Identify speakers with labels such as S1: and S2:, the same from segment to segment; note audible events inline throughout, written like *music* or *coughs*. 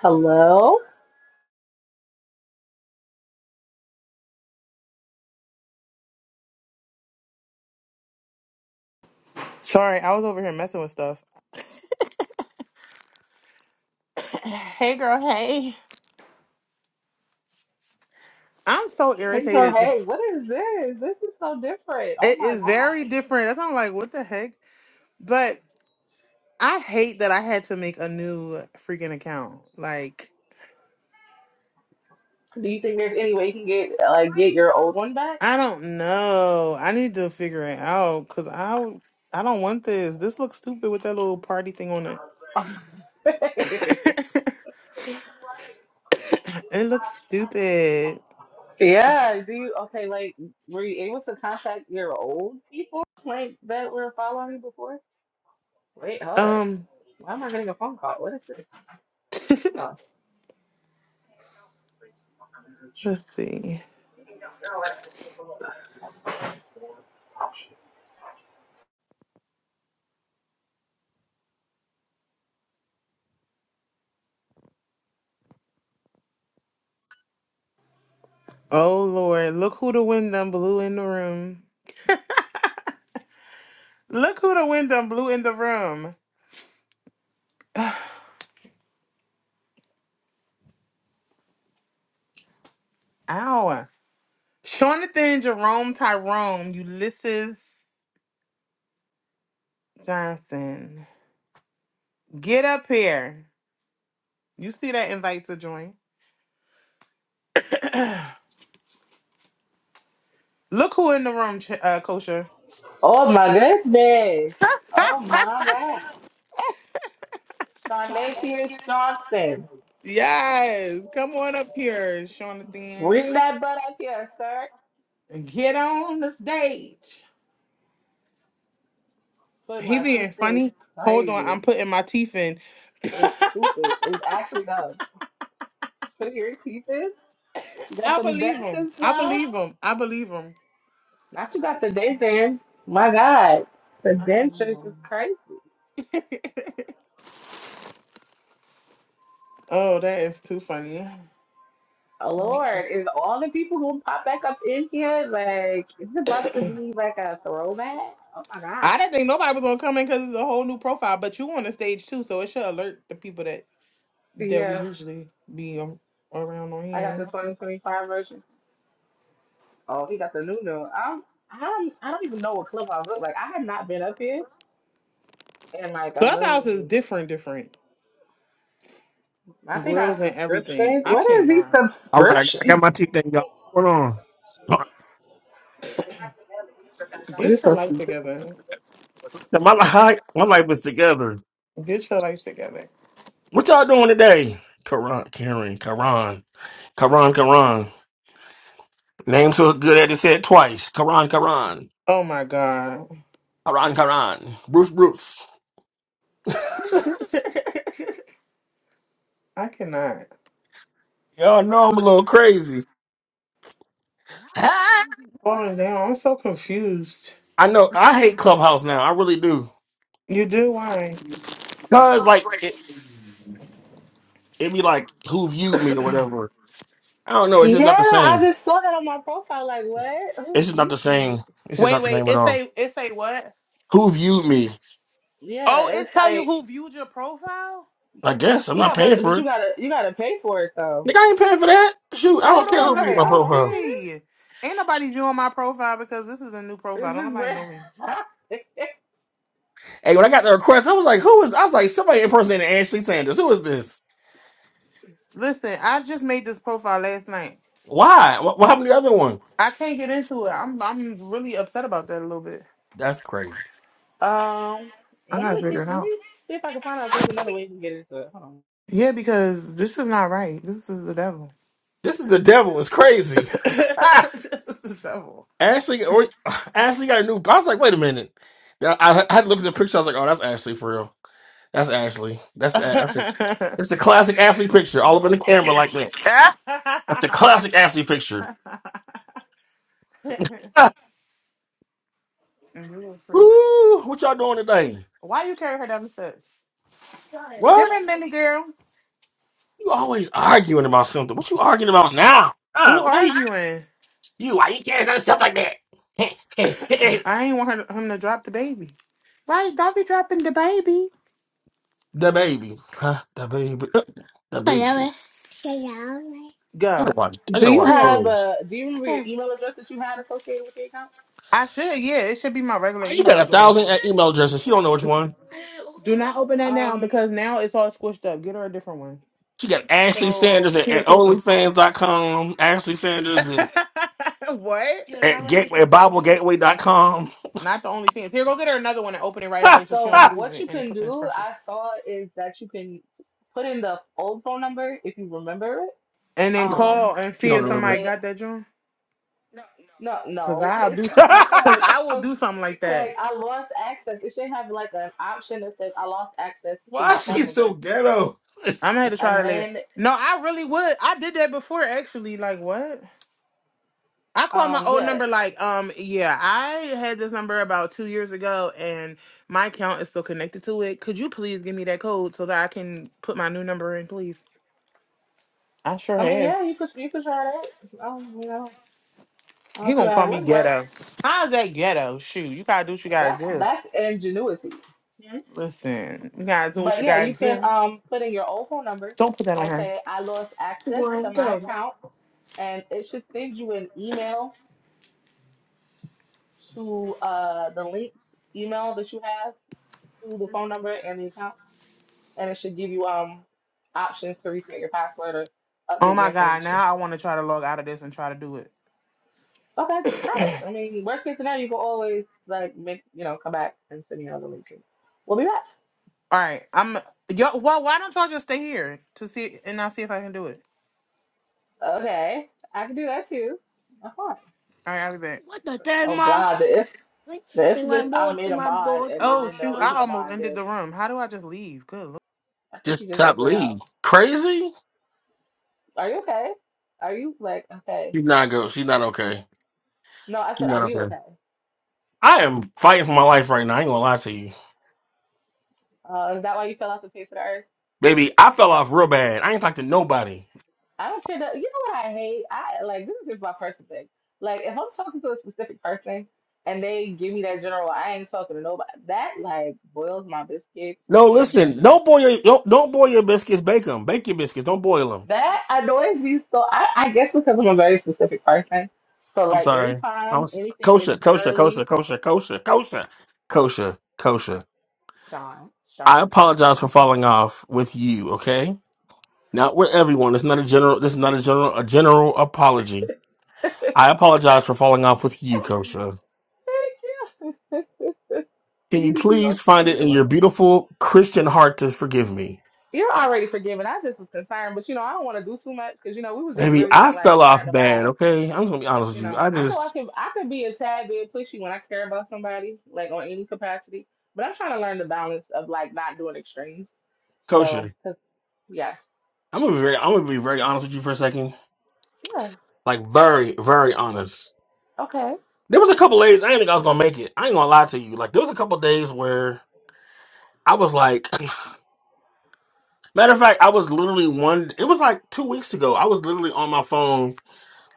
S1: Hello?
S2: Sorry, I was over here messing with stuff. *clears throat* hey, girl. Hey, I'm so
S1: And so,
S2: irritated.
S1: hey, what is this? This is so different. Oh
S2: It
S1: my
S2: is very
S1: gosh.
S2: different. That's am like what the heck. But I hate that I had to make a new freaking account. Like
S1: Do you think there's any way you can get like get your old one back?
S2: I don't know. I need to figure it out because I I don't want this. This looks stupid with that little party thing on it. *laughs*
S1: *laughs*
S2: it looks stupid.
S1: yeah. Do you okay, like were you able to contact your old people like that were following you before? Wait, hold up.
S2: Um,
S1: Why am I getting a phone call? What is this? Hold
S2: let's see. Oh Lord, look who the wind done blew in the room. Look who the wind done blew in the room. Ow. Jonathan Jerome Tyrone, Ulysses Johnson. Get up here. You see that invite to join? Look who in the room, Ch- uh, Kosher.
S1: Oh my goodness.
S2: *laughs*
S1: Oh my god. Sean Pierce Johnson.
S2: yes. Come on up here, Jonathan.
S1: Bring that butt up here, sir.
S2: And Get on the stage.
S1: Put
S2: He
S1: my
S2: being
S1: teeth in. It's
S2: funny. Hold on.
S1: crazy.
S2: I'm putting my teeth in. *laughs*
S1: It's stupid. It actually does. Put your teeth in. You got
S2: I
S1: them
S2: believe him.
S1: dentures
S2: I
S1: now.
S2: believe him. I believe him.
S1: Not you got the dentures. My God, the
S2: *laughs* I believe
S1: dentures is
S2: him.
S1: crazy.
S2: *laughs* oh, that is too funny.
S1: Oh,
S2: *coughs*
S1: Lord, is all the people who pop back up in here like it's about to be like a throwback? Oh my God.
S2: I didn't think nobody was gonna come in because it's a whole new profile, but you on the stage too, so it should alert the people that that we
S1: Yeah,
S2: usually be um, around on
S1: I got the
S2: here.
S1: 2025 version. Oh, he got the new new. I'm, I'm, I don't even know what Clubhouse look like. I have not been up here in like a
S2: Clubhouse
S1: million
S2: is
S1: years.
S2: different, different
S1: I think I
S2: grills and everything.
S1: subscription.
S2: I
S1: What is these
S2: cannot
S3: All right, I
S1: subscriptions?
S3: got my teeth in, y'all. What's going on?
S1: Well, you're
S2: get your
S1: so
S2: life
S1: stupid.
S2: together.
S3: My life, my life is together.
S2: Get your life together.
S3: What y'all doing today? Karan, Karen, Karan, Karan, Karan. Name so good at just said twice. Karan, Karan,
S2: Oh my god,
S3: Karan, Karan. Bruce, Bruce.
S2: *laughs* I cannot
S3: Y'all know I'm a little crazy. Ah!
S2: falling down. I'm so confused.
S3: I know. I hate Clubhouse now. I really do.
S2: You do why?
S3: Cause like it, it be like who viewed me or whatever. I don't know. It's just
S1: Yeah,
S3: not the
S1: I
S3: same.
S1: just saw that on my profile. Like, what? Who
S3: It's just not the
S1: viewed me?
S3: same. It's just
S2: wait,
S3: not the
S2: wait.
S3: same at
S2: It
S3: all.
S2: say it say what?
S3: Who viewed me?
S1: Yeah,
S2: Oh, it
S1: it's
S2: tell you
S1: like,
S2: who viewed your profile.
S3: I guess I'm
S1: yeah,
S3: not paying
S1: but
S3: for
S1: but
S3: it.
S1: you gotta you gotta pay for it though.
S3: Nigga, I ain't paying for that. Shoot, I
S2: Hold
S3: don't care
S2: on,
S3: who
S2: let
S3: viewed
S1: Right?
S2: me
S3: my
S1: I
S2: go
S1: don't
S3: profile.
S1: care.
S2: see. Ain't nobody viewing my profile because this is a new profile.
S1: It's
S2: Don't
S1: just
S2: nobody know me.
S1: ra-
S3: Hey, when I got the request, I was like, who is I was like, somebody impersonating Ashley Sanders. Who is this?
S2: Listen, I just made this profile last night.
S3: Why? What, what happened to the other one?
S2: I can't get into it. I'm I'm really upset about that a little bit.
S3: That's crazy.
S1: *laughs* um. Let
S2: I
S1: me
S2: gotta
S1: see.
S2: figure it
S1: Let me
S2: out.
S1: see if I can find out if there's another way you can get into it. Hold on.
S2: Yeah, because this is not right. This is the devil.
S3: This is the devil. It's
S2: *laughs* this
S3: crazy. *laughs*
S2: is the devil.
S3: Ashley or, *sighs* Ashley got a new I was like, wait a minute. Yeah, I, I had to look at the picture. I was like, oh, that's Ashley for real. That's Ashley. That's A- that's a
S2: *laughs*
S3: it's a classic Ashley picture, all up in the camera like that. That's a classic Ashley picture.
S2: You
S3: *laughs* Ah,
S2: was crazy.
S3: Woo, what y'all doing today?
S2: Why you carry her down the steps? Come
S3: What?
S2: here, Minnie girl.
S3: You always arguing about something. What you arguing about now?
S2: Who
S3: Uh, why you,
S2: arguing?
S3: you why you can't do stuff like that? *laughs*
S2: I ain't want her, him to drop the baby. Right? Don't be dropping the baby.
S3: the baby, huh? The baby, *laughs* the baby.
S2: Whatever.
S3: I
S2: Go.
S3: gotta watch. I
S1: Do
S3: gotta
S1: you
S3: watch
S1: have
S3: clothes.
S1: a? Do you remember your email address that you had associated with the account?
S2: I should, yeah. It should be my regular
S3: She
S2: email
S3: got a
S2: address.
S3: thousand uh, email addresses. She don't know which one.
S2: Do not open that now
S1: Um.
S2: because now it's all squished up. Get her a different one.
S3: She got Ashley
S1: So
S3: Sanders at,
S2: Here,
S3: at
S2: paper.
S3: OnlyFans dot com. Ashley
S2: *laughs*
S3: Sanders at,
S2: what?
S3: at Gateway at BibleGateway dot com.
S2: Not the only thing. Here, go get her another one and open it right
S3: *laughs*
S2: away so
S1: so
S2: she don't squeeze
S1: what
S2: it
S1: you
S2: and
S1: can
S2: put and
S1: do,
S2: squish it.
S1: I saw, is that you can put in the old phone number if you remember it
S2: And then
S1: Um,
S2: call and
S3: she
S2: see
S3: don't
S1: and
S2: if
S1: then
S3: remember
S2: somebody
S3: it.
S1: say,
S2: got that joint.
S1: no,
S2: Cause
S1: no,
S2: I'll
S1: it's
S2: do,
S3: *laughs*
S1: *laughs* click
S2: cause
S1: on,
S2: I will
S1: *laughs*
S2: do something like that.
S1: like, I lost access. It should have like an option that says I lost access to
S3: why
S1: my
S3: is she
S1: phone number.
S3: so ghetto?
S2: I'm gonna have to try
S1: And
S2: that later.
S1: then,
S2: No, I really would. I did that before actually. Like what? I called my
S1: um,
S2: old
S1: yeah,
S2: number like, um, yeah, I had this number about two years ago and my account is still connected to it. Could you please give me that code so that I can put my new number in, please? I sure
S1: I mean,
S2: has.
S1: yeah, you could, you could try that. Um, you know, I
S2: He
S1: don't see
S2: gonna
S1: why
S2: call
S1: it
S2: me
S1: wouldn't work.
S2: ghetto. How's that ghetto? Shoot, you gotta do what you gotta
S1: That's,
S2: do.
S1: that's ingenuity. Mhm.
S2: Listen, you gotta do what
S1: But
S2: you
S1: yeah,
S2: gotta
S1: you can,
S2: do.
S1: um, put in your old phone number
S2: Don't put that on
S1: and
S2: her.
S1: say, I lost access to my account. And it should send you an email to uh, the linked email that you have to the phone number and the account, and it should give you um options to reset your password or
S2: Oh
S1: update
S2: my
S1: your
S2: god,
S1: information.
S2: now I wanna try to log out of this and try to do it.
S1: Okay, try it. I mean, worst case scenario, you can always like make you know come back and send me another link. We'll be back.
S2: All right, I'm yo. Well, why don't y'all just stay here to see and I'll see if I can do it.
S1: Okay, I can do that too. That's fine.
S2: All right, I'll be back. What the thing,
S1: Oh
S2: ma?
S1: God, the if the
S2: Thing
S1: infamous
S2: like
S1: I
S2: more
S1: made
S2: to
S1: a
S2: my
S1: mod
S2: board.
S1: and then
S2: Oh
S1: in the
S2: shoot! I
S1: original
S2: almost
S1: mod
S2: ended
S1: that
S2: the room. How do I just leave? Good
S1: I
S3: *laughs*
S1: think you
S3: Just
S1: just
S3: top
S1: exited out.
S3: league. Crazy.
S1: Are you okay? Are you like okay?
S3: She's not good. She's not okay.
S1: No, I said,
S3: She's
S1: are
S3: not
S1: you
S3: okay.
S1: okay?
S3: I am fighting for my life right now. I ain't gonna lie to you,
S1: Uh, is that why you fell off the face of the earth?
S3: baby. I fell off real bad. I ain't talked to nobody.
S1: I don't care that. You know what I hate? I like this is just my personal thing. Like if I'm talking to a specific person and they give me that general, I ain't talking to nobody. That like boils my biscuits
S3: No,
S1: and like
S3: listen. Don't boil. Your, don't don't boil your biscuits. Bake them. Bake your biscuits. Don't boil them.
S1: that annoys me. So I, I guess because I'm a very specific person. So
S3: I'm
S1: like
S3: sorry. I
S1: anytime
S3: was
S1: anything
S3: kosher,
S1: is
S3: kosher,
S1: generally
S3: kosher, kosher, kosher, kosher, kosher, kosher.
S1: Sean,
S3: I
S1: Sean,
S3: apologize
S1: Sean.
S3: for falling off with you. Okay, not with everyone. It's not a general. This is not a general. A general apology. I apologize for falling off with you, Kosher.
S1: Thank you. *laughs*
S3: Can you please find it in your beautiful Christian heart to forgive me?
S1: You're already forgiven. I just was concerned, but you know I don't want to do too much because you know we was just
S3: Baby,
S1: really
S3: I
S1: like
S3: fell off
S1: starting to
S3: bad,
S1: vibe.
S3: okay? I'm just gonna be honest
S1: You
S3: with you.
S1: know,
S3: I
S1: I know I
S3: just
S1: can I could be a tad bit pushy when I care about somebody, like on any capacity. But I'm trying to learn the balance of like not doing extremes. So,
S3: kosher.
S1: 'cause- yes,
S3: I'm gonna be very I'm gonna be very honest with you for a second.
S1: yeah,
S3: Like very, very honest.
S1: okay.
S3: There was a couple days I didn't think I was gonna make it. I ain't gonna lie to you. Like there was a couple days where I was like *clears throat* matter of fact, I was literally one it was like two weeks ago. I was literally on my phone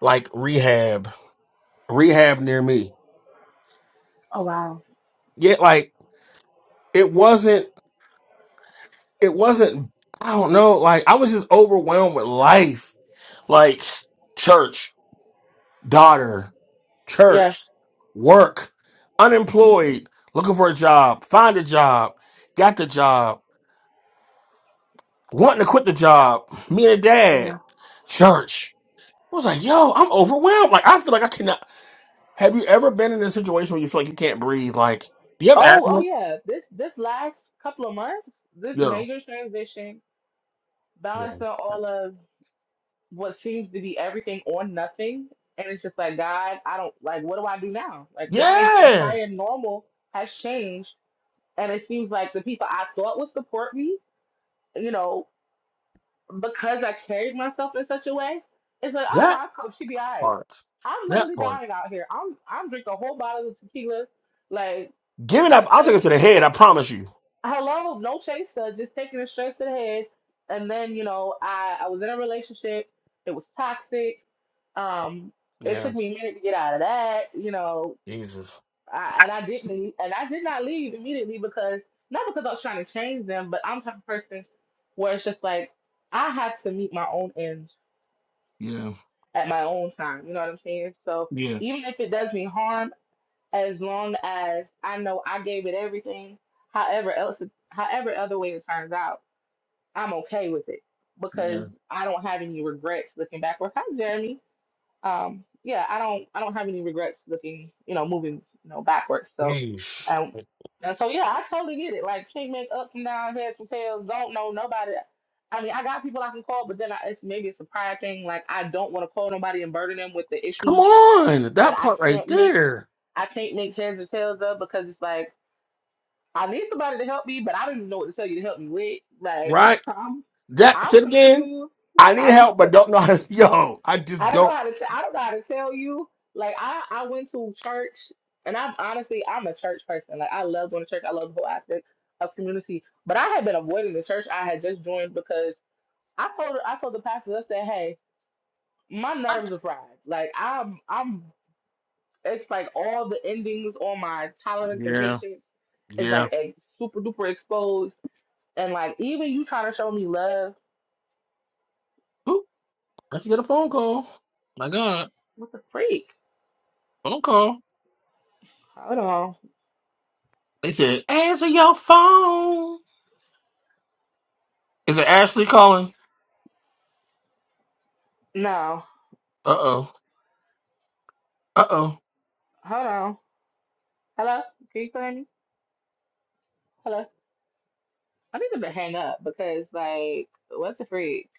S3: like rehab. Rehab near me.
S1: Oh wow,
S3: Yet like it wasn't it wasn't i don't know like i was just overwhelmed with life like church daughter
S1: yes,
S3: church work
S1: hmm
S3: unemployed looking for a job find a job got the job wanting to quit the job me and a
S1: yeah.
S3: dad church i was like yo i'm overwhelmed like i feel like i cannot have you ever been in a situation where you feel like you can't breathe like you ever had
S1: Oh, oh yeah. This this last couple of months, this
S3: yeah
S1: major transition,
S3: yeah
S1: balancing all of what seems to be everything on nothing, and it's just like God, I don't like. What do I do now? Like my
S3: yeah
S1: entire normal has changed And it seems like the people I thought would support me, you know, because I carried myself in such a way, it's like, oh
S3: that
S1: no, it's cool. She be all right.
S3: part
S1: I'm
S3: that
S1: literally
S3: part
S1: dying out here. I'm I'm drinking a whole bottle of tequila. Like,
S3: Give it up. I'll take it
S1: *laughs*
S3: to the head. I promise you.
S1: hello, no chaser, just taking it straight to the head. And then, you know, I, I was in a relationship. It was toxic. Um, it
S3: Yeah.
S1: took me a minute to get out of that, you know,
S3: Jesus.
S1: I, and I didn't, and I did not leave immediately because not because I was trying to change them, but I'm the type of person where it's just like I have to meet my own ends
S3: Yeah.
S1: at my own time. You know what I'm saying? So
S3: Yeah.
S1: even if it does me harm, as long as I know I gave it everything, however else, it- however other way it turns out, I'm okay with it because
S3: Yeah.
S1: I don't have any regrets looking backwards. Hi, Jeremy um, yeah, I don't I don't have any regrets looking, you know, moving, you know, backwards. So
S3: Yeesh.
S1: um and so yeah, I totally get it. Like can't make up from down, heads from tails, don't know nobody. I mean, I got people I can call, but then I, it's maybe it's a pride thing. Like I don't want to call nobody and burden them with the
S3: Come
S1: issues
S3: on.
S1: that
S3: That
S1: I
S3: part right
S1: can't make.
S3: there.
S1: I can't make heads or tails of because it's like I need somebody to help me, but I don't even know what to tell you to help me with. Like
S3: Right.
S1: *laughs* I'm,
S3: That.
S1: I'm
S3: Sit again.
S1: confused.
S3: I need
S1: I'm.
S3: help, but don't know how to. *laughs* Yo, I just
S1: I don't know
S3: don't.
S1: how to. T- I don't know how to tell you. Like I, I went to church, and I am honestly, I'm a church person. Like I love going to church. I love the whole aspect of community. But I had been avoiding the church I had just joined because I told, I told the pastor, I said, hey, my nerves are fried. Like I'm, I'm. It's like all the endings on my tolerance and
S3: Yeah.
S1: patience is
S3: Yeah.
S1: like ex- super duper exposed. And like even you trying to show me love,
S3: Oop. Let's get a phone call. My God.
S1: what the freak?
S3: Phone call.
S1: Hold on,
S3: They said, answer your phone. Is it Ashley calling?
S1: no,
S3: Uh oh. Uh oh.
S1: hold on. Hello, can you still hear me? Hello. I need them to hang up because, like, what the freak?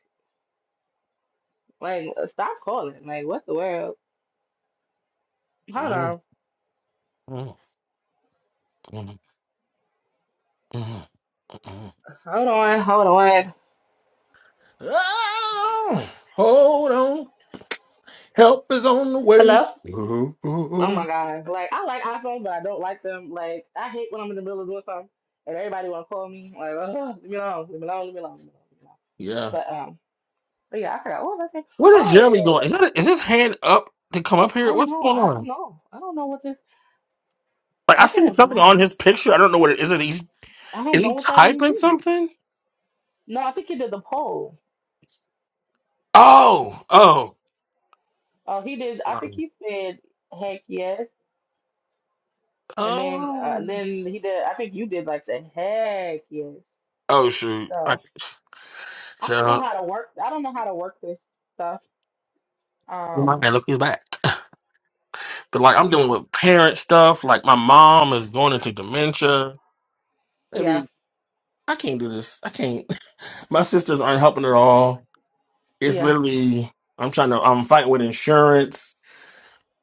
S1: Like, uh, stop calling. Like, what the world? Hold on.
S3: Hold on.
S1: Hold on. Hold on.
S3: Hold on. Help is on the way.
S1: Hello?
S3: Ooh, ooh,
S1: Oh my
S3: ooh.
S1: God. Like, I like iPhones, but I don't like them. Like, I hate when I'm in the middle of doing something and everybody want to call me. Like, *laughs* oh, leave me alone. Leave me alone. Leave me alone. Leave me alone. Leave me alone.
S3: Yeah.
S1: But, um, but yeah, I forgot. What was I saying?
S3: What is
S1: Oh, yeah,
S3: Jeremy
S1: yeah, yeah.
S3: doing? Is that is his hand up to come up
S1: I
S3: here?
S1: don't
S3: What's
S1: know.
S3: going
S1: I don't
S3: on?
S1: know. I don't know what this.
S3: Like I
S1: I
S3: see
S1: can't.
S3: something
S1: I
S3: on his picture. I don't know what it is. Is he,
S1: I
S3: is
S1: don't know
S3: he
S1: what that means
S3: typing
S1: either.
S3: something?
S1: No, I think he did the poll.
S3: Oh, oh,
S1: Oh, he did. I think
S3: um,
S1: he said, heck yes. And then uh,
S3: oh,
S1: then he did I think you did like the heck yes.
S3: oh! Shoot! I,
S1: So I don't know
S3: child,
S1: how to work I don't know how to work this stuff.
S3: my
S1: Um
S3: man, look, he's back. *laughs* But like I'm dealing with parent stuff. Like my mom is going into dementia.
S1: yeah,
S3: Maybe I can't do this. I can't. *sighs* My sisters aren't helping at all. it's
S1: yeah,
S3: literally I'm trying to I'm fighting with insurance,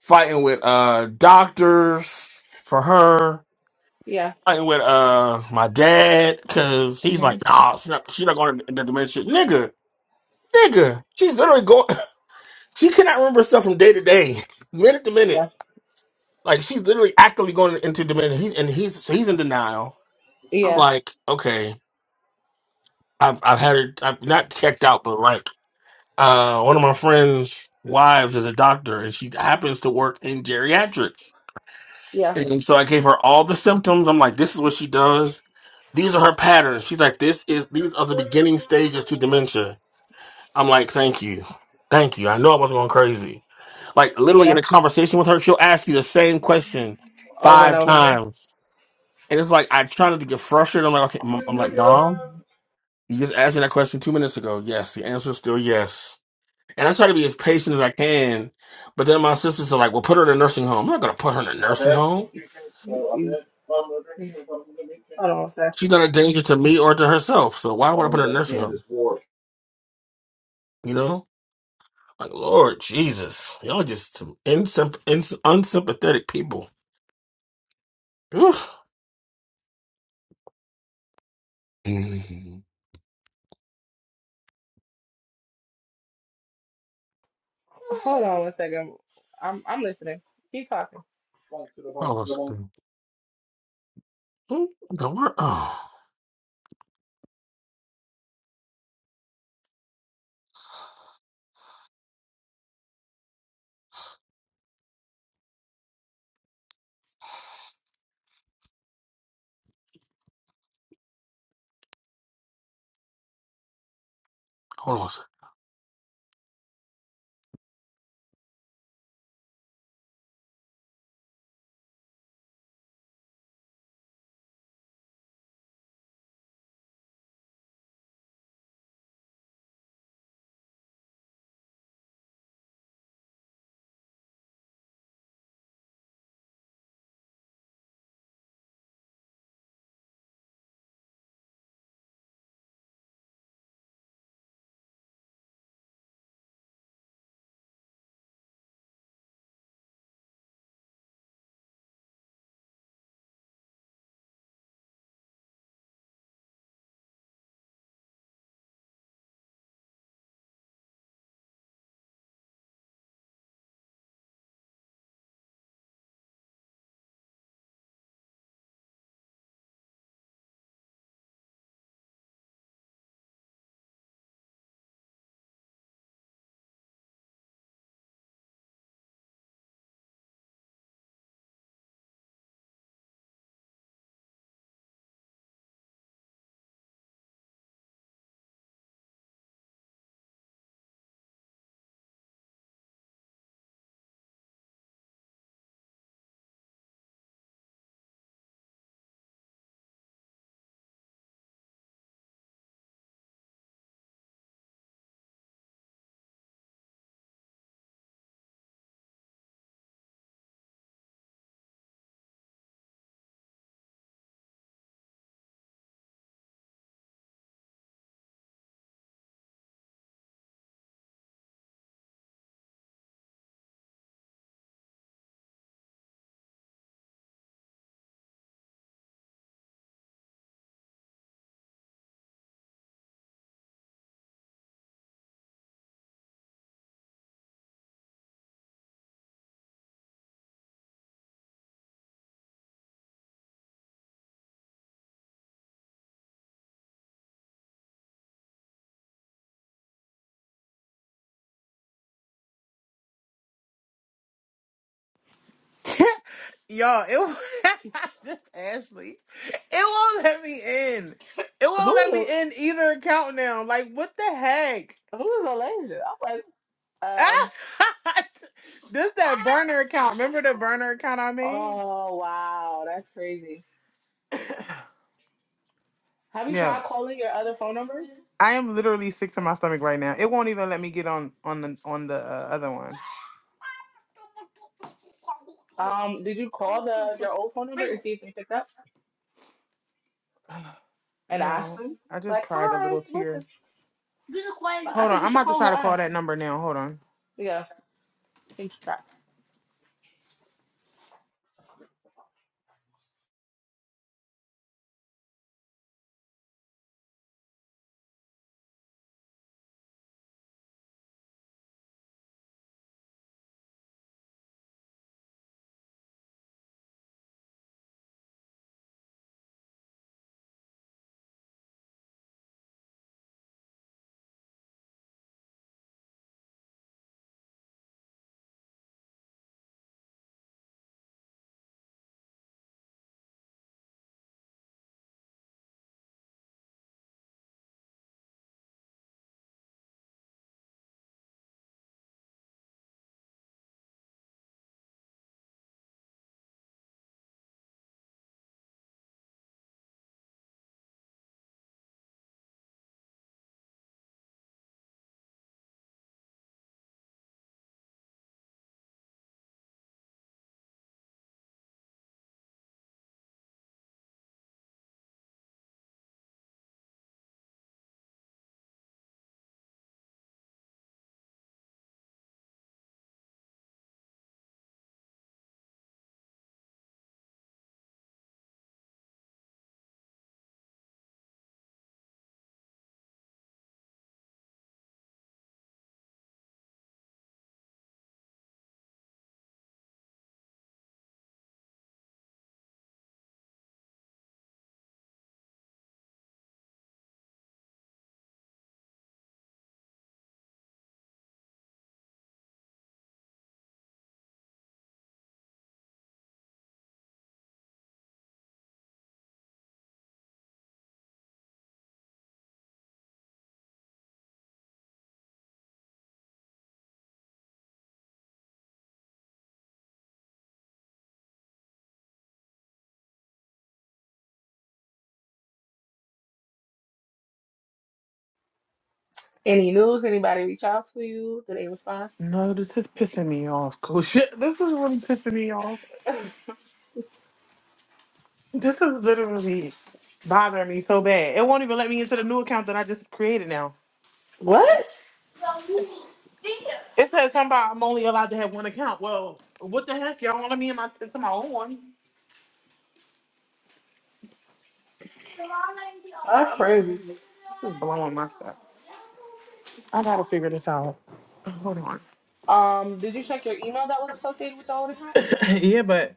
S3: fighting with uh doctors for her,
S1: yeah.
S3: fighting with uh my dad because he's
S1: hmm
S3: like, nah, she's not, She's not going to the dementia, nigga, nigga. She's literally going. *laughs* She cannot remember stuff from day to day, *laughs* minute to minute.
S1: Yeah.
S3: Like she's literally actively going into dementia. He's and he's he's in denial. I'm
S1: Yeah.
S3: like, okay, I've I've had her. I've not checked out, but like. uh, one of my friends' wives is a doctor, and she happens to work in geriatrics.
S1: Yeah.
S3: And so I gave her all the symptoms. I'm like, this is what she does. These are her patterns. She's like, this is these are the beginning stages to dementia. I'm like, thank you, thank you. I know I wasn't going crazy. Like literally in
S1: Yeah.
S3: a conversation with her, she'll ask you the same question
S1: Over and
S3: five
S1: over again.
S3: times, and it's like I trying to get frustrated. I'm like, okay, I'm I'm like, Dom, you just asked me that question two minutes ago. Yes, the answer is still yes. And I try to be as patient as I can. But then my sisters are like, well, put her in a nursing home. I'm not going to put her in a nursing
S1: Mm,
S3: home.
S1: mm. Hold on one second.
S3: She's not a danger to me or to herself. So why would I put her in a nursing home? You know? Like, Lord Jesus. Y'all just some insymp- ins- unsympathetic people. Ugh. Mhm.
S1: Hold on one second. I'm I'm listening. Keep talking.
S3: Hold on a second. Hmm? The word? Oh, hold on a second.
S4: Y'all, it *laughs* just Ashley. It won't let me in. It won't
S1: Who's
S4: let me
S1: a
S4: in either countdown. Like what the heck?
S1: who's Alasia? I'm like, um,
S4: *laughs* this that burner account. Remember the burner account I made?
S1: oh wow, that's crazy. Have you
S4: Yeah.
S1: tried calling your other phone number?
S4: I am literally sick to my stomach right now. It won't even let me get on on the on the uh, other one.
S1: Um, did you call the your old phone number and see if they picked up and ask
S4: No,
S1: them?
S4: I just
S1: Like,
S4: cried a
S1: hi,
S4: little tear.
S1: listen, Like, I
S4: Hold on,
S1: think you
S4: I'm
S1: should
S4: about to
S1: call and
S4: try to call
S1: ask.
S4: that number now. Hold on.
S1: Yeah, I think you should try. Any news? Anybody reach out to you? Did they respond?
S4: No, this is pissing me off, Coach. *laughs* This is really pissing me off.
S1: *laughs*
S4: This is literally bothering me so bad. It won't even let me into the new account that I just created now.
S1: What?
S4: It says something about I'm only allowed to have one account. Well, what the heck? Y'all want me in my, into my own one?
S1: That's crazy.
S4: This is blowing my stuff. I gotta figure this out. *sighs* Hold on.
S1: Um, did you check your email that was associated with the old
S4: *coughs* yeah, but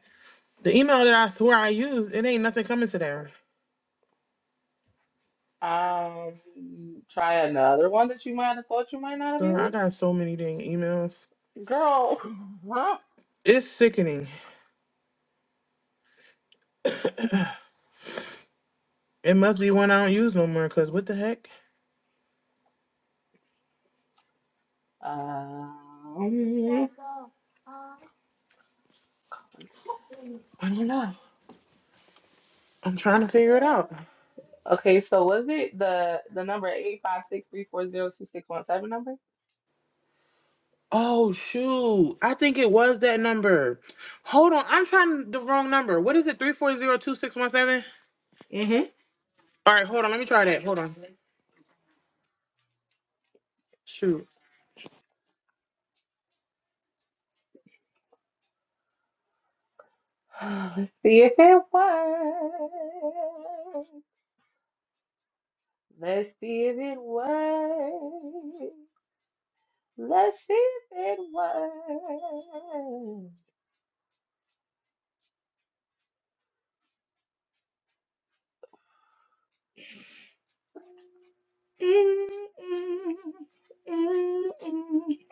S4: the email that I swear I used, it ain't nothing coming to there.
S1: account? Um, try another one that you might have thought you might not have
S4: Girl, I
S1: used.
S4: got so many dang emails.
S1: Girl, *laughs* huh?
S4: It's sickening. It must be one I don't use no more, cause what the heck?
S1: Um,
S4: I don't know. I'm trying to figure it out.
S1: Okay, so was it the the number eight five six three four zero two six one seven number?
S4: Oh shoot. I think it was that number. Hold on. I'm trying the wrong number. What is it? 3402617? All right, hold on. Let me try that. Hold on. Shoot.
S1: Mm-hmm. *sighs* Let's see if it works. Let's see if it works. Let's see if it works. Mm-mm-mm-mm-mm.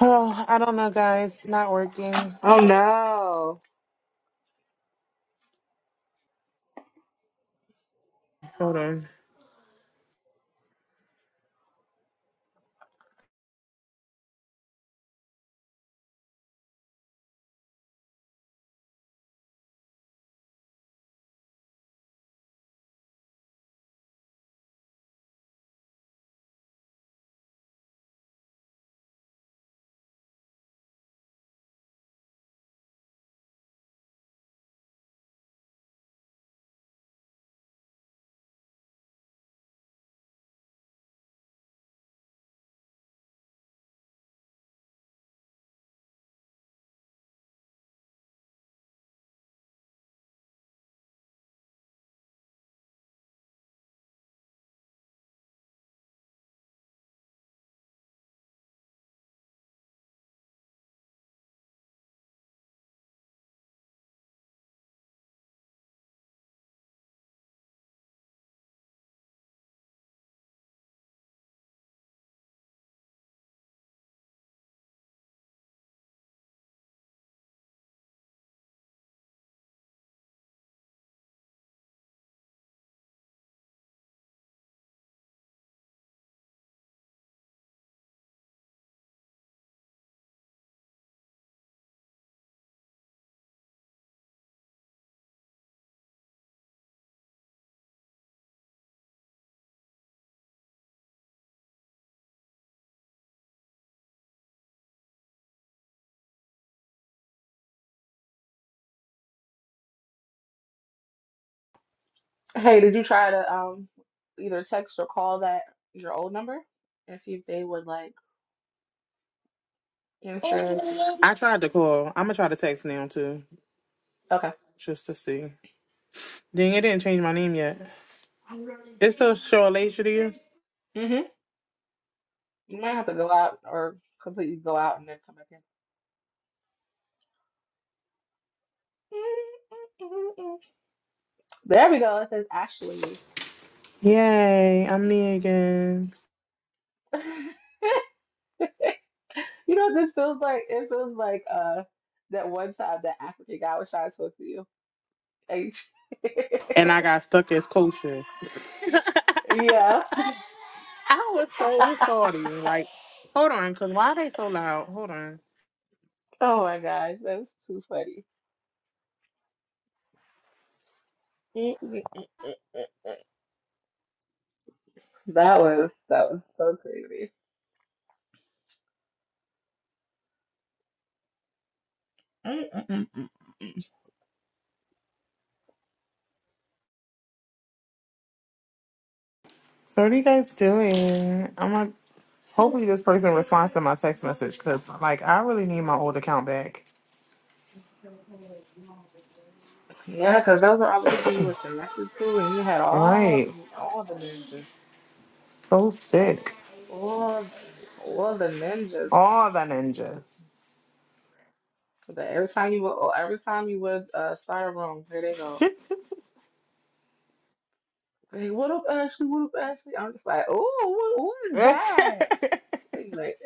S4: Oh, I don't know, guys. It's not working.
S1: Oh no.
S4: Hold on.
S1: Hey, did you try to um either text or call that your old number and see if they would like answer? to-
S4: I tried to call. I'm gonna try to text now too,
S1: Okay.
S4: just to see. Dang, it didn't change my name yet. It's still show Alasia to you?
S1: You might have to go out or completely go out and then come back in. There we go. It says Ashley.
S4: Yay, I'm me again.
S1: *laughs* You know, this feels like it feels like uh that one time that African guy was trying to talk to you. H.
S4: And I got stuck as kosher.
S1: *laughs* Yeah.
S4: I was so sorry. Like, hold on, because why are they so loud? Hold on.
S1: Oh my gosh, that's too funny. Mm-mm. That was that was so crazy. Mm-mm.
S4: So what are you guys doing? I'm like, hopefully this person responds to my text message because, like, I really need my old account back.
S1: Yeah, because those are all the people you were connected to, and you had all
S4: Right.
S1: the- all the ninjas,
S4: So sick.
S1: all all the ninjas.
S4: All the ninjas.
S1: But every time you would, or every time you would uh, start a room, here they go. Hey, what up, Ashley? What up, Ashley? I'm just like, oh, what, what is that?
S4: *laughs* *laughs*
S1: He's like,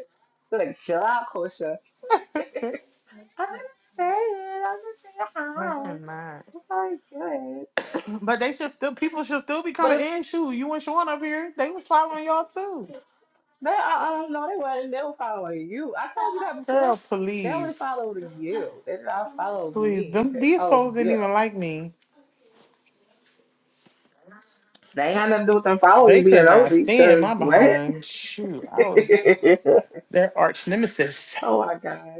S1: like, chill out, Kosha. I didn't say it. I just said
S4: I
S1: hi.
S4: cannot.
S1: I'm probably good.
S4: But they should still people should still be
S1: But
S4: coming
S1: if
S4: in. Shoot, you and Sean up here. They was following y'all too.
S1: they, I, I don't know, they weren't. They were following you. I told you that before.
S4: Girl,
S1: They only
S4: please.
S1: followed you. They did not follow
S4: Please.
S1: me.
S4: Them
S1: They
S4: these
S1: followed
S4: folks didn't
S1: you.
S4: even like me.
S1: They ain't had nothing to do with them following you
S4: They
S1: being
S4: could not
S1: nosy.
S4: stand
S1: Cause
S4: my
S1: what?
S4: behind. Shoot. I was
S1: *laughs*
S4: their arch nemesis.
S1: oh my god.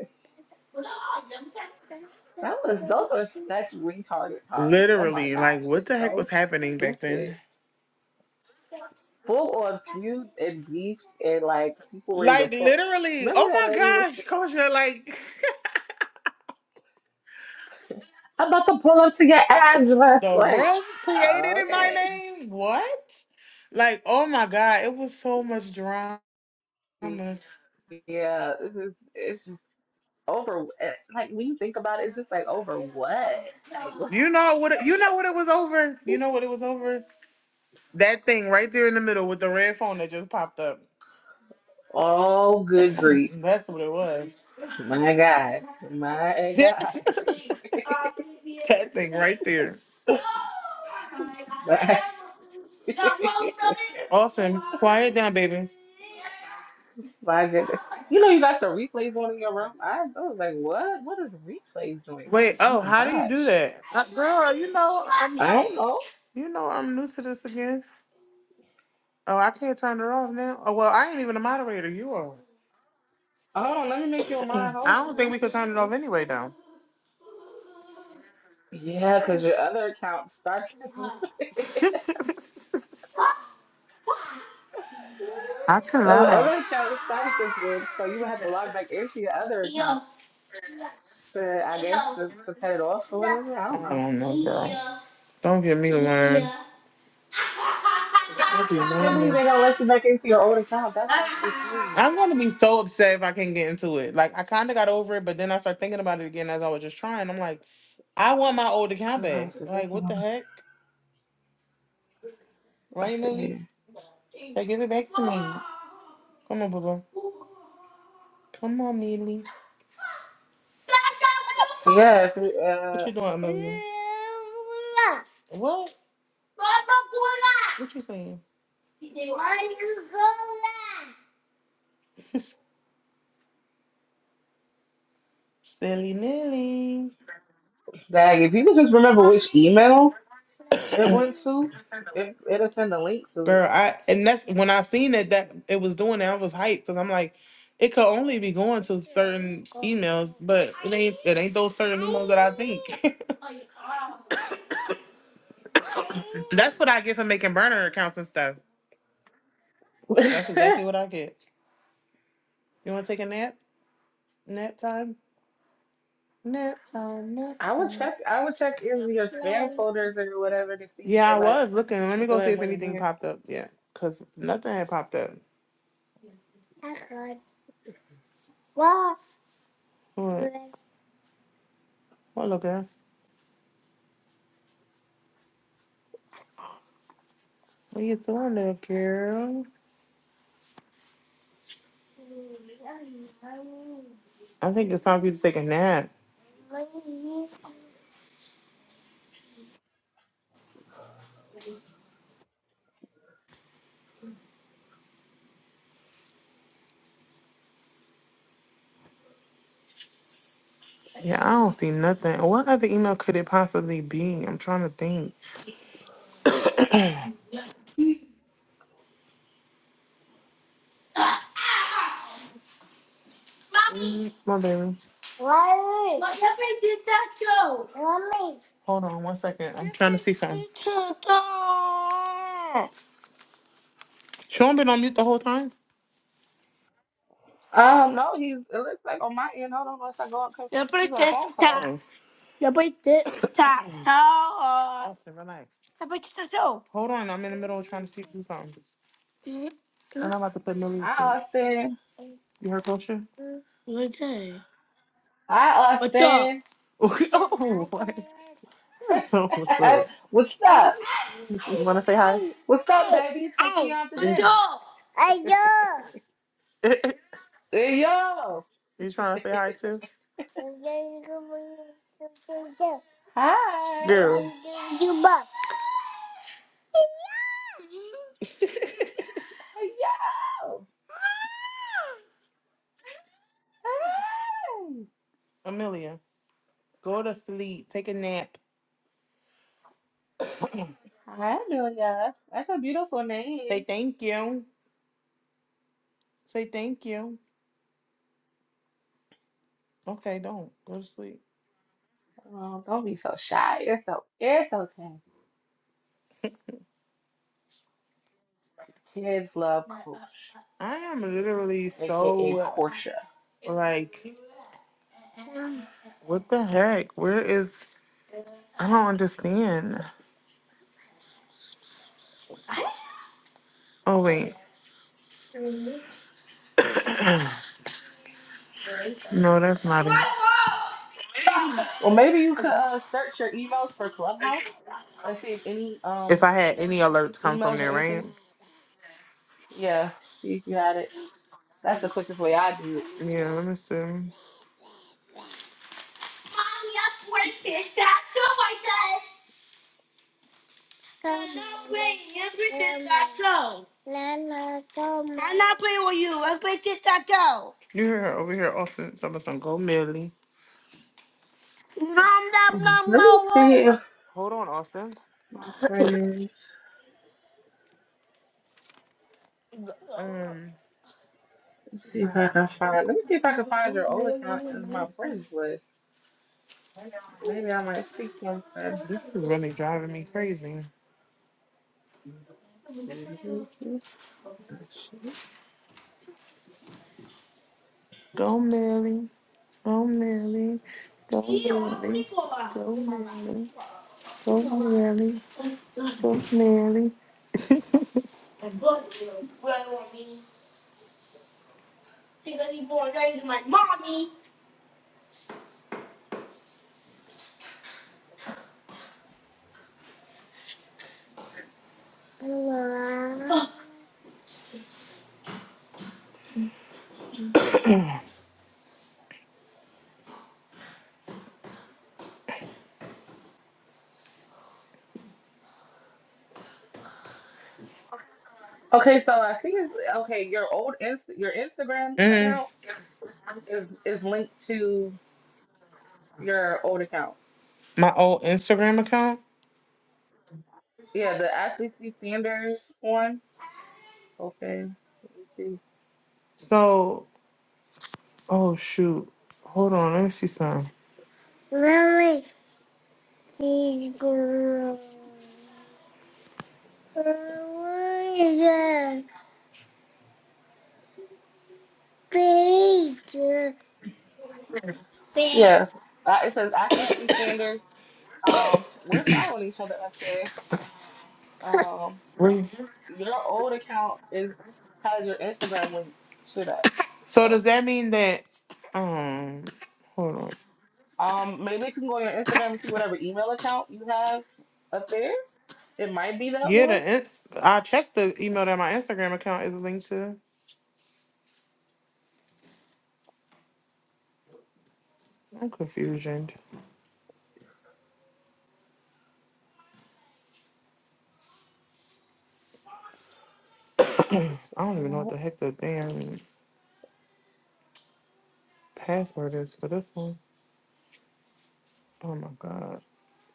S1: That was those were such retarded times. Oh my
S4: Literally.
S1: gosh,
S4: Like what
S1: just
S4: the heck
S1: so
S4: was happening back
S1: stupid.
S4: then?
S1: Full on feuds and beefs and like people ready to
S4: Like
S1: pull.
S4: literally.
S1: Remember
S4: Oh
S1: that
S4: my
S1: lady was
S4: gosh, Kosha, like
S1: "I'm about to pull up to your
S4: *laughs*
S1: address.
S4: the
S1: Like,
S4: room created in my
S1: okay,
S4: name? What? Like, oh my god, it was so much drama.
S1: yeah, this is it's just over. eh, Like when you think about it, it's just like over what? Like, what?
S4: You know what? it- You know what it was over. You
S1: *laughs*
S4: know what it was over. That thing right there in the middle with the red phone that just popped up.
S1: all good
S4: *clears throat*
S1: grief.
S4: That's what it was.
S1: My God,
S4: *laughs*
S1: my
S4: that
S1: God,
S4: thing right there.
S1: *laughs* my. *laughs*
S4: Austin, quiet down, baby.
S1: My goodness. You know you got the replays on in your room. I, I was like, what? What is replays doing on?
S4: Wait.
S1: Oh
S4: Oh,
S1: my
S4: how do you do
S1: gosh.
S4: that, uh, girl? You know I'm.
S1: I don't know.
S4: You know I'm new to this again. Oh, I can't turn it off now. Oh well, I ain't even a moderator. You are.
S1: Hold on, let me make you a mind. Hold
S4: I
S1: on,
S4: don't
S1: let
S4: think
S1: me
S4: we could turn it
S1: see.
S4: off anyway, though.
S1: Yeah, because
S4: *laughs*
S1: your other account started. *laughs*
S4: I can
S1: the
S4: lie.
S1: other account started this room, so you would have to log back into your other account to, I guess, to, to cut it off or whatever. I don't
S4: I
S1: know.
S4: don't know, girl. Don't get me to learn. Don't be
S1: I can't believe
S4: normal.
S1: they don't let you back into your old account. That's actually crazy.
S4: I'm gonna be so upset if I can't get into it. Like I kind of got over it, but then I start thinking about it again as I was just trying. I'm like, I want my old account back.
S1: Clubhouse is
S4: Like,
S1: working
S4: what the heck,
S1: Let's
S4: right,
S1: see
S4: Millie?
S1: here.
S4: So give it back to me. Come on, Bubba. Come on, Millie.
S1: Yeah, if we,
S4: What
S1: uh,
S4: you doing, Amelia? What? What you saying? *laughs* Silly Nilly.
S1: Dag, if you could just remember which email. It
S4: *coughs*
S1: went to. It, it'll send a link to
S4: Girl,
S1: it.
S4: I and that's when I seen it that it was doing that I was hyped because I'm like, it could only be going to certain emails, but it ain't it ain't those certain emails that I think. *coughs* *laughs* that's what I get for making burner accounts and stuff. That's
S1: *laughs*
S4: exactly what I get. You want to take a nap? Nap time? Nap time, nap
S1: I would
S4: time.
S1: check. I would check in your spam folders or whatever to see if
S4: Yeah,
S1: it
S4: I
S1: like
S4: was looking. Let me
S1: if it
S4: go see
S1: like
S4: if
S1: went in
S4: anything
S1: there.
S4: popped up yet. Because nothing had popped up. What? What, Hello, girl. What you doing there, girl? I think it's time for you to take a nap. Yeah, I don't see nothing. What other email could it possibly be? I'm trying to think. Mm, My baby. Hold on one second. I'm trying to see something. Sean been on mute the whole time?
S1: Um, no, he's. It looks like on my end. Hold on, unless I go on.
S4: Oh. *coughs*
S1: He's on a phone call.
S4: Austin, relax. Hold on, I'm in the middle of trying to see do something. And I'm about to put Millie to
S1: Hi,
S4: sleep.
S1: Austin.
S4: You heard Kosha? Okay.
S1: Hi,
S4: *laughs*
S1: Austin.
S4: Oh, what? So what's
S1: *laughs*
S4: up?
S1: What's
S4: You
S1: up?
S4: wanna say hi?
S1: What's up, baby? Take me out to dinner.
S4: *laughs*
S1: Hey, yo.
S4: You trying to say hi too?
S1: Hi.
S4: Girl. *laughs*
S1: Hey, yo. Hi.
S4: Amelia, go to sleep. Take a nap.
S1: Hi, Julia. That's a beautiful
S4: Say
S1: name.
S4: thank you. Say thank you. Okay, don't. Go to sleep.
S1: Well, don't be so shy. You're so you're so tan. Kids love Coach,
S4: I am literally
S1: aka
S4: so
S1: Korsha.
S4: like, what the heck? Where is. I don't understand. Oh, wait. No, that's not it.
S1: Well, maybe you could uh, search your emails for Clubhouse and see if any
S4: If
S1: um
S4: I had any alerts come from
S1: emails or
S4: there, right?
S1: anything. Yeah, see if you had it. That's the quickest way I do it.
S4: Yeah, let me see. I'm breaking that toe. I'm not playing with you. Let's break this taco. You hear her over here, Austin. Someone's gonna go Millie. Nom nom
S1: Hmm,
S4: nom nom.
S1: Let me see
S4: nom.
S1: if
S4: Hold on, Austin.
S1: my friends.
S4: Um,
S1: Let's see if I can find. Let me see if I can find your old account in my friends list. Maybe I might see something.
S4: this is really driving me crazy. Go Millie, go Millie, go Millie, go Millie, go Millie, go Millie. *laughs* I I mean, Because he's born, I use my mommy. Mm,
S1: Okay, so I see is okay, your old inst your Instagram account is is linked to your old account.
S4: my old Instagram account.
S1: Yeah, the Ashley C. Sanders one. Okay, let me see.
S4: So, oh shoot. Hold on, let me see something. Lily, please go. Please go. Please.
S1: Yeah, uh, it says Ashley C. Sanders. Um, we're following each other up there. Um,
S4: Wait.
S1: your old account is has your Instagram linked to that.
S4: So
S1: So,
S4: does that mean that um hold on.
S1: um, maybe if you can go on your Instagram and see whatever email account you have up there, it might be that
S4: Yeah,
S1: one.
S4: the in- I checked the email that my Instagram account is linked to. I'm confused. I
S1: Not this
S4: don't even know
S1: account.
S4: what the heck the damn password is for this one. Oh my god.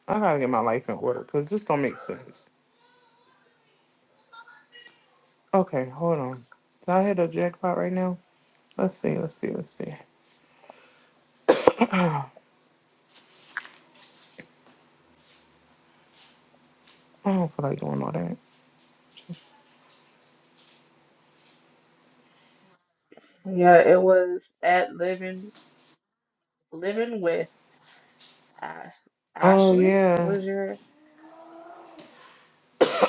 S4: I gotta get my life in order because this don't make sense. Okay, hold on. Did I hit a jackpot right now? Let's see, let's see, let's see. I don't feel like doing all that.
S1: Yeah, it was at living living with Ash,
S4: Oh
S1: Ashley
S4: yeah.
S1: was your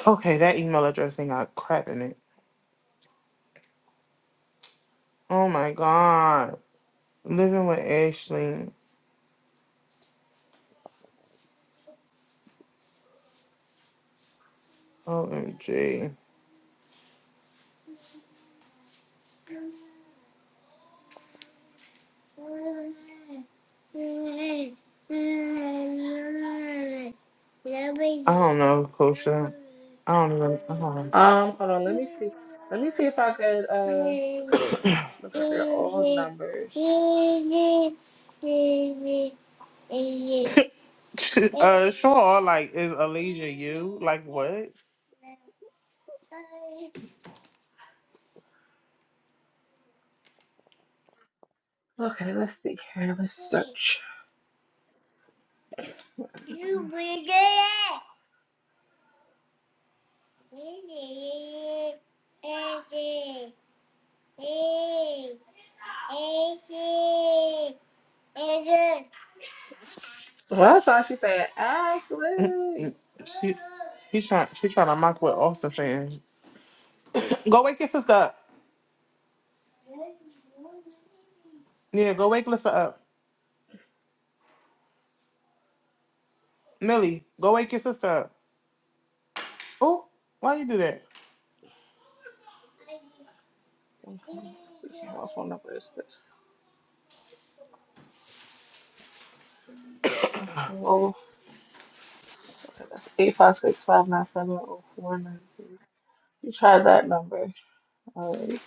S4: Okay, that email address ain't got crap in it. Oh my god. Living with Ashley. OMG. I don't know, Kosha. I don't even. I don't
S1: um hold on, let me see. Let me see if I could uh look up your old numbers.
S4: know. *laughs* uh, sure. Like, is Alicia you? Like, what?
S1: Okay, let's see here. Let's search. Well, I saw she said Ashley.
S4: She he's trying she trying to mock what Austin saying. *coughs* go wake your sister up. Yeah, go wake Lissa up. Millie, go wake your sister up. Oh, why you do that?
S1: Okay, let's see here. What phone number is this? Oh, that's eight five six five nine seven oh four nine three. You tried that number already.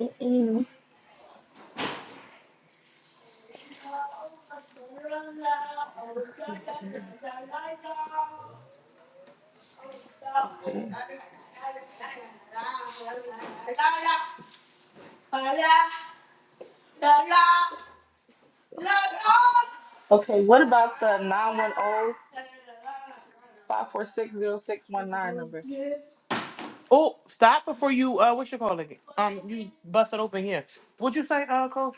S1: Mm-mm. Let's see here. Okay.
S4: *laughs*
S1: Okay, what about the nine one zero five four six zero six one nine number?
S4: Oh, stop before you uh what you call it? Um you bust it open here. What'd you say, uh coach?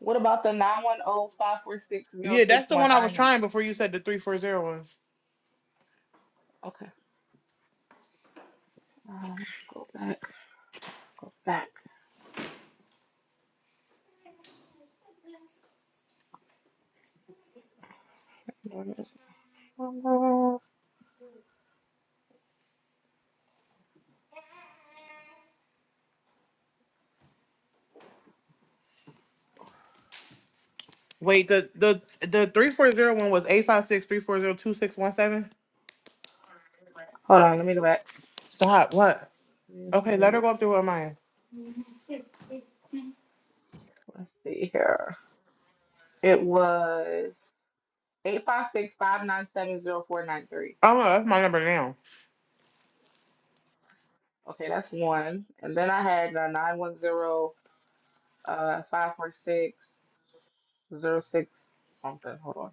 S1: What about the nine one zero five four six zero
S4: Yeah,
S1: six
S4: that's the
S1: one
S4: one I was
S1: nine number?
S4: trying before you said the three four zero one.
S1: Okay. Um, let's go back. Go back. There it is. it? Hold
S4: Wait, the the the three four zero one was eight five six three four zero two six one seven.
S1: on, let me go back.
S4: Stop. What? Okay,
S1: Let me
S4: let her
S1: look.
S4: go through with mine.
S1: Let's see here. It was eight five six five nine seven zero four nine three.
S4: Oh no, that's my number now.
S1: Okay, that's one. And then I had the 910 uh 546 something. Hold on.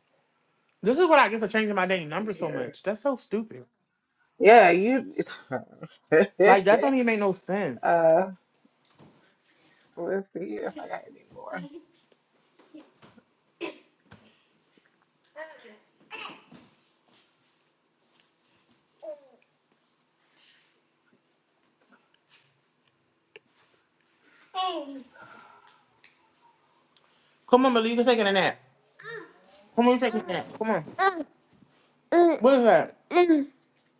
S4: This is what I get for changing my
S1: Let's
S4: dang number
S1: see
S4: so
S1: here.
S4: much. That's so stupid.
S1: Yeah, you. *laughs*
S4: Like that don't even make no sense.
S1: uh, let's see here if I got any more.
S4: Come on, Malika, taking a nap. Come on, taking a nap. Come on. What is that? Mm.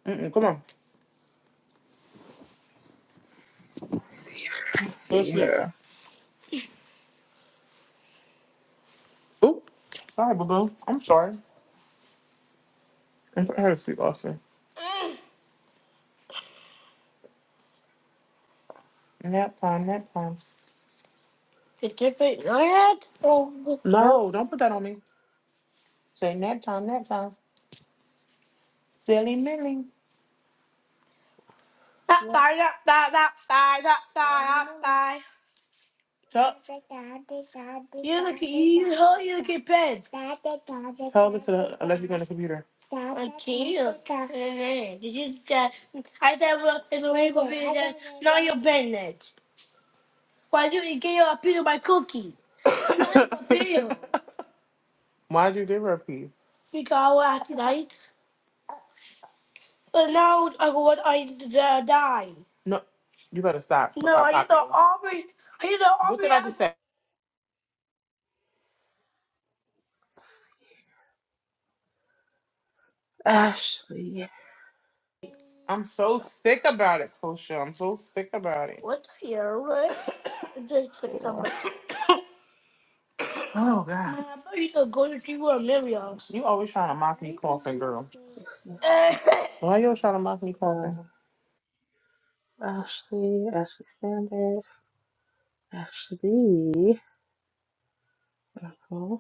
S4: Mm-mm, come on.
S1: Let's
S4: Go to
S1: see
S4: sleep.
S1: here.
S4: Oop. Sorry, boo boo. I'm sorry. And put her to sleep also. Nap time, nap time. Nap time. No, don't put that on me. Say nap time, nap time. Silly Millie. That What? thigh, that thigh, that thigh, that thigh, that thigh. Tuck. You look at you, how you look at bed. Tell this to the, unless you're on the computer. Okay. Did you just I said well it's a rainbow being that not your business. Why you didn't give up a piece of my cookie? *coughs* Why'd you give her a piece? *coughs* Because I was tonight, but now I go what I uh, die. No, you better stop. No, Stop I eat the talking. Aubrey. I eat the What Aubrey did I just say?
S1: Ashley. Yeah.
S4: I'm so sick about it, Kosha. I'm so sick about it. What the hell, right? *coughs* Just to
S1: Let's
S4: come back. *coughs* Oh God. Man, I thought you could go to you a million. You always trying to mock me coughing, girl. *laughs* Why you always trying to mock me coughing?
S1: Ashley, Ashley Sanders, Ashley. Okay.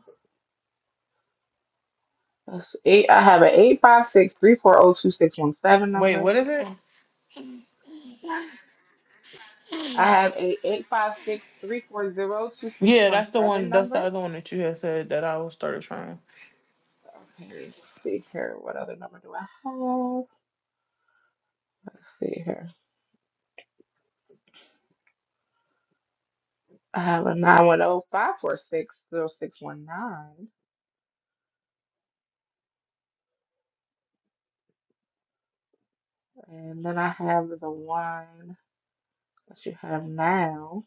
S1: That's eight. I have an eight five six three four zero two six one seven
S4: Wait,
S1: number.
S4: what is it?
S1: I
S4: *laughs*
S1: have a eight five six three four zero two six
S4: Yeah,
S1: one
S4: that's the
S1: seven
S4: one. That's the
S1: number.
S4: other one that you had said that I was started trying.
S1: Okay, let's see here. What other number do I have? Let's see here. I have a nine one zero five four six zero six one nine, And then I have the one that you have now,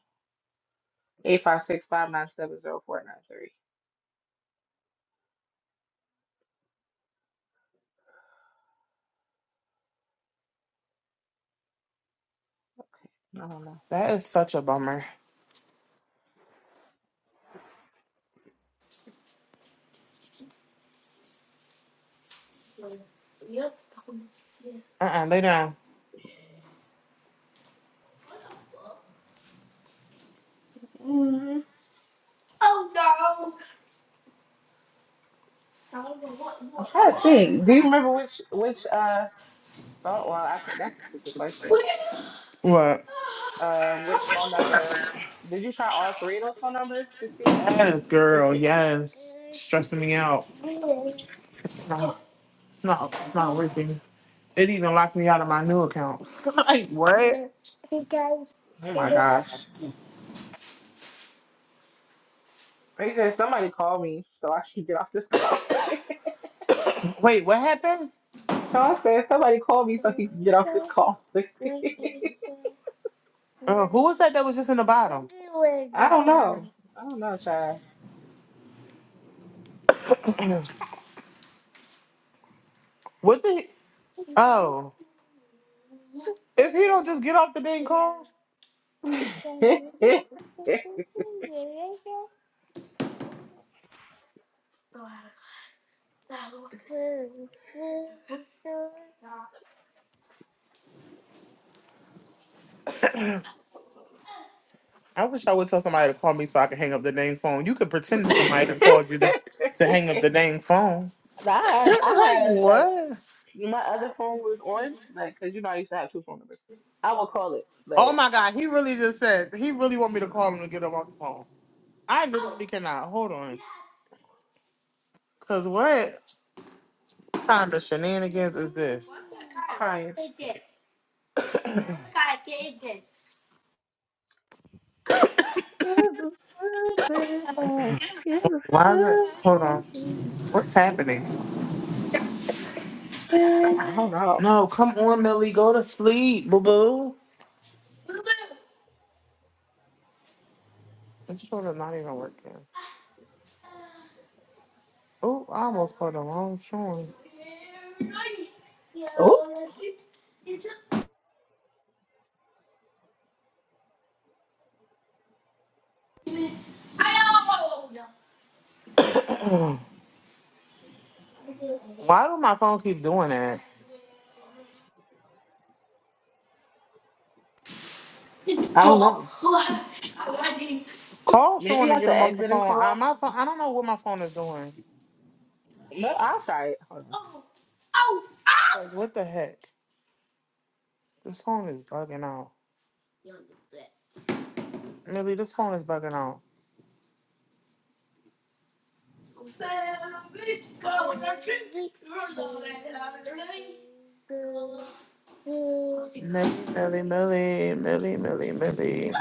S1: eight five six five nine seven zero four nine three.
S4: That is such a bummer. Yep. Uh uh lay down.
S1: I don't know. Mm,
S4: Oh no! I don't know what,
S1: I'm
S4: what,
S1: trying to think. Do you remember which, which, uh, phone? Well, I can, that's a stupid question.
S4: what? What?
S1: Uh, which phone number? Did you try all three of those phone numbers to see
S4: Yes,
S1: if
S4: girl.
S1: you,
S4: Yes, stressing me out. No, no, not working. It even locked me out of my new account. *laughs* like what?
S1: oh my gosh. They said somebody called me so I should get off this call.
S4: Wait, what happened?
S1: *laughs* Sean said somebody called me so he can get off this call. *laughs*
S4: *laughs* Uh, who was that that was just in the bottom?
S1: I don't know. I don't know, child.
S4: What the? Oh, if he don't just get off the dang car.
S1: *laughs* I
S4: I wish I would tell somebody to call me so I could hang up the dang phone. You could pretend somebody had called you to, to hang up the dang phone. *laughs*
S1: have, I
S4: like
S1: have like
S4: what?
S1: my other phone was on, like, cause you know I used to have two phone numbers. I would call it
S4: Oh
S1: like
S4: my
S1: uh,
S4: god, he really just said he really want me to call him to get him off the phone. I literally cannot. Hold on. Cause what? kind of shenanigans is this?
S1: crying. It's a stupid hoe. It's a
S4: Why is it?
S1: stupid
S4: Hold on.
S1: thing."
S4: What's happening?
S1: But I don't know.
S4: No, come on, Millie. Go to sleep, boo boo. I'm just sort of not even working. Oh, I almost put the wrong showing.
S1: Oh,
S4: Why do my phone keep doing that?
S1: I don't know.
S4: Call Sean
S1: Maybe I
S4: and
S1: have
S4: get
S1: to
S4: him off the
S1: exit and
S4: phone. I,
S1: call.
S4: my phone. I don't know what my phone is doing.
S1: No, I'll try it. Hold on.
S4: Like, what the heck? This phone is bugging out. Millie, this phone is bugging out. Millie, Millie, Millie, Millie, Millie, Millie.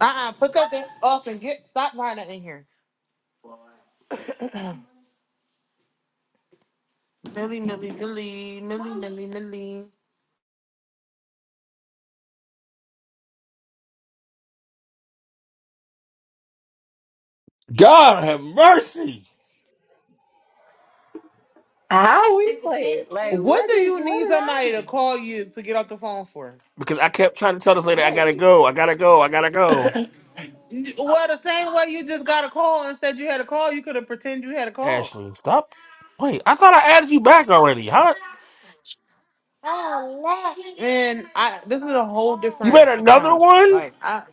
S4: Uh-uh, put that thing Austin. Get stop lying that in here. Millie, Millie, Millie, Millie, Millie, Millie.
S3: God have mercy.
S1: How we play it? Like,
S4: What
S1: what
S4: do
S1: did
S4: you
S1: what
S4: need somebody
S1: did I
S4: to
S1: do?
S4: call you to get off the phone for?
S3: Because I kept trying to tell this lady, I gotta go, I gotta go, I gotta go.
S4: *coughs* *laughs* Well, the same way you just got a call and said you had a call, you could have pretended you had a call.
S3: Ashley, stop. Wait, I thought I added you back already. How?
S4: And I this is a whole
S3: You
S4: different
S3: made another
S4: account.
S3: one?
S4: Like I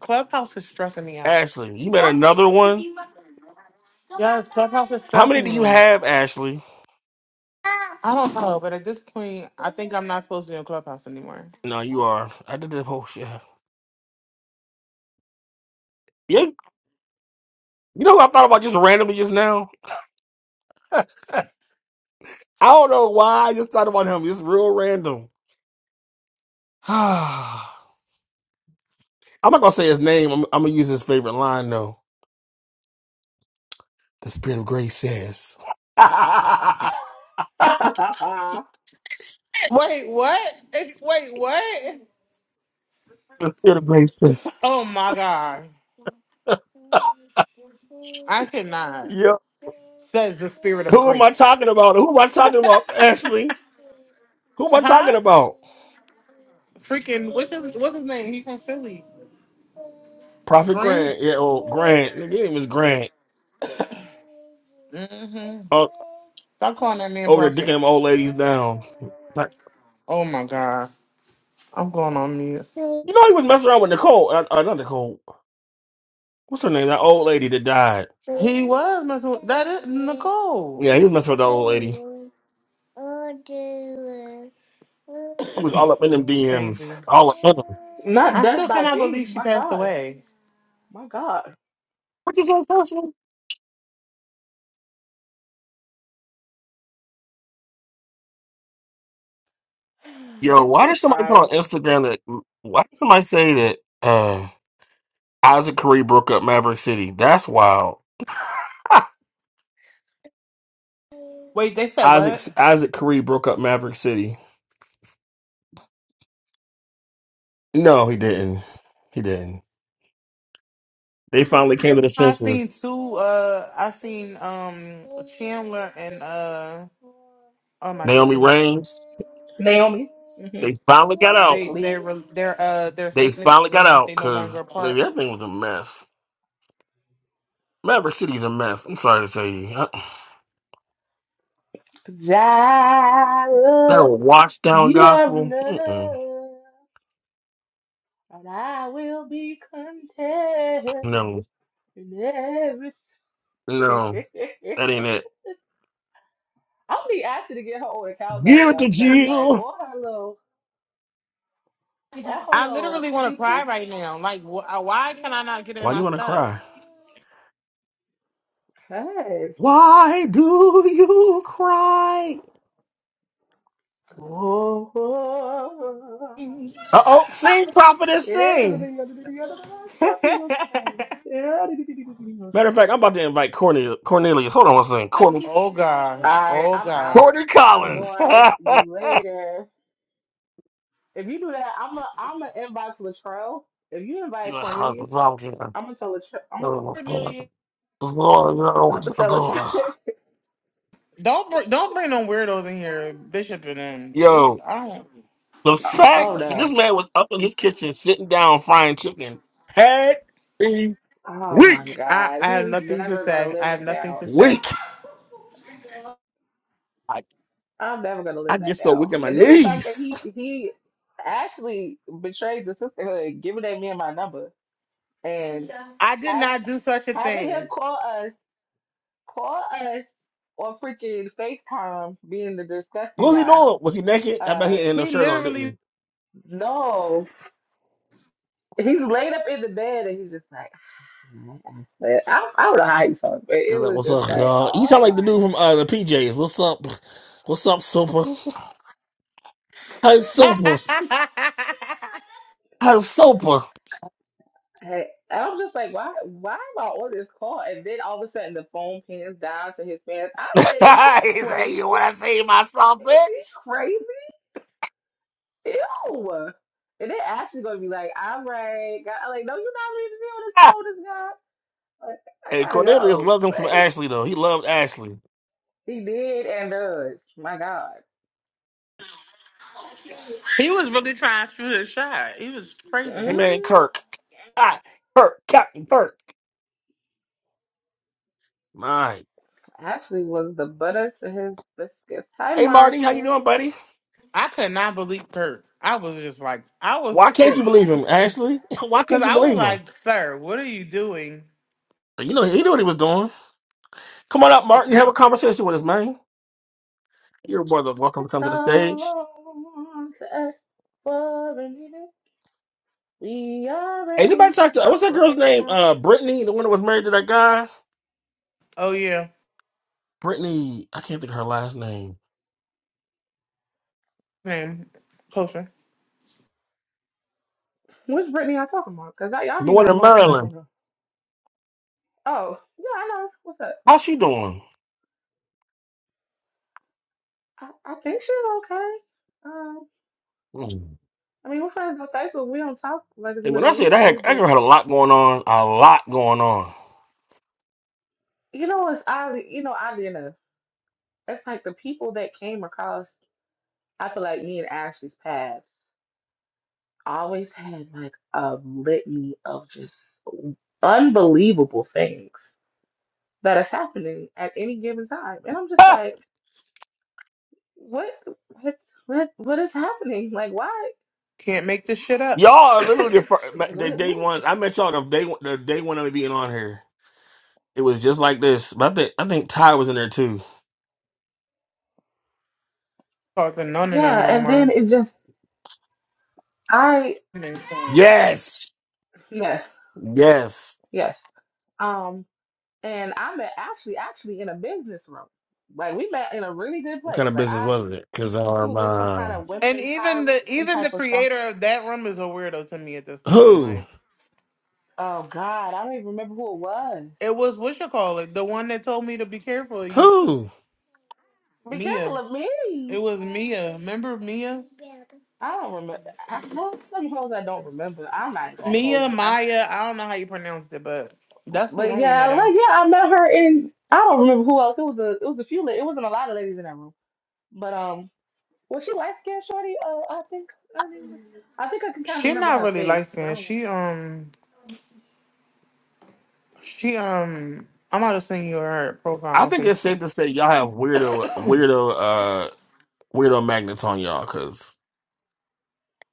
S4: Clubhouse is stressing me out.
S3: Ashley, you met another one?
S4: Yes, Clubhouse is
S3: How many
S4: stressing
S3: do you
S4: me.
S3: have, Ashley?
S4: I don't know, but at this point, I think I'm not supposed to be on Clubhouse anymore.
S3: No, you are. I did that whole shit. Yeah, you know who I thought about just randomly just now? *laughs* I don't know why I just thought about him. It's real random. *sighs* I'm not gonna say his name. I'm, I'm gonna use his favorite line though. The spirit of grace says. *laughs* the
S1: Right. *laughs*
S4: Wait, what? It's- Wait, what?
S3: spirit of grace says.
S4: Oh my god,
S3: *laughs*
S4: I cannot.
S3: yeah.
S4: Says the spirit of
S3: Who am I
S4: grace.
S3: talking about? Who am I
S4: *laughs*
S3: talking about, Ashley? Who am I talking
S4: huh?
S3: about?
S4: Freaking what's his what's his name? He's from Philly.
S3: Prophet
S4: Grant.
S3: Grant. Yeah, oh Grant. Nigga, His name is Grant.
S4: hmm
S3: Uh,
S4: Stop calling that man
S3: over there dicking
S4: prophet.
S3: them old ladies down. Like,
S4: Oh my god. I'm going on mute.
S3: you know, he was messing around with Nicole. Uh, uh, not Nicole. What's her name? That old lady that died.
S4: He was messing with that is Nicole.
S3: Yeah, he was messing with that old lady. He was all up in them
S4: it's
S3: DMs.
S4: crazy.
S3: All up in them.
S1: Not
S4: I
S1: death
S4: still
S1: by
S4: cannot
S1: D.
S4: believe she
S1: My
S4: passed
S1: God.
S4: away.
S1: My God.
S3: What you say, Kelsey? Yo,
S1: It's
S3: why
S1: been a
S3: did somebody put on
S1: try.
S3: Instagram that, why did somebody say that uh, Isaac Curry broke up Maverick City? That's wild. *laughs*
S4: Wait, they said
S3: Isaac
S4: what?
S3: Isaac Curry broke up Maverick City. No, he didn't. He didn't. They finally came to the
S4: I
S3: senses.
S4: seen two uh I seen um Chandler and uh oh my
S3: Naomi
S4: goodness.
S3: Reigns.
S1: Naomi. Mm-hmm.
S3: They finally got out.
S4: They their
S1: Lee.
S4: their uh their
S3: They
S4: statements
S3: finally got
S4: saying that
S3: out
S4: they no longer
S3: because maybe
S4: apart.
S3: that thing was a mess. Maverick City's a mess. I'm sorry to tell you. I, that
S1: Zara,
S3: old washed down
S1: you are
S3: gospel. Mm-mm.
S1: enough. And I will be content
S3: No,
S1: in every
S3: no, that
S1: *laughs*
S3: ain't it.
S1: I'll be asking to get her old account back,
S3: Give it to
S1: yo, because like
S3: Jill.
S1: all her little all her
S4: I
S1: little
S4: literally want to cry
S1: people's
S4: right now. Like, wh- uh, why can I not get in
S3: Why do
S4: my
S3: you want to
S4: stuff?
S3: cry?
S1: cuss.
S3: Why do you cry?
S1: Oh,
S3: Uh oh, sing, prophetess,
S1: Alright,
S3: sing. Matter of fact, I'm about to invite Cornelius. Cornelius, hold on one second.
S4: *laughs*
S3: Cornel,
S4: oh god, oh
S1: I'm
S4: god.
S1: out.
S3: Courtney
S1: I'm
S3: Collins.
S1: going. See you later. If you do that, I'm a I'm gonna invite Latrell. If you invite Cornelius, I'm gonna tell Latrell. I'm gonna I'm gonna, I'm gonna tell Latrell. *laughs*
S3: *laughs*
S4: Don't br- don't bring no weirdos in here, Bishop and them. They,
S3: Yo,
S4: I don't.
S3: The
S1: oh
S3: fact that this
S1: no.
S3: man was up in his kitchen sitting down frying chicken had me
S1: Oh my
S3: weak,
S4: I
S1: God.
S4: I have
S1: He's
S4: nothing to
S1: never gonna
S4: say. I
S1: live
S4: have
S1: that
S4: nothing
S1: down.
S4: to say.
S3: weak. I,
S1: I'm never gonna
S3: I
S1: live that
S3: get so weak
S1: down.
S3: in my
S1: And then the fact that
S3: knees.
S1: he he actually betrayed the sisterhood, giving that man my number and
S4: I did
S1: have,
S4: not do such a
S1: having him
S4: thing.
S1: call us. Call us or freaking FaceTime being the disgusting
S3: What was he
S1: guy.
S3: doing? Was he naked? I bet he
S1: Uh,
S3: had no
S4: He
S3: shirt on, didn't
S4: literally. *laughs*
S3: he?
S1: no. He's laid up in the bed and he's just like, like, I, I don't know how he saw it, but
S3: He's
S1: it
S3: like,
S1: was
S3: "What's
S1: just
S3: up,
S1: like,
S3: y'all?" He sound
S1: oh
S3: like the
S1: my
S3: dude from
S1: God.
S3: uh, the PJs. What's up? What's up, super? *laughs* Hey, super. Hey, super. *laughs*
S1: Hey, and I'm just like, why why am I on this call? And then all of a sudden the phone pans down to his pants. I
S3: he
S1: said, is he
S3: said,
S1: crazy?
S3: "You want to see myself,
S1: Is he
S3: bitch?"
S1: crazy? Ew. And they actually gonna be like, all right, God. I'm like, no, you're not leaving me on this phone with
S3: *laughs*
S1: this guy. Like, I
S3: hey,
S1: gotta
S3: Cornelius
S1: go.
S3: loved him from
S1: Like
S3: Ashley though. He loved Ashley.
S1: He did and does. My God.
S4: he was really trying to shoot his shot. He was
S3: Hey,
S4: crazy.
S3: man,
S1: Mm,
S3: Kirk. *laughs* Ah, Kirk, Captain Kirk. My.
S1: Ashley was the butter to his biscuits. Hi,
S3: Hey Marty, how you
S1: Martin.
S3: doing, buddy?
S4: I could not believe her. I was just like, I was
S3: Why can't
S4: sick.
S3: you believe him, Ashley? *laughs* Why
S4: Because
S3: can't you
S4: I was
S3: believe him?
S4: like, sir, what are you doing?
S3: You know he knew what he was doing. Come on up, Martin. Have a conversation with us, man. You're more than welcome to
S1: It's
S3: come to the stage.
S1: home to us for a minute. We are
S3: Hey, anybody
S1: ready.
S3: talk to
S1: No,
S3: what's that
S1: okay,
S3: girl's
S1: good
S3: name? Uh, Brittany, the one that was married to that guy.
S4: Oh, yeah.
S3: Brittany, I can't think of her last name.
S4: Man, closer.
S1: Which Brittany I talking about? Because y'all
S3: The
S1: be
S3: one
S1: knowing
S3: in
S1: more people I don't
S3: Maryland.
S1: know. Oh, yeah, I know. What's up?
S3: How's she doing?
S1: I, I think she's okay. Um,
S3: Hmm.
S1: I mean, we're friends on Facebook. We don't talk like as
S3: And
S1: much
S3: when
S1: as
S3: I
S1: we
S3: said
S1: used
S3: I
S1: to,
S3: had, I
S1: but
S3: girl had a lot going on, a lot going on.
S1: you know, it's oddly, you know, oddly enough, it's like the people that came across. I feel like me and Ashley's paths always had like a litany of just unbelievable things that is happening at any given time. And I'm just
S3: *laughs*
S1: like, what what what, what is happening? Like why
S4: Can't make this shit up.
S3: y'all are
S4: *laughs*
S3: literally the, fir-
S1: like,
S3: the
S1: what
S3: day
S1: what
S3: one.
S1: is
S3: I met y'all the day one, the day one of me being on here. It was just like this. But I think I think Ty was in there too.
S4: Talking
S1: *laughs*
S4: none of them
S1: yeah,
S4: no
S1: and then
S4: more.
S1: it just I
S4: And
S3: Yes.
S1: yes,
S3: Yes.
S1: yes. Um and I met Ashley actually in a business room. Like we met in a really good
S3: What
S1: place.
S3: kind of
S1: Like
S3: business
S1: I
S3: was it? Cause
S1: she
S3: our,
S1: was in some
S3: uh,
S1: kind of women
S4: even the
S1: empowerment, some
S4: even the
S1: type of stuff
S4: creator of that room is a weirdo to me at this point in
S3: who,
S4: life.
S1: Oh God, I don't even remember who it was.
S4: It was what you call it, the one that told me to be careful of you too.
S3: who?
S1: Be careful
S4: Mia.
S1: of
S4: It
S1: me.
S4: was Mia. Remember Mia?
S1: I don't remember. I have some hoes I don't remember. I'm not even gonna hold
S4: Mia,
S1: you. I,
S4: Maya, I don't know how you pronounced it, but that's who
S1: but
S4: wrong we
S1: yeah,
S4: met at.
S1: like yeah, I met her in. I don't remember who else. It was a. It was a few. la- It wasn't a lot of ladies in that room. But um, was she light skinned shorty? Oh, I think. I think. I think I can kind of
S4: She
S1: remember
S4: not
S1: her
S4: really light
S1: face. I
S4: skinned.
S1: don't, know.
S4: She um she um I'm gonna send you her
S3: I
S4: profile on
S3: think it's
S4: Facebook.
S3: safe to say y'all have weirdo weirdo uh weirdo magnets on y'all because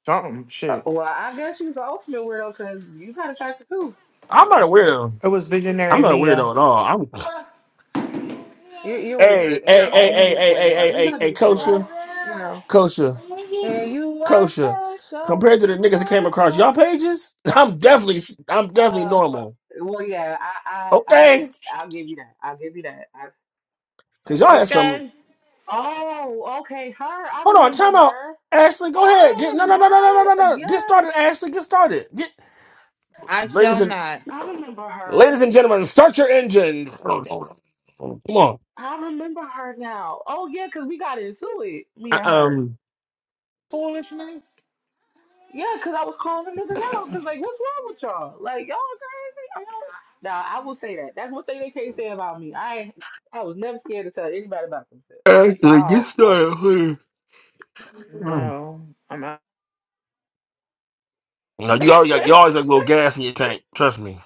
S4: Something
S1: uh,
S4: shit.
S1: well, I guess she was the ultimate weirdo because you kind of attracted too.
S3: I'm not a weirdo.
S4: It was
S3: I'm
S4: Visionary
S3: not a weirdo
S4: Mia.
S3: at all. I'm *sighs*
S1: You're, you're
S3: hey,
S1: weird in
S3: hey, hey,
S1: your
S3: hey,
S1: own
S3: hey,
S1: unique way,
S3: hey,
S1: and
S3: hey,
S1: we
S3: hey,
S1: love
S3: hey,
S1: you for it.
S3: kosher,
S1: You know.
S3: kosher,
S1: Yeah, you are
S3: kosher.
S1: special,
S3: Compared to the niggas that came across
S1: special.
S3: y'all pages, *laughs* I'm definitely I'm definitely
S1: Uh, f
S3: normal.
S1: well, yeah, I, I, I,
S3: Okay?
S1: I'll give you that. I'll give you that. I,
S3: Cause y'all had some
S4: Okay.
S1: oh, okay, her. I
S3: Hold on,
S1: remember
S3: time out.
S1: her.
S3: Ashley, go ahead. Get no
S1: Oh
S3: no no no no no no
S1: my,
S3: no. Get
S1: yes,
S3: started, Ashley. Get started. Get
S4: I shall
S3: ladies and
S4: not.
S1: I remember her.
S3: ladies and gentlemen, start your engine. Come on.
S1: I remember her now. Oh yeah, 'cause we got into it, me
S3: Uh,
S1: and her.
S3: Um
S4: Foolishness?
S1: Yeah, because I was calling the niggas out. Because, like, what's wrong with y'all? Like, y'all crazy? Are y'all... Nah, I will say that. That's one thing they can't say about me. I ain't- I was never scared to tell anybody about themselves. Like,
S3: Ashley, get
S1: y'all, y'all.
S3: started, please.
S4: No. I'm out.
S3: No,
S1: *laughs*
S3: you always got you always got a little gas in your tank. Trust me.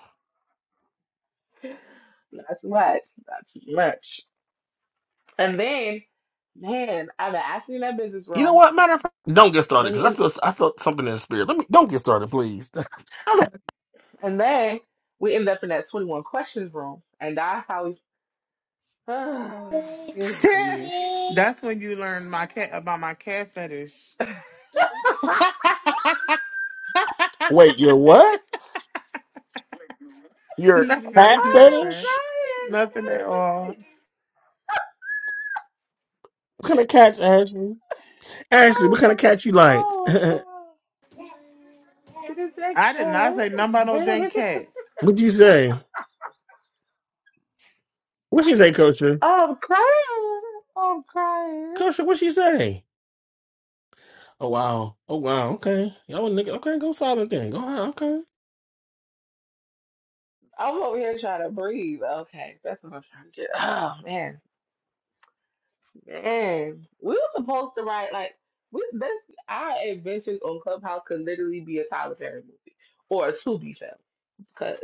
S1: Not too much. Not too much. And then, man, I've been asking in that business
S3: You know
S1: room.
S3: what? Matter of fact, don't get
S1: And then
S3: started
S1: we,
S3: because I
S1: end,
S3: feel I felt something in the spirit. Let me don't get started, please. *laughs* I'm not-
S1: and then we end up in that 21 questions room. And that's how we... *sighs* Oh,
S4: *laughs*
S1: good grief.
S4: That's when you learn my cat about my cat fetish. *laughs*
S1: *laughs* I
S3: Wait, your what? Your
S1: am crying.
S3: cat
S4: nothing, nothing.
S3: fetish?
S1: That
S4: Nothing at
S1: is the
S4: all.
S3: What kind of cats, Ashley? Ashley,
S1: Oh,
S3: what kind of cat you like?
S1: oh my
S3: *laughs*
S1: god. She just said
S4: I did not say nothing about no dead
S1: cat. *laughs*
S4: cats.
S3: What'd you say? What she say, Kosher?
S1: Oh, I'm crying. Oh, I'm crying.
S3: Kosher, what she say? Oh wow. Oh wow. Okay. Yo, nigga. Okay, go silent then. Go ahead. Okay.
S1: I'm over here trying to breathe. Okay, that's what I'm trying to get. Oh man, man. We were supposed to write like we this our adventures on Clubhouse could literally be a Tyler Perry movie or a Tubi film because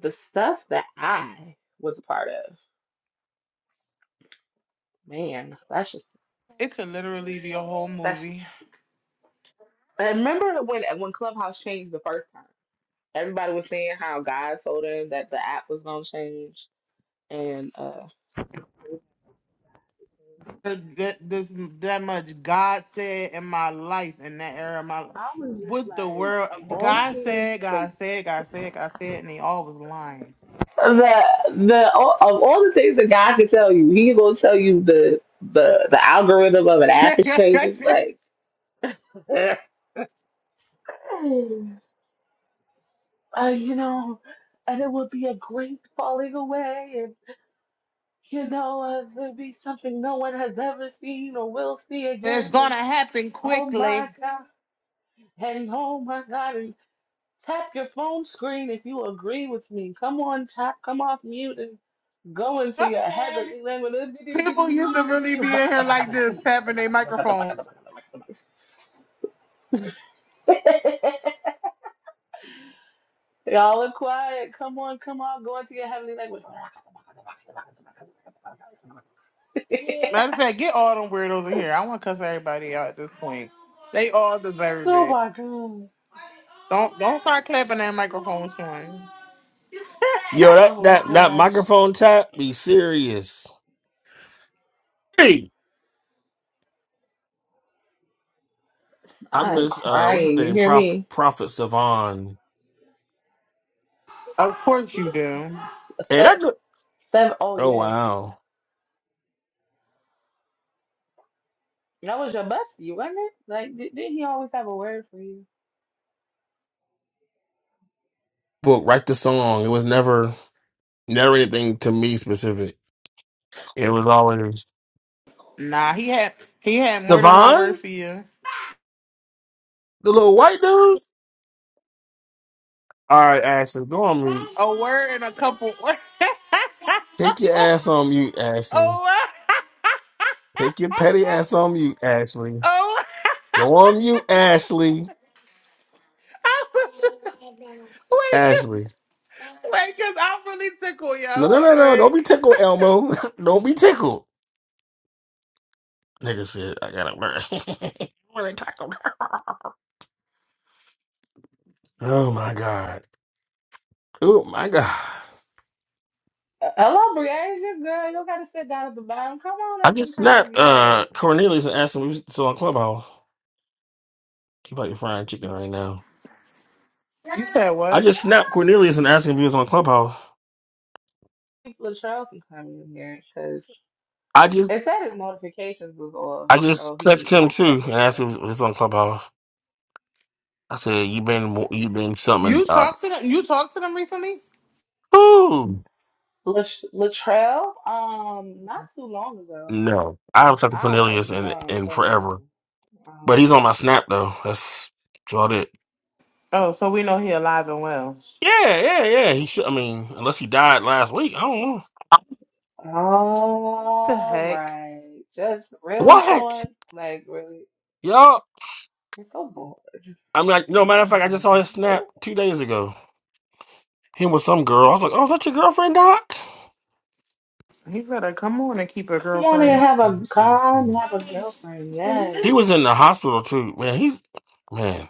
S1: the stuff that I was a part of, man, that's just
S4: It could literally be a whole
S1: that's.
S4: movie.
S1: I remember when when Clubhouse changed the first time. Everybody was saying how God told him that the app was gonna change, and uh,
S4: That this that much God said in my life in that era of my life.
S1: I was just
S4: What the
S1: like,
S4: world
S1: of all the
S4: God
S1: things
S4: said,
S1: that
S4: God said, God said, God said, and they all was lying.
S1: the the of all the things that God could tell you, He gonna tell you the the the algorithm of an
S4: *laughs*
S1: app
S4: and
S1: is changing. Like, *laughs* uh, you know, and it would be a great falling away, and you know, uh, there'd be something no one has ever seen or will see
S4: it's
S1: again. And
S4: gonna happen
S1: oh my
S4: quickly.
S1: God, and oh my God, Tap your phone screen if you agree with me. Come on, tap, come off mute and go into
S4: *laughs*
S1: your heavenly language.
S4: People used to really be in here
S1: *laughs*
S4: like this, tapping their microphone.
S1: Y'all are quiet. Come on, come on, go into your heavenly language. *laughs*
S4: Matter of fact, get all them weirdos in here. I wanna cuss everybody out at this point. They all deserve
S1: oh
S4: it.
S1: my god.
S4: Don't don't start clapping that microphone to 'em. *laughs*
S3: Yo, that
S1: Oh my
S3: that that
S1: gosh.
S3: microphone tap be serious. Hey, I
S1: I am
S3: miss uh, what's his
S1: crying. You
S3: name?
S1: hear
S3: Prof,
S1: me?
S3: Prophet Savon.
S4: Of course you do.
S3: Hey, that.
S1: Step,
S3: good-
S1: step, oh
S3: Oh
S1: yes.
S3: wow.
S1: That was your bestie, wasn't it? Like, di- didn't he always have a word for you?
S3: Book write the song. It was never never anything to me specific. It was always
S4: Nah, he had he had more than one word
S3: Savon,
S4: for you.
S3: the little white dude. All right, Ashley, go on mute.
S4: A word and a couple. *laughs* oh,
S3: Take your ass on mute, Ashley.
S4: oh.
S3: Take your petty ass on mute, Ashley. Go on mute, Ashley.
S4: I was- *laughs* wait,
S3: Ashley.
S4: cause, wait, cause I'm really tickled, yo.
S3: No, no,
S4: Hold
S3: no, no.
S4: on.
S3: Don't be tickled, Elmo. *laughs* Don't be tickled. Nigga said, I gotta work. *laughs* Really tickled. oh my god. Oh my god.
S1: Uh, Hello, Brianna, it's your girl. You don't gotta sit down at the bottom. Come on
S3: I
S1: up and
S3: just snapped
S1: congregate.
S3: uh Cornelius and asked him if he was still on Clubhouse. He about your frying chicken right now.
S4: you said
S3: I
S4: what?
S3: just snapped Cornelius and asked him if he was on Clubhouse.
S1: Latrell can come in here because
S3: I just
S1: it said his notifications was off,
S3: I
S1: so
S3: just text
S1: he you might
S3: him
S1: have to
S3: too and
S1: send us
S3: asked
S1: that.
S3: him if he was on Clubhouse. I said, You been you been something
S4: You
S3: uh,
S4: talked to them? You talked to them recently?
S3: Ooh.
S1: Lat- Latrell, um, not too long ago.
S3: No. I haven't talked to
S1: I don't talk,
S3: Cornelius
S1: no,
S3: in
S1: I'm
S3: in
S1: calling him.
S3: forever.
S1: I don't
S3: But he's
S1: call.
S3: on my snap though. That's about it.
S4: Oh, so we know he alive and well.
S3: Yeah, yeah, yeah. He should. I mean, unless he died last week, I don't know.
S4: The
S1: All
S4: heck?
S1: right, just really
S3: What?
S1: showing, like really,
S3: Y'all,
S1: you're so bored.
S3: I mean, like, no matter of
S1: I'm
S3: fact, I just saw
S1: morbid.
S3: his snap
S1: Like,
S3: two days ago. Him with some girl. I was like, oh, is that your girlfriend, Doc?
S4: He better come on and keep a
S1: come on and
S3: Let
S4: girlfriend.
S1: have a
S3: me see.
S1: god, have a girlfriend. Yes,
S3: He was in the hospital too. Man, he's man.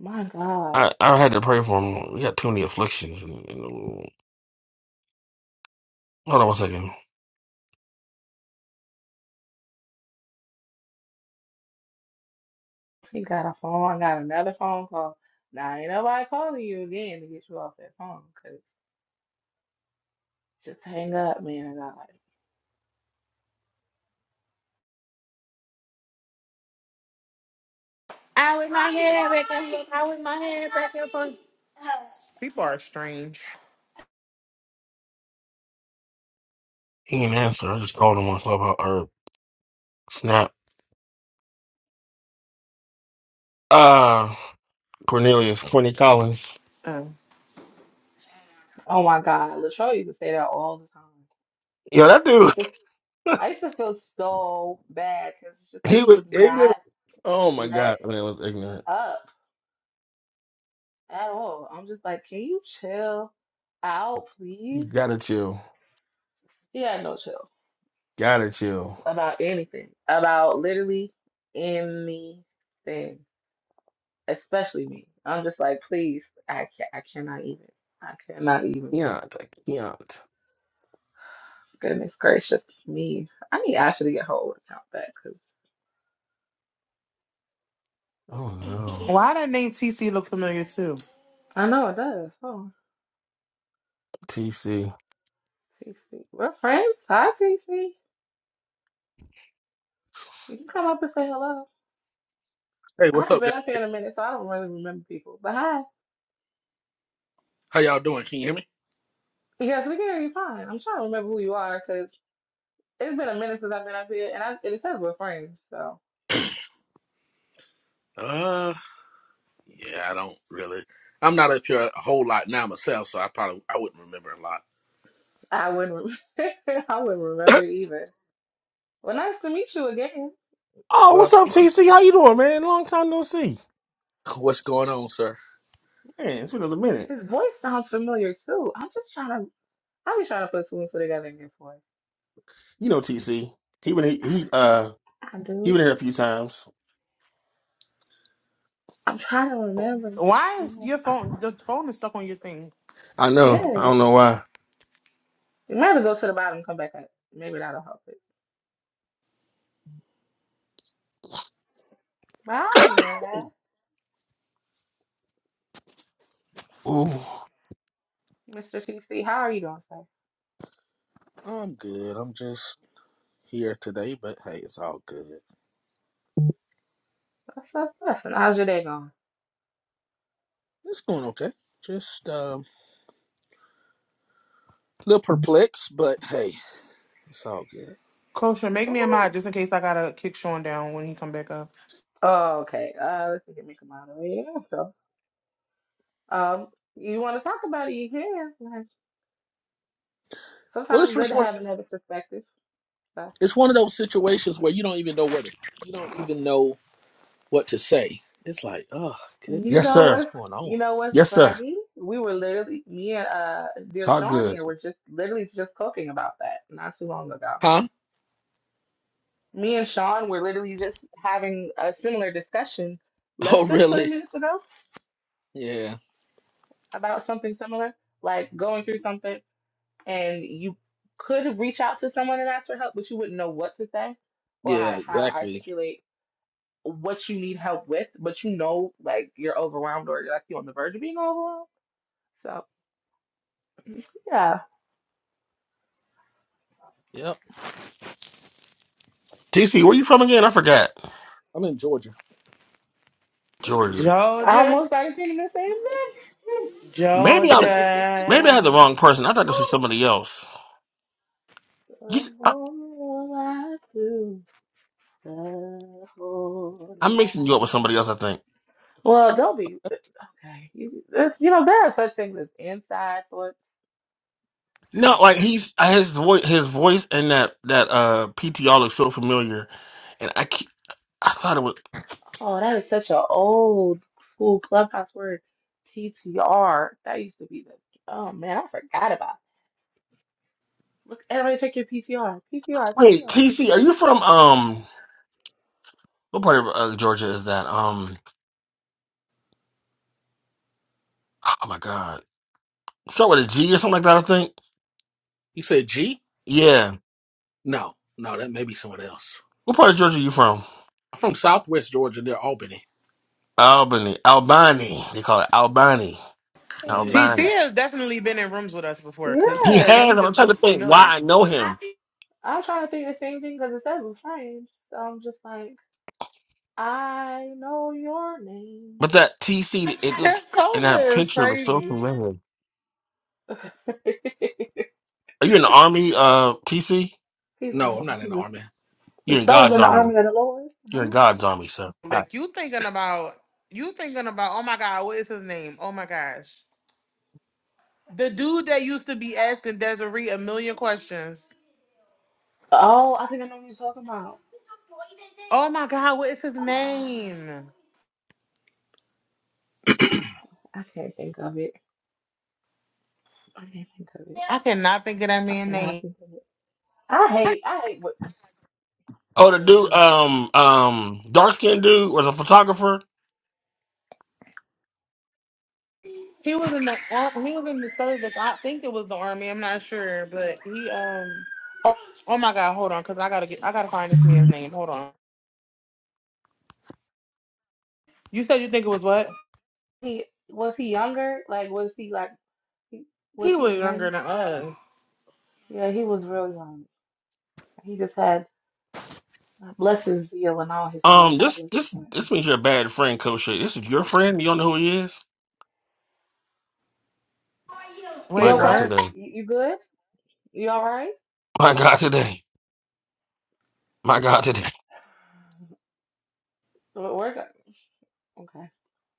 S1: my God.
S3: I I had to pray for him. He got too many afflictions. In, in Hold on one second.
S1: He got a phone. I got another phone call. Now ain't nobody calling you again to get you off that phone. 'cause just hang up, man. God.
S4: I with my head back and forth. I with my head back and forth. People are strange.
S3: He didn't answer. I just called him on Clubhouse or Snap. Uh, Cornelius, Courtney Collins.
S4: Uh,
S1: Oh my God, Latroy used to say that all the time.
S3: Yeah, that
S1: I
S3: dude.
S1: used to,
S3: *laughs*
S1: I used to feel so bad because it's just like
S3: He
S1: he
S3: was
S1: would not
S3: ignorant. Oh my
S1: let
S3: god, that man was ignorant.
S1: up at all. I'm just like, can you chill out,
S3: You
S1: please?
S3: gotta chill.
S1: He had no chill
S3: Gotta chill.
S1: about anything, about literally anything. especially me. I'm just like, please, I ca I cannot even, I cannot even.
S3: Keont. Keont.
S1: Goodness gracious me! I need Ashley to get her old account back because
S3: Oh no.
S4: why that name TC look familiar too?
S1: I know it does. Oh,
S3: TC.
S1: TC, we're friends. Hi, TC. You can come up and say hello.
S5: Hey,
S1: I
S5: what's
S1: haven't
S5: up,
S1: been
S5: guys?
S1: up here in a minute, so I don't really remember people. But hi,
S5: How y'all doing? Can you hear me?
S1: yes, we can hear you fine. I'm trying to remember who you are because it's been a minute since I've been up here, and I, it says we're friends, so
S5: Uh, yeah, I don't really. I'm not up here a whole lot now myself, so I probably I wouldn't remember a lot.
S1: I wouldn't, rem *laughs* I wouldn't remember
S5: *coughs*
S1: either. Well, nice to meet you again.
S3: Oh,
S5: Well,
S3: what's up,
S5: thank you.
S3: TC? How you doing, man? Long time no see.
S5: What's going on, sir?
S3: Man, it's been a little minute.
S1: His voice sounds familiar too. I'm just trying to, I'm just trying to put two and two together in this voice.
S3: You know TC. He been
S1: I,
S3: he uh
S1: I
S3: he
S1: do.
S3: been here a few times.
S1: I'm trying to remember.
S4: Why is
S1: Yeah.
S4: your phone? The phone is stuck on your thing.
S3: I know.
S4: Sure.
S1: Yeah.
S3: I don't know why.
S1: You might have to go to the bottom and come back up. Maybe that'll help it. But how are you, man, guy?
S3: Ooh.
S1: Mr. CC, how are you doing, sir?
S5: I'm good. I'm just here today, but hey, it's all good.
S1: What's up? Listen, how's your day going?
S5: It's going okay. Just um, a little perplexed, but hey, it's all good.
S4: Kosha, make me a mod
S1: Ooh.
S4: just in case I gotta kick Sean down when he come back up.
S1: Oh, okay. Uh, let's see if we can make a moderator. So, um, you want to talk about it, you can. Like,
S5: Well,
S1: sometimes
S5: it's
S1: it's good
S5: just
S1: to
S5: one.
S1: have another perspective.
S5: It's one of those situations where you don't even know what to, you don't even know what to say. It's like, oh
S1: You
S5: goodness,
S3: Yes,
S1: know
S5: like
S3: sir.
S5: what's
S1: what's
S5: going
S1: you
S5: on?
S1: know what's
S3: Yes, sir.
S1: funny? We were literally me and uh dear
S3: Talk
S1: Sean
S3: good.
S1: here were just literally just talking about that not too long ago.
S5: Huh?
S1: Me and Sean were literally just having a similar discussion
S5: *laughs*
S1: less
S5: Oh,
S1: than 20
S5: really?
S1: minutes ago
S5: Yeah.
S1: about something similar, like going through something and you could reach out to someone and ask for help, but you wouldn't know what to say or
S5: Yeah,
S1: how, how to
S5: exactly.
S1: articulate what you need help with, but you know like you're overwhelmed or you're like you're on the verge of being overwhelmed. So yeah.
S5: Yep.
S3: TC, where you from again? I forgot.
S5: I'm in Georgia.
S3: Georgia.
S1: I
S4: Georgia,
S1: almost started singing the same
S3: Maybe I'm
S1: thing.
S3: maybe I had the
S4: Georgia.
S3: wrong person. I thought this was somebody else.
S1: *laughs* the
S3: You,
S1: whole life through the whole
S3: I'm mixing you up with
S1: life.
S3: somebody else. I think.
S1: Well, don't be okay. You, it's- you know, there are such things as inside thoughts, you
S3: No, like
S1: know.
S3: he's uh, his voice. His voice and that that uh PTR looks so familiar, and I keep, I thought it was.
S1: Oh, that is such an old school clubhouse word. PTR. That used to be the oh man, I forgot about it. Look, everybody check your PTR. PTR,
S3: Wait,
S1: PTR.
S3: TC, are you from um what part of uh, Georgia is that? Um, oh my God, start with a G or something like that. I think.
S5: You said G?
S3: Yeah,
S5: No, no, that may be someone else.
S3: what part of Georgia are you from?
S5: I'm from Southwest Georgia near Albany.
S3: Albany, Albany. They call it Albany,
S5: Yeah.
S3: Albany.
S4: TC has definitely been in rooms with us before because
S3: He
S4: the
S1: Yeah.
S3: has.
S4: name
S3: and I'm
S4: just
S3: trying to
S4: looked
S3: think why
S4: familiar.
S3: I know him,
S1: I'm trying to think the same thing because it says refrain. So I'm just like, I know your name.
S3: but that TC,
S4: *laughs*
S3: it looks and that
S4: Kosha is
S3: picture looks so
S4: crazy.
S3: familiar.
S1: *laughs*
S3: Are you in the army, uh, TC?
S1: He's
S5: No, I'm not in the
S1: the
S5: army.
S1: the
S3: You're in
S1: soldier
S3: God's
S1: in the
S3: army.
S1: army of the Lord.
S3: You're
S1: Huh?
S3: in God's army, sir. All right.
S4: Like you thinking about you thinking about oh my god, what is his name? Oh my gosh. The dude that used to be asking Desiree a million questions.
S1: Oh, I think I know what you're talking about.
S4: Oh my god, what is his
S1: Ah,
S4: name?
S1: I can't think of it. I can't think of it.
S4: I cannot think of that
S1: I
S4: man's
S1: cannot
S4: name.
S1: think of it. I hate. I hate what you
S3: Oh, the
S1: do.
S3: dude, um, um, dark skinned dude was a photographer.
S4: He was in the ar- he was in the service. I think it was the army. I'm not sure, but he um.
S1: Oh,
S4: Oh my God, hold on, cause I gotta get I gotta find this man's name. Hold on. You said you think it was what?
S1: he was he younger? Like was he like he, was
S4: He was
S1: he
S4: younger
S1: young?
S4: than us.
S1: Yeah, he was real young. He just had blesses you and all his heart.
S3: Um,
S1: God
S3: this,
S1: bless his
S3: this,
S1: heart.
S3: this means you're a bad friend, Coach. Shay. This is your friend. You don't know who he is.
S1: You
S4: Wait,
S3: My God,
S1: okay?
S4: what?
S3: today.
S1: You, you good? You all right?
S3: My God, today. My God, today.
S1: right? We're Okay.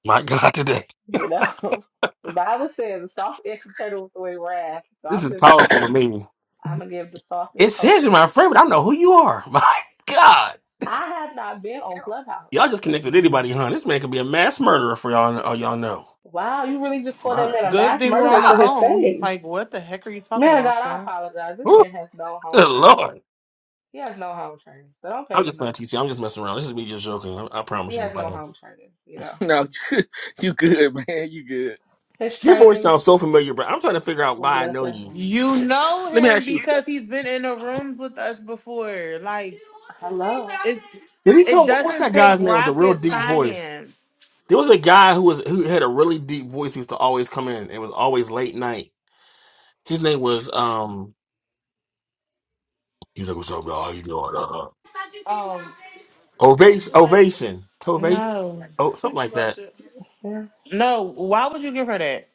S3: My God, today.
S1: You know, *laughs* the Bible says a soft edged turtle with the way wrath. So
S3: This
S1: I'm
S3: is
S1: just going.
S3: powerful to me.
S1: I'm gonna give the softest
S3: It says you're
S1: coaching.
S3: my friend, but I don't know who you are. *laughs* My God,
S1: I have not been on Clubhouse.
S3: y'all just connect with
S1: And
S3: anybody, huh? This man could be a mass murderer for y'all. All y'all know.
S1: wow, you really just called that
S3: My
S1: man a
S4: Good
S1: mass
S4: thing we're
S1: murderer
S4: on the
S1: to
S3: God.
S1: his
S4: phone.
S1: face.
S4: Like, what the heck are you talking
S1: Man of
S4: about,
S1: God, I
S4: Sean?
S1: apologize. This
S3: Woo,
S1: man has no home
S3: good
S1: training.
S3: Lord.
S1: He has no home training. So don't pay
S3: I'm
S1: him
S3: just
S1: no
S3: playing
S1: money.
S3: TC. I'm just messing around. This is me just joking. I, I
S1: He
S3: promise you, I'm
S1: has no
S3: playing.
S1: home training, you know.
S5: No, *laughs* you good, man. You good.
S1: His
S3: Your voice
S1: training
S3: sounds so familiar, bro. I'm trying to figure out
S1: was
S3: why I
S1: left
S3: know
S1: at
S3: you.
S1: home.
S4: You know
S5: Let me
S4: him
S5: ask you
S4: because
S5: something.
S4: he's been in the rooms with us before. Like
S1: Hello.
S4: it,
S3: Did he
S4: it
S3: come? What's
S4: doesn't
S3: that
S4: take
S3: guy's name with the real
S4: rocket
S3: deep voice?
S4: science.
S3: There was a guy who was who had a really deep voice. He used to always come in. It was always late night. His name was um. He's like, "What's up, y'all? How you doing?" Uh,
S4: Um,
S3: ovation, ovation, Tova-
S4: no,
S3: oh, something like that.
S1: Yeah.
S4: no. Why would you give her that?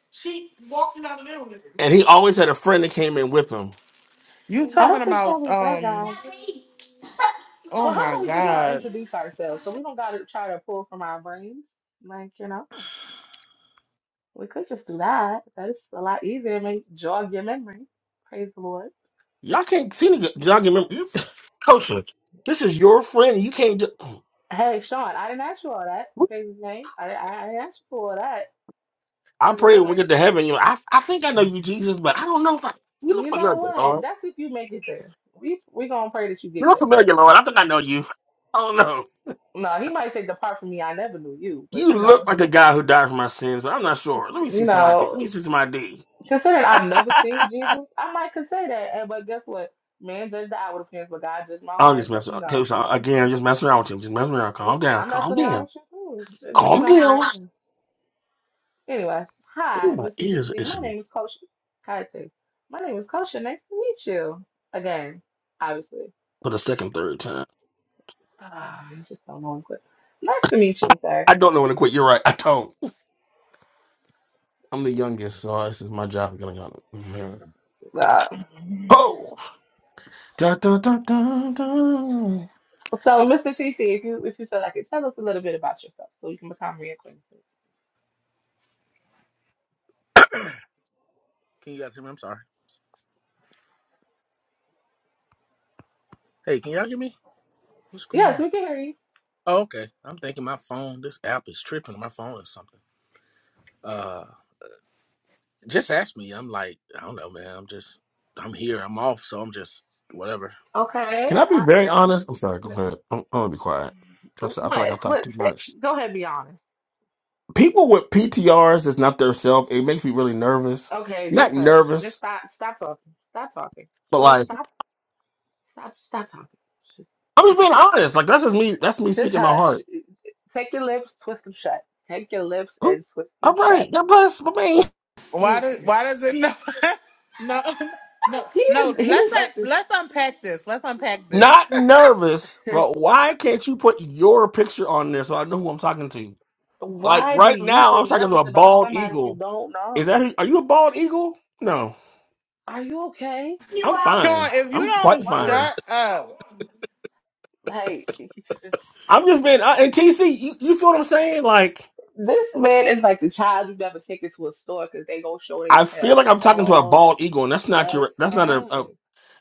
S3: And he always had a friend that came in with him.
S4: You
S1: I
S4: talking
S1: don't think that
S4: about
S1: was that
S4: um?
S1: guy.
S4: Oh
S1: Well, how
S4: my
S1: about we just all
S4: god.
S1: introduce ourselves so we don't gotta try to pull from our brains? Like, you know, we could just do that. That's a lot easier. May jog your memory. Praise the Lord.
S3: Y'all can't see nigga. Y'all can remember, you, *laughs* culture. This is your friend. You can't. Just,
S1: Hey, Sean, I didn't ask you all that. Praise his name. I, I, I didn't ask you for all that.
S3: I
S1: Praise the
S3: pray when we
S1: Lord.
S3: get to heaven. You, know, I, I think I know you, Jesus, but I don't know if I. You look
S1: You know
S3: familiar.
S1: what? That's if you make it there. We we gonna pray that you
S3: you
S1: get
S3: look
S1: there.
S3: familiar, Lord. I think I know you. *laughs* I don't know.
S1: No, he might take the part from me. I never knew you, but
S3: You
S1: you know,
S3: look
S1: it's
S3: like a
S1: okay.
S3: guy who died for my sins, but I'm not sure. Let me
S1: You
S3: see some ID.
S1: know.
S3: Let me see some ID.
S1: Considering I've never seen Jesus, I might consider that. And but guess what? Man judge the outward appearance, but God judged my
S3: I'm
S1: heart.
S3: just
S1: So
S3: messing
S1: you
S3: up.
S1: know,
S3: Coach, I- again,
S1: hmm
S3: I'm just messing around with you. just messing around. Calm down.
S1: I'm
S3: Calm
S1: messing around
S3: down.
S1: with you too. But you
S3: Calm
S1: know how I
S3: down.
S1: am. Anyway, hi,
S3: My
S1: Mr.
S3: ears are
S1: CC. My
S3: itching
S1: name is Coach. Hi, T. My name is Coach. Nice to meet you again. Obviously,
S3: for the second, third time.
S1: Ah, you just don't know him quick. Nice to meet you, sir.
S3: I don't know when to quit. You're right. I don't. I'm the youngest, so this is my job. I'm going to
S1: Uh,
S3: Oh! Da, da, da, da, da.
S1: so, Mr. CC, if you if you feel like it, tell us a little bit about yourself so we can become reacquainted.
S5: Can you guys hear me? I'm sorry. Hey, can y'all hear me? What's going
S1: Yes,
S5: on?
S1: we can hear you.
S5: Oh, okay. I'm thinking my phone, this app is tripping my phone or something. Uh just ask me. I'm like, I don't know, man. I'm just I'm here. I'm off, so I'm just whatever.
S1: Okay.
S3: Can I be very honest? I'm sorry. Go ahead. I'm, I'm going to be quiet. 'Cause I feel like
S1: What?
S3: I've talked
S1: What?
S3: too
S1: Say,
S3: much.
S1: go ahead, be honest.
S3: people with PTRs that's not their self, it makes me really nervous.
S1: Okay, just
S3: Not
S1: hush. Just
S3: nervous,
S1: stop. Stop talking. Stop talking.
S3: but
S1: Stop.
S3: like
S1: Stop. Stop. Stop talking. Just,
S3: I'm just
S1: just,
S3: being
S1: just
S3: honest. Like that's just me. That's me
S1: just
S3: speaking my
S1: hush.
S3: heart.
S1: Take your lips, twist them shut. Take your lips
S3: Ooh,
S1: and twist them
S3: all
S1: shut.
S3: right, God bless my man.
S4: Why does
S1: Jesus,
S4: why does it no *laughs* no no
S1: he is.
S4: no?
S1: He
S4: Let's
S1: is
S4: not,
S1: like.
S4: let's unpack this. Let's unpack
S3: *laughs*
S4: this.
S3: Not
S4: *laughs*
S3: nervous,
S1: this-
S3: but why can't you put your picture on there so I know who I'm talking to? Like
S1: Why do
S3: right
S1: you
S3: now,
S1: feel
S3: I'm talking to
S1: nervous
S3: a
S1: about
S3: bald
S1: somebody you
S3: eagle.
S1: don't
S3: Is
S1: know?
S3: that who, are you a bald eagle? No,
S1: Are you okay?
S3: I'm
S4: Sean,
S3: fine.
S4: if you
S3: I'm quite
S4: don't
S1: Why are you
S3: fine.
S4: shut up,
S1: like?
S3: I'm just being uh, and TC. You, you feel what I'm saying? Like
S1: This man is like the child you never take into a store because they gonna show they
S3: I feel like
S1: tail
S3: I'm talking to a
S1: all
S3: bald eagle, and that's not
S1: the
S3: your. That's not a.
S1: time.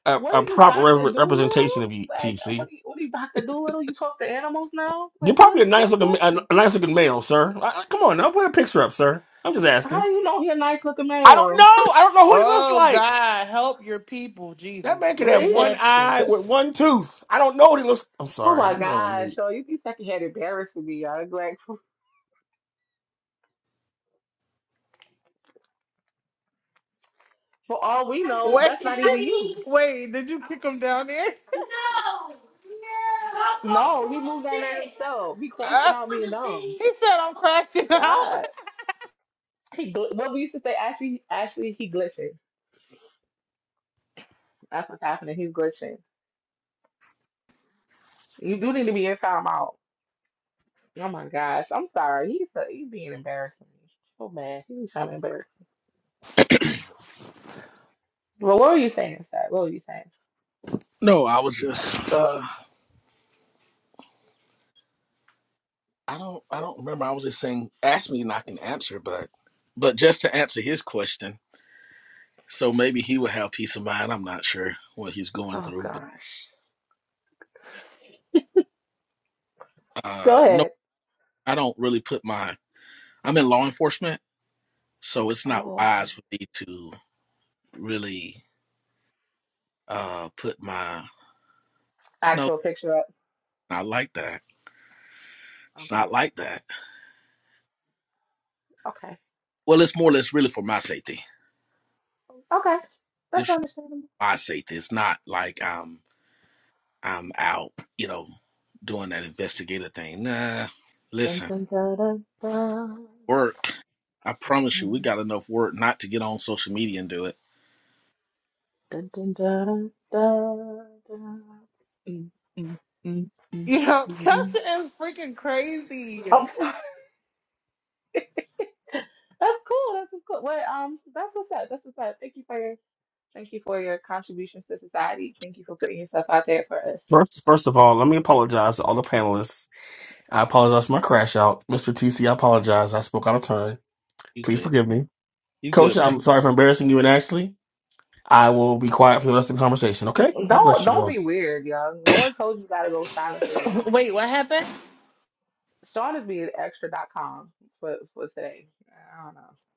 S3: a,
S1: What
S3: a
S1: are you,
S3: proper
S1: Doctor
S3: re-
S1: Doolittle?
S3: representation of you,
S1: Like, uh, what
S3: TC.
S1: are you, what are you, Doctor Doolittle? You talk to animals now? Like,
S3: You're
S1: what,
S3: probably a
S1: what
S3: nice
S1: is
S3: looking, a,
S1: happening?
S3: a nice looking male, sir. I, I- come on now, put a picture up, sir. I'm just
S1: How
S3: asking.
S1: do you know he a nice looking
S3: I don't know.
S1: male?
S3: I don't know who he looks
S4: oh
S3: like.
S4: God, help your people,
S3: That
S4: Jesus.
S3: man could
S4: What
S3: have
S4: is
S1: Please.
S3: one
S4: happening?
S3: eye with one tooth. I don't know what he looks. I'm
S1: Oh
S3: sorry.
S1: my
S3: I'm going to
S1: gosh,
S3: mute.
S1: so you be secondhand embarrassing me, y'all. Like, for, for all we know,
S4: Wait,
S1: that's not even
S4: *laughs*
S1: you.
S4: wait, did you kick him down there?
S1: No, he moved down there himself. He crashing
S4: Uh,
S1: out being dumb.
S4: he said I'm crashing out. *laughs*
S1: God, he gl- what we used to say, Ashley, Ashley, he glitching. That's what's happening. He's glitching. You do need to be in timeout. Oh my gosh. I'm sorry. He's so, he's being embarrassing me. So bad. He was trying to embarrass. me. Well, what were you saying, sir? What were you saying?
S5: No, I was just uh I don't I don't remember. I was just saying ask me and I can answer, but but just to answer his question, so maybe he will have peace of mind. I'm not sure what he's going
S1: Oh
S5: through, but
S1: gosh.
S5: uh
S1: Go
S5: no,
S1: ahead.
S5: I don't really put my I'm in law enforcement, so it's not
S1: Oh, okay.
S5: wise for me to really uh put my no,
S1: Actual picture up.
S5: not like that. It's
S1: Okay.
S5: not like that.
S1: Okay.
S5: Well, it's more or less really for my safety.
S1: Okay. That's
S5: It's
S1: understandable.
S5: my safety. It's not like I'm I'm out, you know, doing that investigative thing. Nah,
S1: Dun
S5: listen.
S1: dun dun dun dun.
S5: work. I promise you, we got enough work not to get on social media and do it.
S1: Dun dun dun dun dun. dun. dun. Mm, mm, mm, mm.
S4: You know,
S1: Doo-doo.
S4: Kesha is freaking crazy.
S1: I'm sorry. *laughs* That's cool. That's what's cool. Well, um, that's what's up. That's what's up. Thank you for your thank you for your contributions to society. Thank you for putting yourself out there for us.
S3: First, first of all, let me apologize to all the panelists. I apologize for my crash out, Mr. TC. I apologize. I spoke out of turn.
S5: You
S3: Please
S5: good?
S3: forgive me,
S5: You
S3: Coach.
S5: good, bro?
S3: I'm sorry for embarrassing you and Ashley. I will be quiet for the rest of the conversation. Okay. God
S1: Don't
S3: bless you
S1: don't
S3: all.
S1: be weird, y'all. No one told you gotta go silence for the
S4: *coughs*
S1: lambs.
S4: wait, what happened?
S1: Sean is being extra extra.com for for today. I don't know.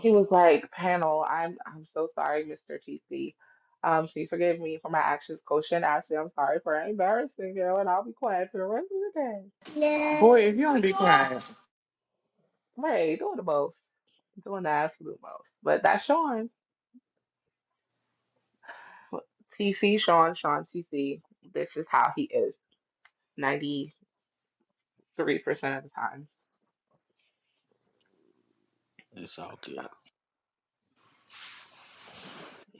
S1: He was like, panel, I'm I'm so sorry, Mr. TC. Um, please forgive me for my actions. Coach and Ashley, I'm sorry for embarrassing you, and I'll be quiet for the rest of the day.
S4: Boy, if you don't be quiet.
S1: Right, doing the most, doing the absolute most. But that's Sean, TC, Sean, Sean, TC. This is how he is 93% of the time.
S5: It's all
S1: So,
S5: good.
S1: yeah.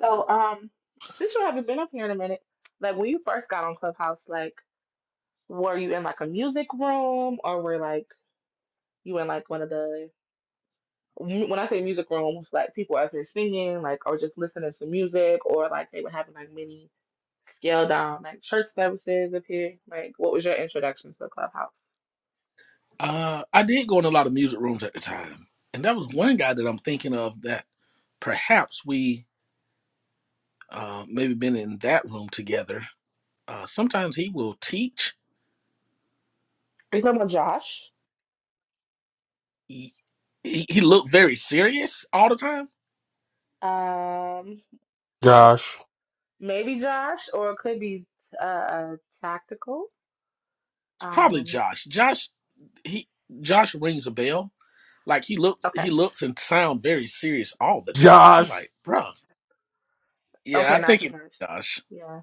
S1: So, um, since you haven't been up here in a minute, like when you first got on Clubhouse, like were you in like a music room or were like you in like one of the mu- when I say music rooms, like people out there singing, like or just listening to music, or like they were having like mini scale down, like church services up here. Like, what was your introduction to the clubhouse?
S5: Uh, I did go in a lot of music rooms at the time, and that was one guy that I'm thinking of that perhaps we uh, maybe been in that room together. Uh, sometimes he will teach.
S1: Are you talking about Josh?
S5: He, he he looked very serious all the time.
S1: Um, oh,
S3: Josh.
S1: maybe Josh, or it could be uh, uh, tactical.
S5: It's probably
S1: Um,
S5: Josh. Josh he Josh rings a bell. Like he looks he
S1: okay,
S5: looks and sound very serious all the time. I'm
S3: Josh.
S5: like, bruh Yeah,
S1: okay,
S5: I
S1: not
S5: think
S1: too
S5: it.
S1: much.
S5: Gosh,
S1: Yeah,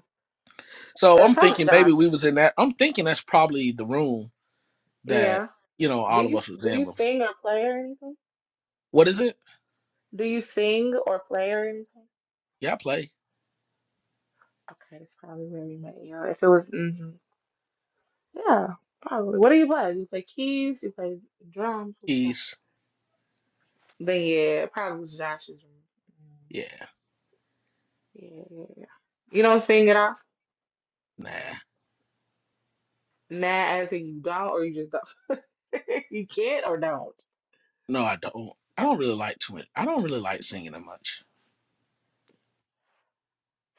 S5: so
S1: it's
S5: I'm
S1: probably
S5: thinking maybe we
S1: Josh.
S5: was in that. I'm thinking that's probably the room that
S1: Yeah.
S5: you know
S1: Do
S5: all of
S1: you
S5: us was
S1: do
S5: in
S1: you
S5: before.
S1: sing or play or anything?
S5: What is it?
S1: Do you sing or play or anything?
S5: Yeah, I play
S1: Okay, that's probably where we met you. If it was, hmm yeah, probably. What do you play? You play keys? You play drums? What you play?
S5: keys.
S1: Then yeah, it probably was Josh's room.
S5: Yeah,
S1: Mhm. Yeah, yeah, yeah. You don't sing at all?
S5: nah,
S1: Nah, as in you don't, or you just don't. *laughs* you can't or don't.
S5: no, I don't. I don't really like too much. I don't really like singing that much.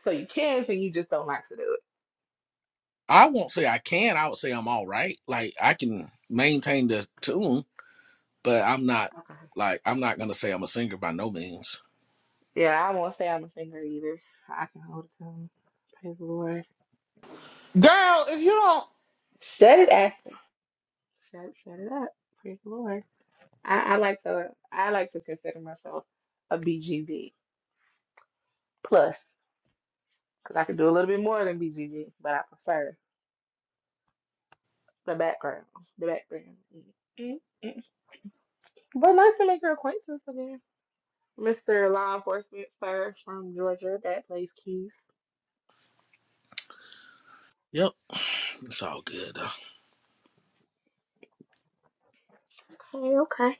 S1: So you can sing, you just don't like to do it.
S5: I won't say I can. I would say I'm all right. Like I can maintain the tune, but I'm not
S1: Okay.
S5: like I'm not gonna say I'm a singer by no means.
S1: Yeah, I won't say I'm a singer either. I can hold a tune. Praise the Lord.
S4: Girl, if you don't
S1: Shut it, Ashley. Shut, shut it up. Praise the Lord. I, I like to I like to consider myself a BGB plus because I can do a little bit more than BGB, but I prefer the background. The background. Mm, mm, mm. But nice to make your acquaintance again, Mr. Law Enforcement Sir from Georgia that plays keys.
S5: Yep, it's all good. though.
S1: Okay, okay.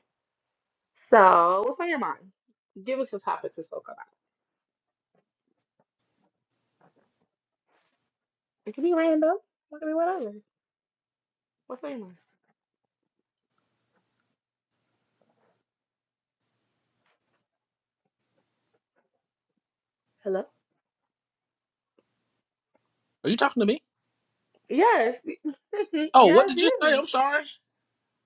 S1: So what's on your mind? Give us a topic to talk about. It can be random. It can be whatever. What's on your mind? Hello.
S5: Are you talking to me?
S1: Yes, *laughs*
S5: Oh, what
S1: yes,
S5: did you say?
S1: you.
S5: I'm sorry.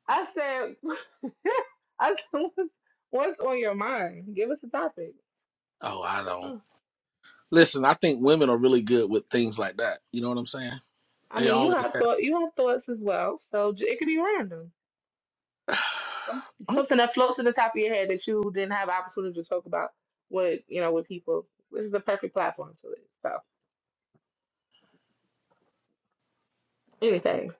S1: I said, *laughs* I said, what's, what's on your mind? Give us a topic.
S5: Oh, I don't.
S1: Oh.
S5: Listen, I think women are really good with things like that. You know what I'm saying?
S1: I
S5: They
S1: mean, you
S5: always
S1: have thought, you have thoughts as well, so j- it could be random.
S5: have.
S1: Some- Something that floats to the top of your head that you didn't have opportunity to talk about with, you know, with people. This is the perfect platform for this. So anything.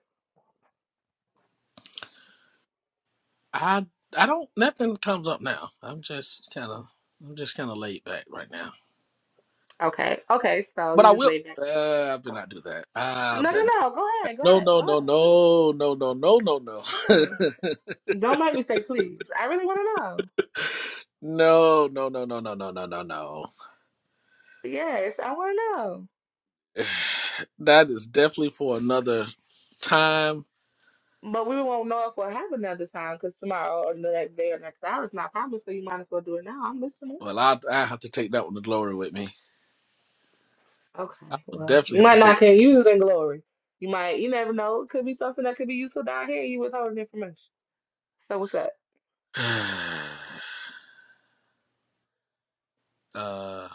S5: *sighs* I I don't. Nothing comes up now. I'm just kind of. I'm just kind of laid back right now.
S1: Okay. Okay. So
S5: But
S1: you
S5: I
S1: just
S5: will.
S1: leave that.
S5: Uh, I better
S1: Go.
S5: not do that. I
S1: No,
S5: better
S1: no,
S5: not.
S1: no. Go ahead. Go
S5: No,
S1: ahead.
S5: no,
S1: Go
S5: no,
S1: ahead.
S5: no, no, no, no, no, no.
S1: Come
S5: *laughs*
S1: on. Don't make me say please. I really want to
S5: no, no, no, no, no, no, no, no, no.
S1: know. Yes, I want to know.
S5: *sighs* That is definitely for another time.
S1: But we won't know if we'll have another time because tomorrow or the next day or next hour is not promised, so you might as well do it now. I'm listening.
S5: Well, I I have to take that one to glory with me. I
S1: Okay,
S5: will
S1: well, you
S5: definitely have
S1: might
S5: to take.
S1: not can use it in glory. You might, you never know. It could be something that could be useful down here. You withholding information. So what's up?
S5: *sighs* uh,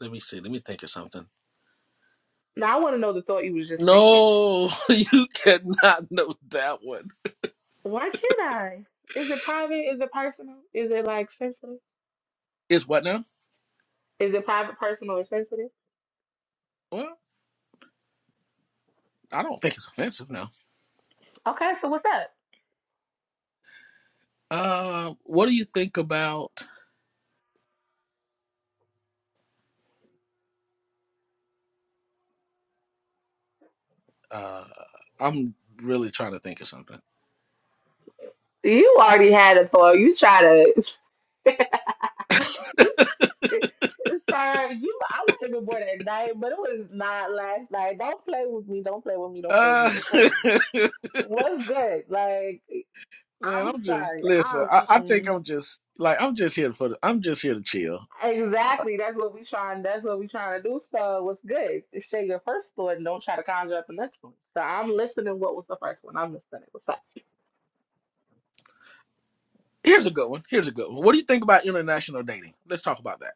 S5: Let me see. Let me think of something.
S1: Now I want to know the thought you was just thinking.
S5: No, *laughs* you cannot know that one.
S1: Why can't I? Is it private? Is it personal? Is it like sensitive?
S5: Is what now?
S1: Is it private, personal, or sensitive?
S5: Well, I don't think it's offensive now.
S1: Okay, so what's up?
S5: Uh, what do you think about? Uh, I'm really trying to think of something. *laughs*
S1: You already had a thought. You try to. *laughs* *laughs* You- Sir, you I might have been born at night, but it was not last night. Don't play with me. Don't play with me. Don't play with me.
S5: Uh,
S1: Don't play
S5: *laughs*
S1: with me. What's good? Like
S5: man,
S1: I'm
S5: I'm just
S1: sorry.
S5: listen.
S1: I'm
S5: I, I think
S1: mm-mm.
S5: I'm just like I'm just here for. The, I'm just here to chill.
S1: exactly. That's what we trying. That's what we trying to do. So what's good? Share your first thought and don't try to conjure up the next one. So I'm listening. What was the first one? I'm listening. What's that?
S5: Here's a good one. Here's a good one. What do you think about international dating? Let's talk about that.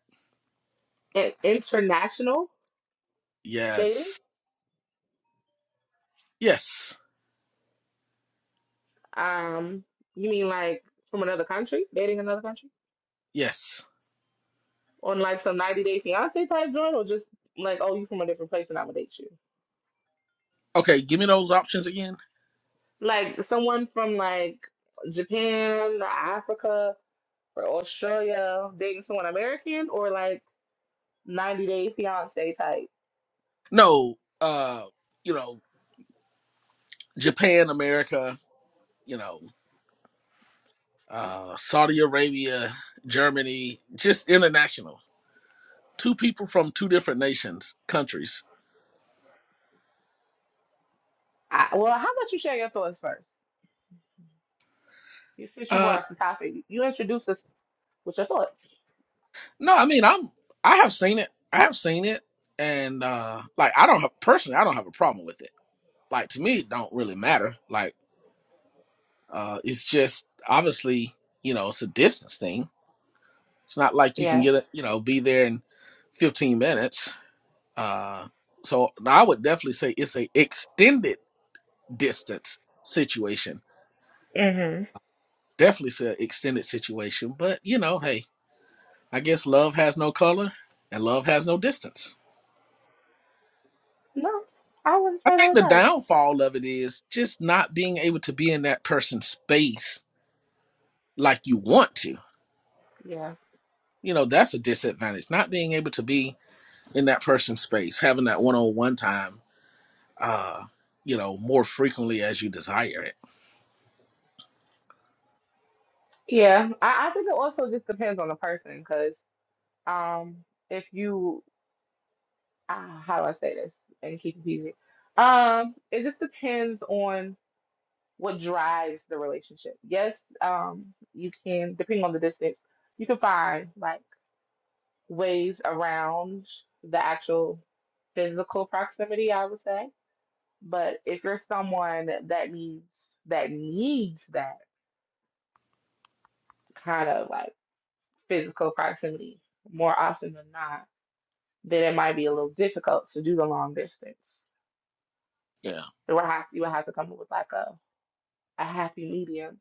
S1: In- international dating?
S5: Yes. Yes.
S1: Um, you mean like from another country? Dating another country?
S5: Yes.
S1: on like some 90 Day Fiance type joint, or just like, oh, you from a different place and I'm gonna date you?
S5: Okay. Give me those options again.
S1: Like someone from like Japan, Africa, or Australia dating someone American, or like 90 Day Fiance type?
S5: No, uh, you know, Japan, America, you know, uh, Saudi Arabia, Germany, just international. Two people from two different nations, countries.
S1: I, well, how about you share your thoughts first? You Since you brought
S5: Uh,
S1: up the topic, you introduced us with your thoughts.
S5: no, I mean, I'm, I have seen it. I have seen it, and uh, like, I don't have personally, I don't have a problem with it. Like to me, it don't really matter. Like, uh, it's just obviously, you know, it's a distance thing. It's not like you can
S1: Yeah.
S5: get it, you know, be there in 15 minutes Uh, so I would definitely say it's a extended distance situation.
S1: Mm-hmm.
S5: Definitely say extended situation, but you know, hey, I guess love has no color and love has no distance.
S1: No, I wouldn't
S5: I
S1: say
S5: think
S1: like
S5: the
S1: that it does.
S5: downfall of it is just not being able to be in that person's space like you want to.
S1: Yeah.
S5: You know, that's a disadvantage. Not being able to be in that person's space, having that one on one time, uh, you know, more frequently as you desire it.
S1: Yeah. I, I think it also just depends on the person because um, if you ah, how do I say this and keep it easy? Um, it just depends on what drives the relationship. Yes, um, you can, depending on the distance, you can find like ways around the actual physical proximity, I would say. But if you're someone that, that needs that needs that kind of like physical proximity more often than not, then it might be a little difficult to do the long distance.
S5: Yeah.
S1: You would have you would have to come up with like a a happy medium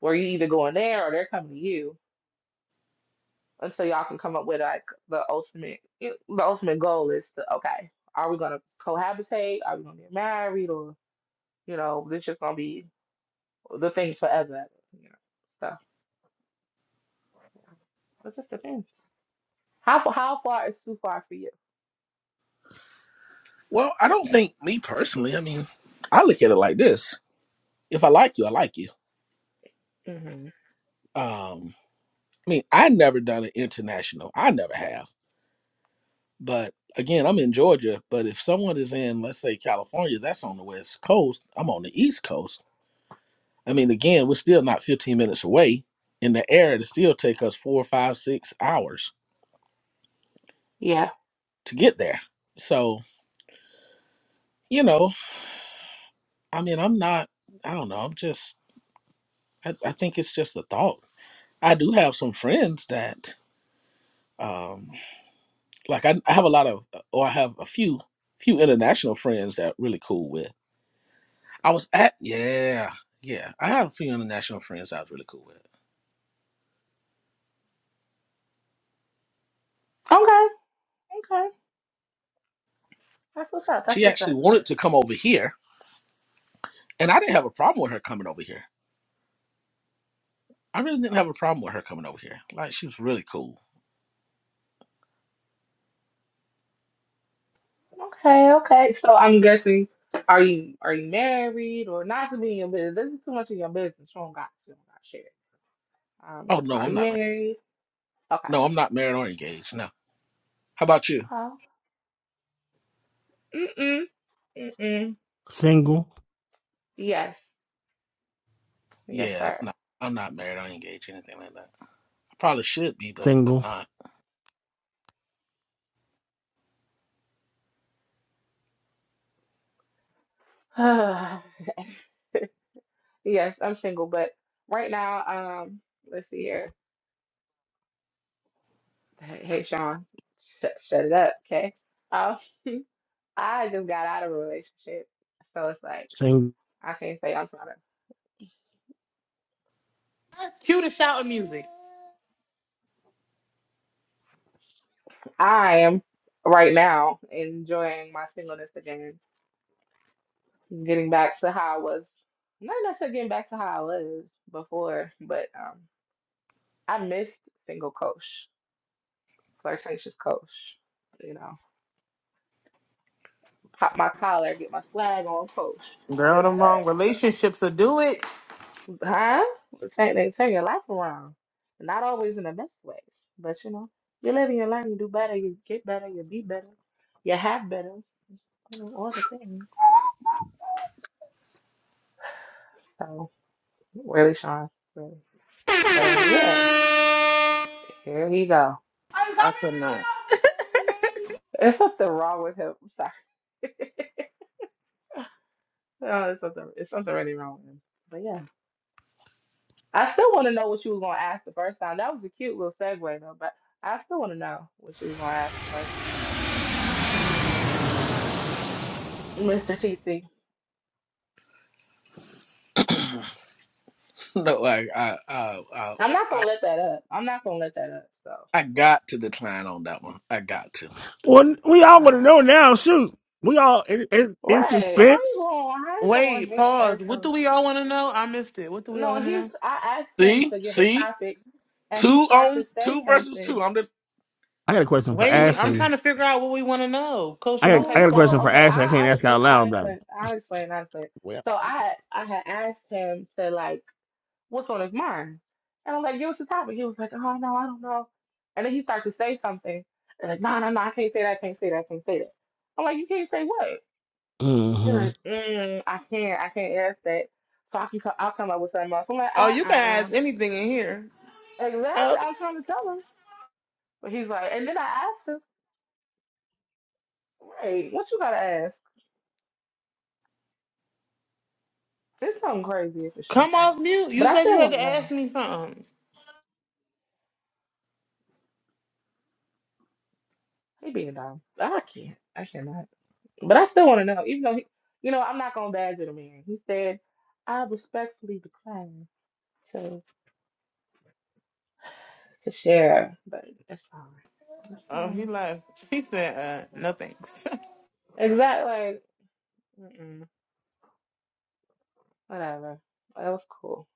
S1: where you either going there or they're coming to you until y'all can come up with like the ultimate you- the ultimate goal is to okay are we gonna cohabitate are we gonna get married or you know this just gonna be the thing forever you know so yeah. it just depends how fa- how far is too far for you
S5: Well, I don't think me personally. I mean, I look at it like this: if I like you, I like you.
S1: hmm
S5: Um, I mean, I never done it international. I never have. But again, I'm in Georgia. But if someone is in, let's say, California, that's on the West Coast. I'm on the East Coast. I mean, again, we're still not 15 minutes away. In the air, it'll still take us four, five, six hours
S1: yeah
S5: to get there. So, you know, I mean, I'm not. I don't know. I'm just. I, I think it's just a thought. I do have some friends that. Um, like I, I have a lot of uh, or I have a few few international friends that really cool with. I was at yeah, yeah. I had a few international friends I was really cool with.
S1: okay okay that's what's up that's
S5: She
S1: what's up
S5: actually wanted to come over here and I didn't have a problem with her coming over here. I really didn't have a problem with her coming over here. Like she was really cool.
S1: okay okay so I'm guessing are you are you married or not to be in your business this is too much of your business you don't got you don't got shit Um,
S5: Oh no,
S1: are
S5: I'm
S1: you
S5: not married.
S1: married? Okay.
S5: No, I'm not married or engaged. No. How about you?
S1: Oh. Mm-mm. Mm-mm.
S3: Single,
S1: Yes. Yes,
S5: Yeah, I'm
S1: sir.
S5: not I'm not married or engaged, anything like that. I probably should be, but I'm
S3: single,
S5: not.
S1: *sighs* yes, I'm single, but right now, um, let's see here. Hey, hey, Sean, sh shut it up, okay? Um, *laughs* I just got out of a relationship, so it's like
S3: single.
S1: I can't say I'm trying to.
S4: cue the shouting music.
S1: I am right now enjoying my singleness again, getting back to how I was. Not necessarily getting back to how I was before, but um. I missed single coach, flirtatious coach. You know, pop my collar, get my swag on, coach. I
S4: Girl,
S1: miss
S4: them
S1: that
S4: wrong
S1: stuff.
S4: relationships will do it.
S1: Huh? Turn, they turn your life around. Not always in the best ways, but you know, you live and you learn, you do better, you get better, you be better, you have better, you know, all the things. So, really, Sean, really. But uh, yeah, here he go.
S4: I could not.
S1: There's something wrong with him. I'm sorry. *laughs* No, it's something, it's something really wrong with him. But yeah. I still want to know what you were going to ask the first time. That was a cute little segue, though, but I still want to know what you were going to ask the first time. Mr. TC,
S5: *laughs* No, I I I I
S1: I'm not
S5: I,
S1: going to let that up. I'm not going to let that up, so.
S5: I got to decline on that one. I got to.
S3: Well, we
S1: *sighs*
S3: all want to
S1: Ah.
S3: know now. Shoot, we all in, in, in
S1: right. How you
S3: suspense.
S1: going? How you going to
S4: Wait,
S1: hit
S4: pause.
S1: at
S4: What do
S1: some?
S4: we all want to know? I missed it. What do we all
S1: No,
S4: want to
S1: he's,
S4: know?
S1: I asked him
S5: See,
S1: to give a
S5: see,
S1: topic, and
S5: two
S1: he starts to
S5: on
S1: say
S5: two versus
S1: something.
S5: two. I'm the
S3: I got a question for
S5: two
S4: Wait,
S5: and
S4: I'm
S5: two.
S4: trying
S3: Ashley.
S4: to figure out what we want to know. Kosha,
S3: I got,
S4: what
S3: I
S4: we
S1: Okay,
S4: want
S3: got
S4: to
S3: a
S4: know?
S1: so,
S3: question for
S1: okay,
S3: Ashley. I
S1: I,
S3: can't
S1: I
S3: ask
S1: explain,
S3: out loud
S1: I
S3: about. It.
S1: explain, I explain, I explain.
S3: Well,
S1: So I had, I had asked him to, like, what's on his mind? And I'm like, give us the topic. He was like, oh no, I don't know. And then he started to say something. And like, no, no, no, I can't say that, I can't say that, I can't say that. I'm like, you can't say what? And
S3: hmm
S1: like, mm, I can't, I can't ask that. So I can, co- I'll come up with something else. I'm like,
S4: Oh, you can
S1: uh-uh.
S4: ask anything in here.
S1: Exactly.
S4: Okay.
S1: I was trying to tell him, but he's like, and then I asked him, wait, what you gotta ask? It's something crazy if it's from
S4: Come
S1: Sean,
S4: off mute.
S1: but
S4: You
S1: I
S4: said you
S1: still
S4: had
S1: want to
S4: to ask
S1: know.
S4: me something.
S1: He being dumb. I can't. I cannot. But I still want to know, even though, he, you know, I'm not going to badger the man. He said, I respectfully decline to to share, but it's fine. It's
S4: Oh, he
S1: fine.
S4: left. He said, uh, no thanks.
S1: Exactly. Like, mm-mm, whatever. That was cool.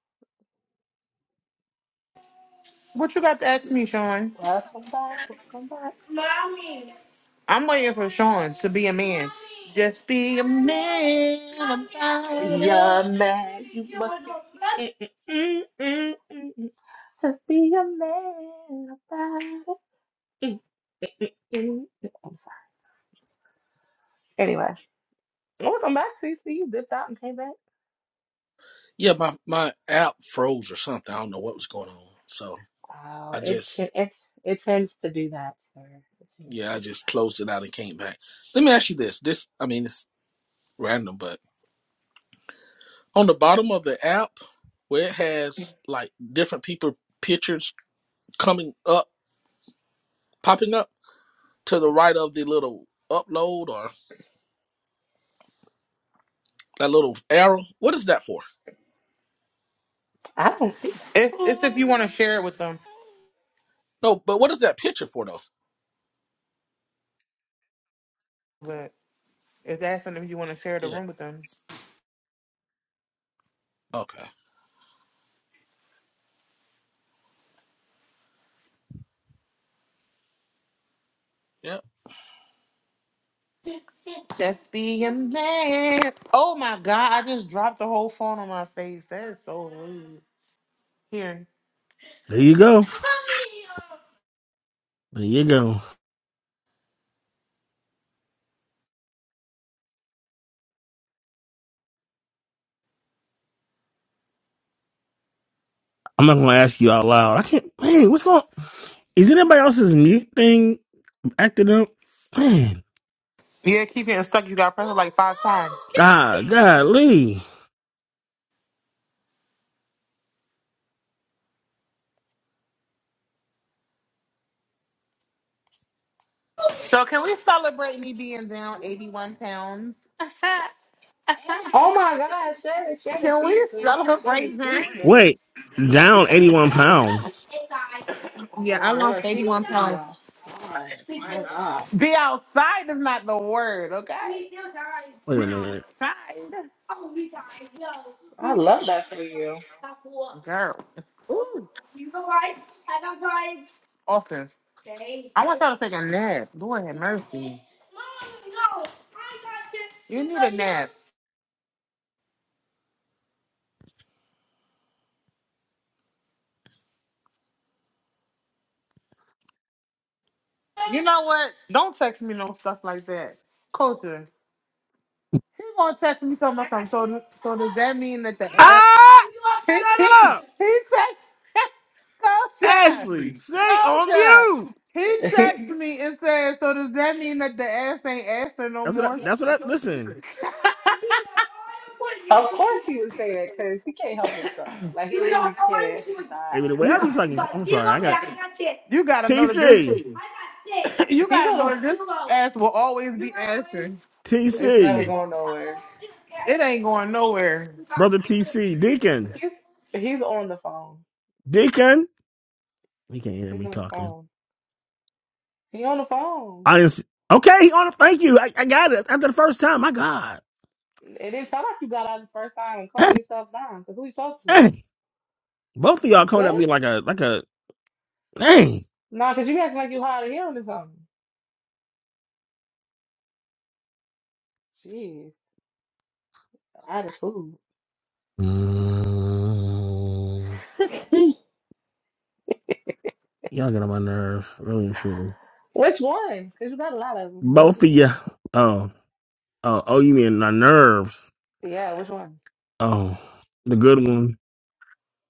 S4: *laughs* what you got to ask me, Sean?
S1: Welcome back. Welcome back.
S4: I'm waiting for Sean to be a man. Just be a man about
S1: Be a
S4: it.
S1: man. You must be. mm, mm, mm, mm, mm, mm. Just be a man about it. Mm, mm, mm. I'm sorry. Anyway, welcome back, CC. You dipped out and came back.
S5: Yeah, my my app froze or something. I don't know what was going on. So
S1: Oh,
S5: I
S1: it
S5: just
S1: t- it's it tends to do that, sir. It tends
S5: yeah,
S1: to
S5: I
S1: do
S5: just closed it
S1: that.
S5: out and came back. Let me ask you this. This I mean it's random, but on the bottom of the app where it has like different people pictures coming up, popping up to the right of the little upload or that little arrow. What is that for?
S1: I don't see that.
S4: It's, it's if you want to share it with them.
S5: No, but what is that picture for though?
S4: But it's asking if you want to share the
S5: Yeah.
S4: room with them.
S5: Okay. Yeah.
S4: Just be a man. Oh my God, I just dropped the whole phone on my face. That is so rude. Here.
S3: there you go. There you go. I'm not gonna ask you out loud. I can't. Man, what's wrong? Is anybody else's mute thing acting up? Man,
S4: Yeah, keep getting stuck. You got to press it like five times.
S3: God, golly.
S4: So can we celebrate me being down 81 pounds? *laughs*
S1: Oh my God, shed it, shed it,
S4: Can
S1: tea,
S4: we
S1: sis. Shed it,
S4: celebrate
S1: tea,
S4: that?
S1: sis.
S3: Wait, down 81 pounds.
S4: Yeah,
S1: Oh
S4: I lost
S1: Lord, she
S4: 81
S1: about to be
S4: pounds
S1: outside.
S4: My
S1: My God,
S4: God. Be outside is not the word, okay? We still tired.
S3: Wait
S4: Be
S3: a minute.
S4: outside. Oh, we We yo.
S1: I
S4: we I
S1: love
S4: love
S1: that for you.
S4: that video. Girl. Ooh. you go right. I got tired. Austin, Okay. I want y'all to take a nap. Lord have mercy. Mom, no. I got this. You need a nap. You know what? Don't text me no stuff like that. Culture. He gonna text me something about something. So, so does that mean that the ad?
S3: Ah!
S4: *laughs* he
S3: Shut
S4: he
S3: up,
S4: he text *laughs* Go Shaq.
S3: Ashley. Say
S4: Go
S3: on
S4: Shaq. *laughs*
S3: mute.
S4: He
S1: *laughs*
S4: texted me and said, so does that mean that the ass ain't asking no
S3: That's what. I,
S4: more? *laughs*
S3: that's what. I, listen,
S1: Of course he would say that because he can't help himself. Like he
S4: You don't
S1: literally
S4: know
S1: can't
S4: anything.
S1: not
S3: Maybe The
S4: You
S3: way I
S1: help
S3: be talking. I'm
S1: himself.
S3: sorry. I got it.
S4: you gotta know that
S3: TC,
S4: this. *laughs* You
S1: He's
S4: gotta
S1: on
S4: know
S1: the.
S4: that this ass will always be asking.
S1: It's never
S3: TC,
S1: going nowhere.
S4: It ain't going nowhere.
S3: brother TC, Deacon,
S1: He's he's on the phone.
S3: Deacon. He can't hear
S1: He's
S3: me
S1: on the
S3: talking.
S1: phone. He on the phone.
S3: I didn't. s- Okay, he on. Thank you. I, I got it after the first time. My God.
S1: It didn't sound like you got out the first time and
S3: Hey,
S1: calm yourself down. Cause who you talk to?
S3: hey. Both of
S1: You
S3: y'all coming
S1: good?
S3: at me like a like a. Hey.
S1: Nah, cause you acting like you hard of hearing or something. Jeez, attitude.
S3: Mm.
S1: *laughs*
S3: y'all get on my nerves, really and truly.
S1: Which one? Cause you got a lot of them. So which
S3: Both
S1: one?
S3: of you. Oh, oh, oh. You mean my nerves?
S1: Yeah, which one?
S3: Oh, the good one.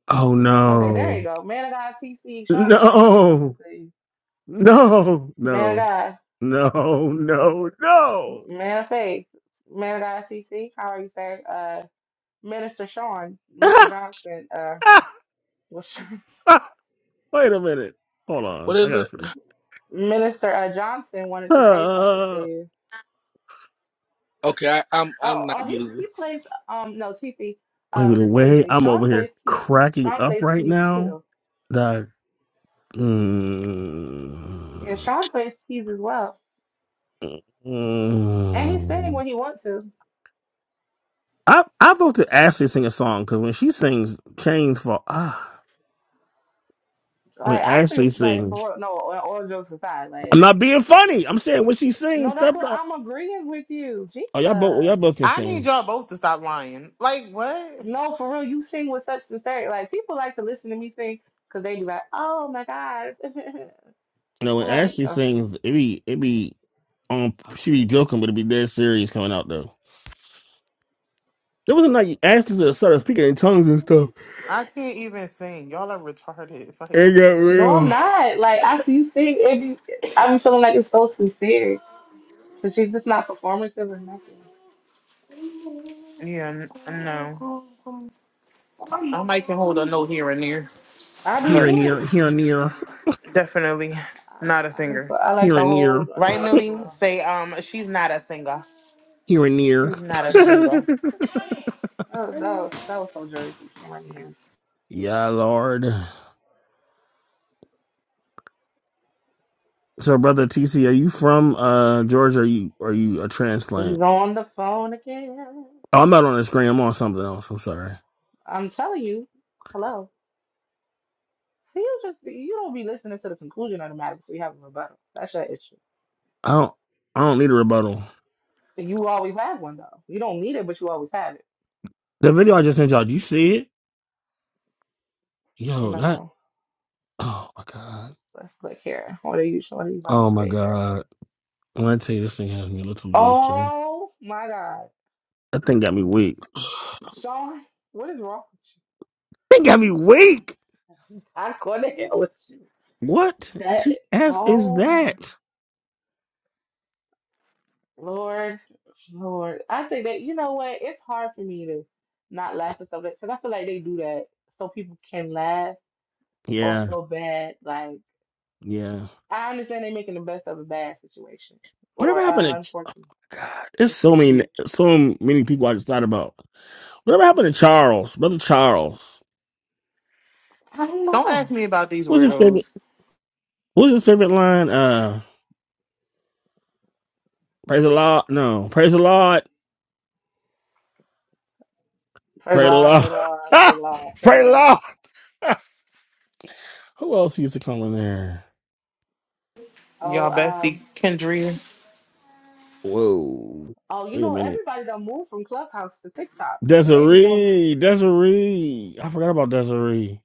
S3: Oh
S1: Okay, there you
S3: no,
S1: go. Man of God, TC. Sean was trying to say something
S3: no,
S1: to you.
S3: no,
S1: Man of
S3: no,
S1: God,
S3: no, no, no.
S1: man of faith, man of God, TC. How are you, sir? Uh, Minister Sean, Mr. Johnson. Uh,
S3: *laughs*
S1: was
S3: Wait a minute. Hold on.
S5: What
S3: I
S5: is
S3: gotta
S5: it?
S3: see.
S1: *laughs* Minister uh, Johnson wanted to say something to
S3: Uh,
S1: you.
S5: Okay, I, I'm I'm
S1: Oh, oh,
S5: not
S1: he
S5: getting
S1: he
S5: it.
S1: plays um no TC.
S3: maybe
S1: Um,
S3: the way
S1: seriously,
S3: I'm
S1: Sean
S3: over
S1: plays
S3: here
S1: keys.
S3: cracking
S1: Sean
S3: up
S1: plays
S3: right
S1: keys
S3: now.
S1: too.
S3: That
S1: Yeah,
S3: mm,
S1: Sean plays keys as well,
S3: *sighs*
S1: and he's singing
S3: mm.
S1: when he wants to.
S3: I I vote to Ashley sing a song because when she sings "Chains Fall," ah, when
S1: Like actually,
S3: Ashley
S1: like
S3: sings.
S1: for real, no, all all jokes aside,
S3: I'm
S1: like
S3: not being funny. I'm saying when she
S1: no,
S3: sings,
S1: that's
S3: step
S1: what
S3: up.
S1: I'm agreeing with you,
S3: Oh, y'all
S1: Jesus.
S3: both, y'all both can
S4: I need
S3: sing.
S4: y'all both to stop lying. Like what?
S1: No, for real, you sing with such sincerity. Like people like to listen to me sing because they be like, oh my God. *laughs*
S3: You know, when
S1: I'm like,
S3: Ashley
S1: "Oh,
S3: sings, it be, it be, um, she be joking, but it be dead serious coming out though. There was a night Ashley started speaking in tongues and stuff.
S4: I can't even sing. Y'all are retarded. It's Like
S3: It
S4: what the
S3: got
S4: heck?
S1: no, I'm
S3: real.
S1: not. Like I see you sing, it be, I'm feeling like it's so sincere. So she's just not performative or nothing.
S4: Yeah, n- no. I might can hold a note here and there,
S1: I do
S3: Here
S4: but
S3: and near,
S1: too.
S3: here and near,
S4: definitely not a
S1: I, I like to,
S4: singer.
S1: I like
S3: here
S1: to
S3: and near,
S1: hold an
S4: Right,
S1: old as
S4: Millie?
S1: well.
S4: Say um, she's not a singer.
S3: here and near.
S4: She's not a singer.
S3: *laughs*
S1: That was, that was that was so Jersey, Cameron. Yeah,
S3: yeah, Lord. So, brother TC, are you from uh Georgia? Or Are you are you a
S1: she's
S3: transplant?
S1: on the phone again.
S3: Oh, I'm not on the screen. I'm on something else. I'm sorry.
S1: I'm telling you, hello. See, you just you don't be listening to the conclusion of the matter before you have a rebuttal. That's your issue.
S3: I don't I don't need a rebuttal.
S1: You always have one though. You don't need it, but you always have it.
S3: The video I just sent y'all, did you see it? Yo, that. *clears throat*
S1: No,
S3: Oh my god.
S1: let's look here. What are you? What are you about to
S3: Oh my
S1: say here?
S3: god. When I tell you this thing has me a little weak, Jimmy.
S1: Oh my God,
S3: That thing got me weak.
S1: Sean, what is wrong with you?
S3: That got me weak.
S1: I couldn't hell with you.
S3: What
S1: That.
S3: TF is
S1: Oh my.
S3: that?
S1: Lord, Lord, I think that you know what? It's hard for me to not laugh at something because I feel like they do that so people can laugh or
S3: Yeah,
S1: feel bad. Like
S3: yeah.
S1: I understand they're making the best of a bad situation
S3: Whatever
S1: or an
S3: happened to? Oh
S1: unfortunate
S3: god, there's so many,
S1: situation.
S3: so many people I just thought about. Whatever happened to Charles, brother Charles?
S1: I don't
S4: Don't
S1: know.
S4: ask me about these
S3: What's his favorite?
S4: weirdos.
S3: What's his favorite line? Uh, praise the Lord. No, praise the Lord.
S1: Praise the
S3: Pray the
S1: Lord,
S3: Lord.
S1: praise the Lord,
S3: *laughs*
S1: praise the Lord, praise
S3: Pray
S1: the
S3: the
S1: Lord.
S3: Lord. *laughs* Who else used to come in there?
S1: Oh,
S4: Y'all bestie
S1: um,
S4: Kendria.
S3: Whoa.
S1: oh, you
S3: Wait a
S1: know
S3: minute.
S1: everybody done moved from Clubhouse to TikTok, so they be going.
S3: Desiree, Desiree. I forgot about Desiree.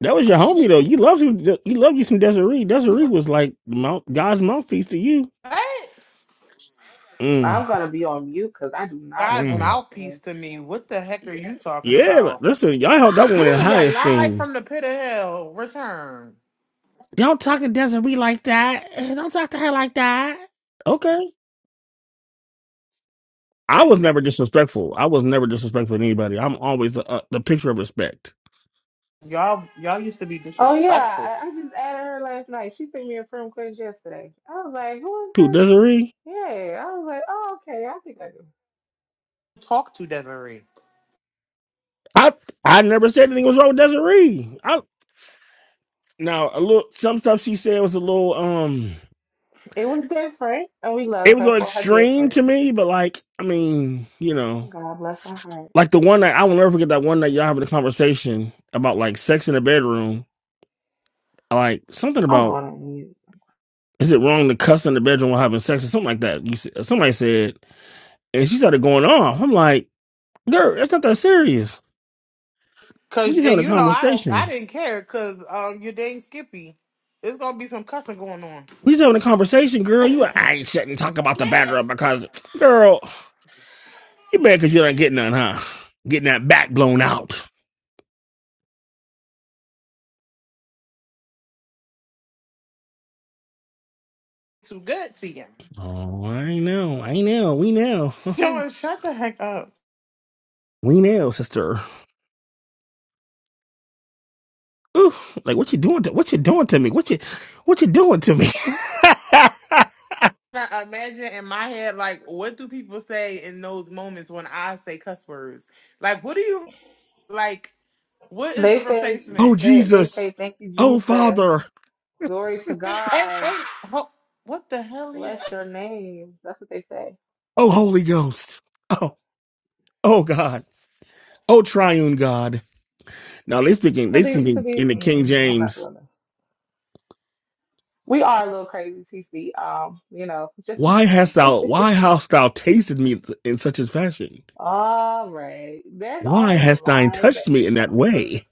S3: That was
S1: Oh,
S3: your
S1: she
S3: homie
S1: just.
S3: though. You loved you. You loved you some Desiree. Desiree was like the mount, God's mouthpiece to you.
S4: What?
S1: I'm
S3: Mm,
S1: gonna be on mute because I do not want
S4: God's
S1: no
S3: mm.
S1: parts of that.
S4: mouthpiece to me. What the heck are you talking
S3: Yeah, li-
S4: about?
S3: listen, y'all held that
S4: You
S3: one in
S4: is a
S3: highest
S4: lie
S3: thing.
S4: from the pit of hell. Return.
S3: Don't talk to Desiree like that. Eh, Don't talk to her like that. Okay. I was never disrespectful. I was never disrespectful to anybody. I'm always the, uh, the picture of respect.
S4: Y'all, y'all used to be
S1: Oh yeah,
S4: disrespectful.
S1: I, I just added her last night. She sent me a friend request yesterday. I was like, "Who is
S3: To
S1: this?"
S3: Desiree,
S1: Yeah, I was like, "Oh, okay, I think I do."
S4: Talk to Desiree,
S3: I I never said anything was wrong with Desiree. Now a little some stuff she said was a little um
S1: It was different, and we
S3: it
S1: love
S3: was a
S1: her
S3: little
S1: for her
S3: extreme
S1: different.
S3: to me, but like I mean, you know,
S1: God bless her heart.
S3: like the one that I will never forget that one that y'all having a conversation about like sex in the bedroom, like something
S1: I'm
S3: about
S1: going to mute.
S3: is it wrong to cuss in the bedroom while having sex or something like that? You said, somebody said, and she started going off. I'm like, girl, that's not that serious. We
S4: cause
S3: just
S4: and
S3: having a
S4: you know I don't, I
S3: conversation.
S4: didn't care, cause um, you're dating Skippy. There's gonna be some cussing going on.
S3: We just having a conversation, girl. You, I shouldn't talk about the
S4: Yeah,
S3: batter up because, girl, you mad because you don't get none, huh? Getting that back blown out.
S4: Too good to him.
S3: Oh, I know, I know, we know, *laughs*
S4: Sean, *laughs* shut the heck up.
S3: we know, sister. Ooh, like what you doing? To, what you doing to me? What you, what you doing to me?
S4: I imagine in my head, like, what do people say in those moments when I say cuss words? Like, what do you like? What is the
S1: They say
S3: *laughs* oh
S4: replacement?
S1: they they
S3: Jesus!
S1: say thank you
S3: Oh
S1: Jesus,
S3: Father!
S1: glory to
S4: Hey,
S1: God,
S4: hey, ho- what the hell? Is-
S1: bless your name. That's what they say.
S3: Oh Holy Ghost! Oh, oh God! Oh Triune God! Now they speaking,
S1: To
S3: they
S1: be to
S3: speaking
S1: be,
S3: in the King
S1: mm-mm, I'm not
S3: James.
S1: doing this. We are a little crazy, TC. Um, you know, just
S3: Why hast thou? Why hast thou tasted me in such a fashion?
S1: *laughs* all right. There's
S3: Why
S1: always a
S3: hast thine
S1: line
S3: touched
S1: that
S3: me in
S1: *laughs*
S3: that way?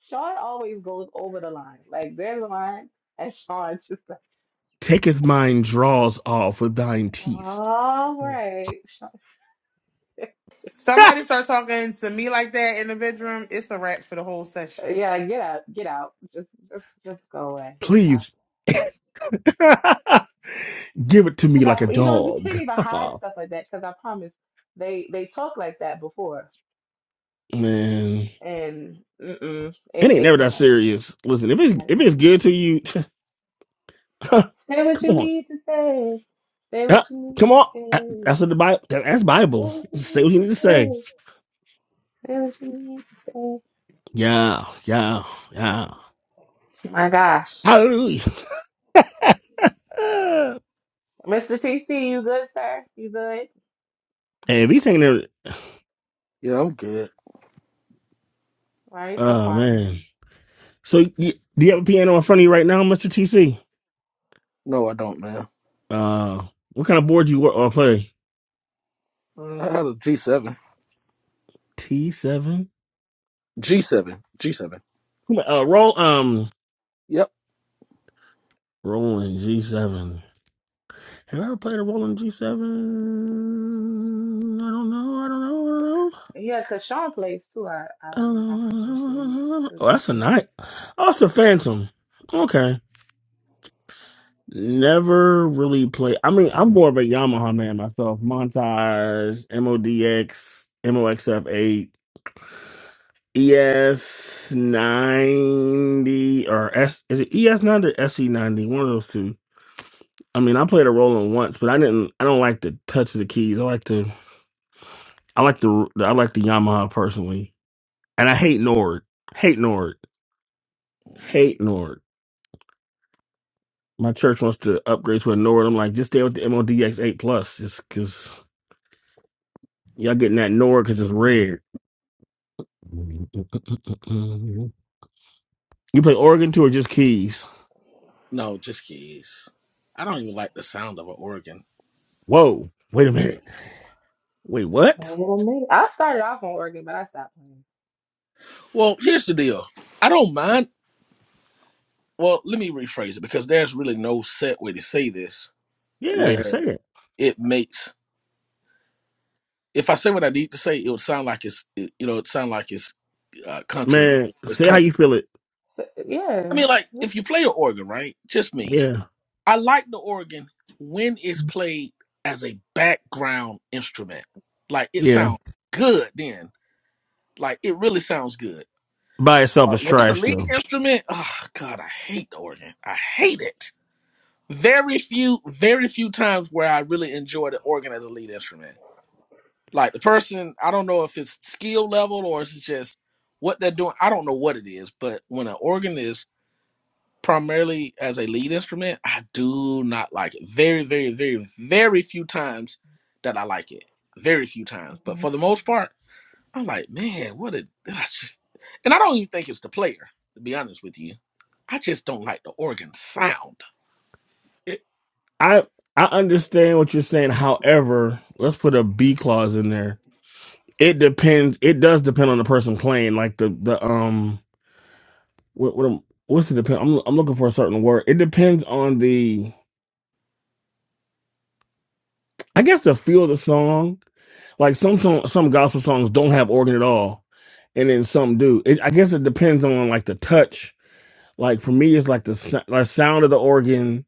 S1: Sean always goes over the line. Like there's a line, and Sean's just *laughs* like,
S3: Taketh mine draws off with thine teeth.
S1: all right, Sean,
S3: *laughs*
S4: Somebody start talking to me like that in the bedroom. It's a wrap for the whole session.
S1: yeah, get out, get out, just, just, just go away, stop.
S3: Please *laughs* give it to
S1: Because
S3: me like a
S1: I, you know, you can't
S3: dog. *laughs*
S1: even hide stuff like that. Because I promise, they they talk like that before,
S3: Man,
S1: and mm-mm,
S3: it
S1: it,
S3: ain't never
S1: it
S3: that
S1: can't.
S3: serious. Listen, if it's
S1: and
S3: if
S1: it's
S3: it's
S1: not.
S3: good to you, *laughs* come
S1: Say what you
S3: on,
S1: need to say. Say what
S3: yeah,
S1: you need
S3: come
S1: to
S3: on. That-
S1: say.
S3: That's what the Bible. That's
S1: Say
S3: Bible.
S1: what you
S3: Say
S1: need
S3: what you need to say.
S1: to say. Say what you need to say. Oh
S3: Yeah, yeah, yeah.
S1: My gosh.
S3: Hallelujah. *sighs* Uh,
S1: Mr. TC, you good, sir? You good?
S3: hey, if he's taking it,
S5: Yeah, I'm good.
S1: Why are you so
S3: oh
S1: quiet?
S3: man. So, y do you have a piano in front of you right now, Mister TC?
S5: No, I don't, man.
S3: Uh, what kind of board you work or play?
S5: Uh, I had a G7.
S3: T seven.
S5: G7. G7.
S3: Uh, roll. Um.
S5: Yep.
S3: Rolling G7. Have I ever played a Rolling G7? I don't know. I don't know.
S1: Yeah, cause Sean plays too. I,
S3: I
S1: I
S3: don't
S1: think I
S3: know. I don't know.
S1: mentioned to you, too,
S3: Oh, that's a
S1: TC.
S3: night. Oh, it's a Phantom. Okay. Never really played. I mean, I'm more of a Yamaha man myself. Montage, MODX, MOXF8, ES90, or S, is it ES90 or SE90? One of those two. I mean, I played a Roland once, but I didn't. I don't like to touch the keys. I like to. I like the I like the Yamaha personally, and I hate Nord. Hate Nord. Hate Nord. My church wants to upgrade to a Nord. I'm like, just stay with the MODX eight plus, just because y'all getting that Nord because it's red. *laughs* You play organ too, or just keys?
S5: No, just keys. I don't even like the sound of an organ.
S3: Whoa! Wait a minute. Wait, what?
S1: Wait a minute. I started off on organ, but I stopped playing.
S5: Well, here's the deal. I don't mind. Well, let me rephrase it because there's really no set way to say this
S3: Yeah,
S5: where
S3: say it,
S5: it makes. If I say what I need to say, it would sound like it's it- you know it sound like it's uh, country.
S3: man.
S5: It's
S3: Say how
S5: country.
S3: you feel it.
S5: I
S1: Yeah.
S5: mean, like if you play an organ, right? Just me.
S3: Yeah,
S5: I like the organ when it's played as a background instrument. Like it
S3: yeah.
S5: sounds good then. Like it really sounds good.
S3: By itself
S5: Uh,
S3: is
S5: when it's a
S3: trash
S5: lead
S3: though.
S5: instrument, oh God, I hate the organ. I hate it. Very few, very few times where I really enjoy the organ as a lead instrument. Like the person, I don't know if it's skill level or it's just what they're doing. I don't know what it is, but when an organ is primarily as a lead instrument, I do not like it. Very, very, very, very few times that I like it. Very few times. But
S1: Mhm.
S5: for the most part, I'm like, man, what a that's just and I don't even think it's the player, to be honest with you. I just don't like the organ sound.
S3: It- I I understand what you're saying. However, let's put a B clause in there It depends. It does depend on the person playing. Like the the um, what, what am- what's it depend? I'm I'm looking for a certain word. It depends on the, I guess the feel of the song. Like some song, some gospel songs don't have organ at all, and then some do. It, I guess it depends on like the touch. Like for me, it's like the sou- like sound of the organ,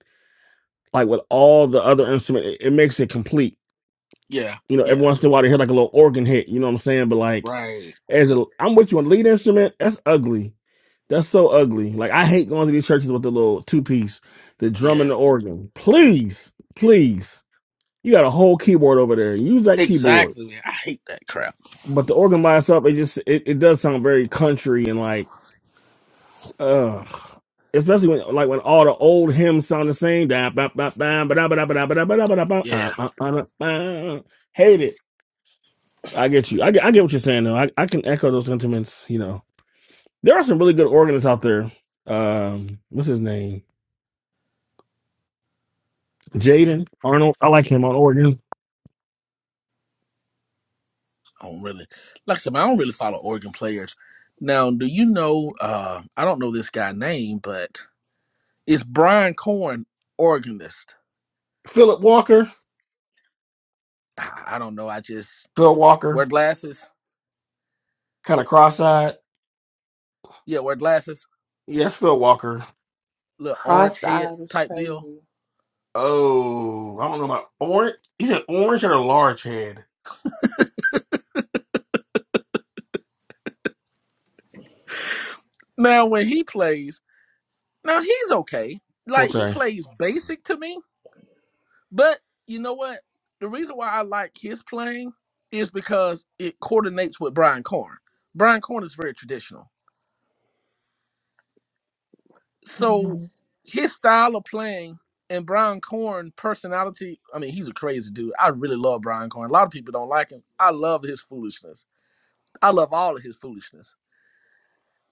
S3: like with all the other instrument, it, it makes it complete.
S5: Yeah,
S3: You know,
S5: yeah.
S3: every once in a while, they hear like a little organ hit. You know what I'm saying? But like.
S5: Right.
S3: As a, I'm with you on lead instrument. That's ugly. That's so ugly. Like I hate going to these churches with the little two piece, the drum and
S5: Yeah.
S3: the organ. Please, please, you got a whole keyboard over there. Use that keyboard.
S5: Exactly. man. I hate that crap.
S3: But the organ by itself, it just it, it does sound very country and like ugh. Especially when like when all the old hymns sound the same. Da, ba, ba, ba, ba, da, ba, da, ba, da, ba, da, ba, da, ba, da, ba,
S5: Yeah.
S3: ba, ba, ba, da, ba. Hate it. I get you. I get, I get what you're saying though. I, I can echo those sentiments, you know. There are some really good organists out there. Um, what's his name? Jaden Arnold. I like him on organ.
S5: I don't really like I said, man, I don't really follow organ players. Now, do you know uh I don't know this guy name, but It's Brian Corn, organist.
S3: Philip Walker.
S5: I I don't know. I just
S3: Phil Walker.
S5: wear glasses.
S3: Kind of cross-eyed.
S5: Yeah, wear glasses.
S3: Yes, Phil Walker.
S5: Little orange
S1: Cross
S5: head
S1: eyed is
S5: type deal.
S1: crazy.
S3: Oh, I don't know about orange. He said orange had a large head.
S5: Now when he plays, now he's okay. Like he
S3: Okay.
S5: plays basic to me, but you know what? The reason why I like his playing is because it coordinates with Brian Corn. Brian Corn is very traditional. So
S1: Mhm.
S5: his style of playing and Brian Corn personality, I mean, he's a crazy dude. I really love Brian Corn. A lot of people don't like him. I love his foolishness. I love all of his foolishness.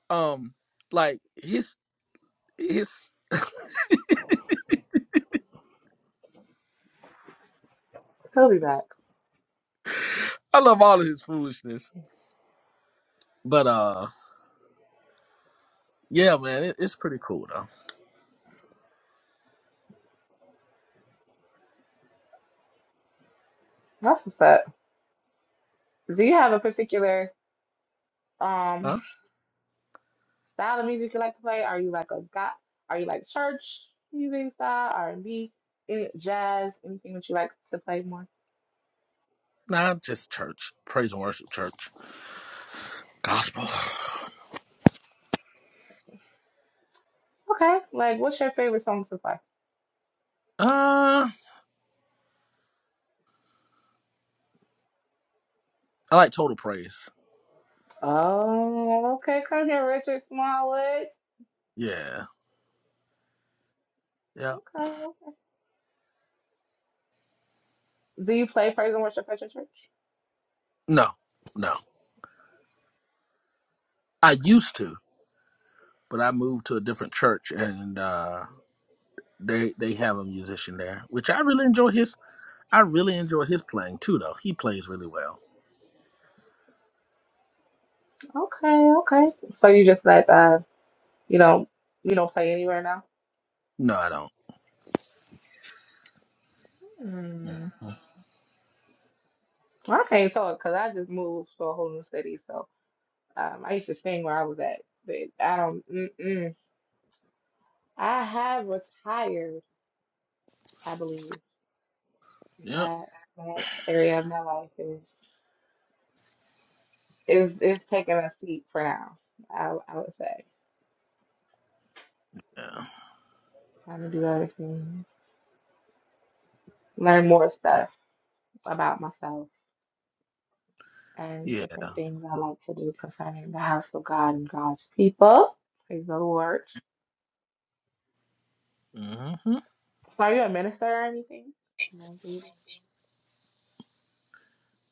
S5: Um, like his his
S1: He'll be back.
S5: I love all of his foolishness. But uh yeah, man, it, it's pretty cool though.
S1: That's what's up. Do you have a particular um
S5: Huh?
S1: style of music you like to play? Are you like a guy? Are you like church music style, R and B, any jazz, anything that you like to play more?
S5: Nah, just church. Praise and worship church. Gospel. *sighs*
S1: Okay, like what's your favorite song to play?
S5: Uh I like total praise.
S1: Oh, okay. Come here, Richard Smallwood.
S5: Yeah. Yeah.
S1: Okay, okay. Do you play praise and worship at your church?
S5: No, no. I
S1: Okay.
S5: used to. but I moved to a different church, and uh, they they have a musician there, which I really enjoy his. I really enjoy his playing too, though. He plays really well.
S1: Okay, okay. So you just let uh you don't you don't play anywhere now?
S5: No, I don't.
S1: Mm.
S5: Mhm.
S1: Well, I can't talk because I just moved to a whole new city. So um, I used to sing where I was at, but I don't. Mm-mm. I have retired, I believe.
S5: Yep.
S1: That that area of my life is is is taking a seat for now. I I would say
S5: Yeah.
S1: trying to do other things. learn more stuff about myself and
S5: Yeah.
S1: different things I like to do concerning the house of God and God's people. Praise the Lord.
S5: hmm
S1: So are you a minister or anything? Maybe.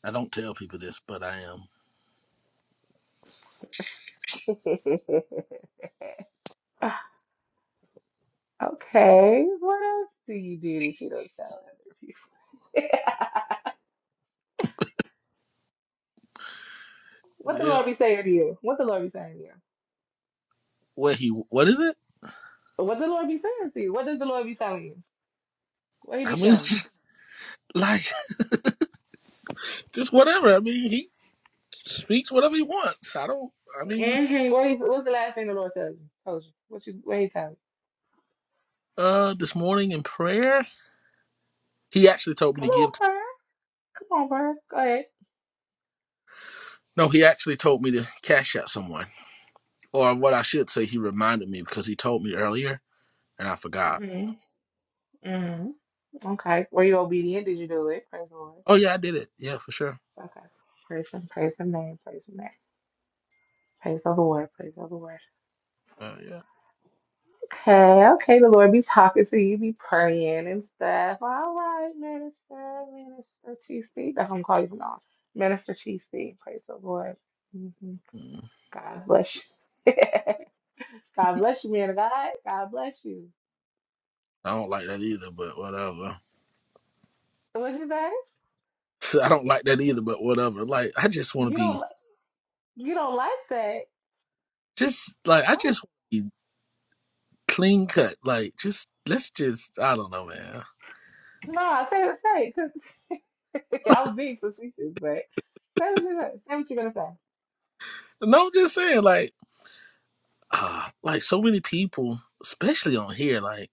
S5: I don't tell people this, but I am.
S1: *laughs* Okay. What else do you do that you don't tell other people? *laughs* what the
S5: Yep.
S1: Lord be saying to you? What the Lord be saying to you?
S5: What he? What is it?
S1: What the Lord be saying to you? What does the Lord be telling you? What he be
S5: I mean,
S1: showing
S5: *laughs* like just whatever. I mean, he speaks whatever he wants. I don't. I
S1: you?
S5: mean,
S1: Mm-hmm. What he, what's the last thing the Lord tells you? Told you. What you what he tell you?
S5: uh, this morning in prayer, he actually told me
S1: Come
S5: to give.
S1: on,
S5: To,
S1: prayer. Come on, prayer. Go
S5: no, he actually told me to cash out someone. Or what I should say, he reminded me because he told me earlier and I forgot.
S1: ahead. Mm-hmm. Okay. Were you obedient? Did you do it? Praise the Lord.
S5: Oh, yeah, I did it. Yeah, for sure.
S1: Okay. Praise him. Praise him name. Praise him name. Praise the Lord. Praise the Lord.
S5: Uh, yeah.
S1: Okay. Okay. The Lord be talking to you. Be praying and stuff. All right, minister, minister TC. That's what I'm calling you now. Minister TC. Praise the Lord. hmm
S5: Mm,
S1: God bless you. *laughs* God bless you, man of God. God bless you.
S5: I don't like that either, but whatever. *laughs*
S1: So What you say?
S5: So I don't like that either, but whatever. Like, I just want to
S1: You
S5: be
S1: don't. You don't like that.
S5: just like, I just clean cut. Like, just let's just, I don't know, man.
S1: No, say it, say it, 'cause *laughs* I was being facetious, but say what you're say what you're
S5: No, I'm just saying, like, uh, like so many people, especially on here, like,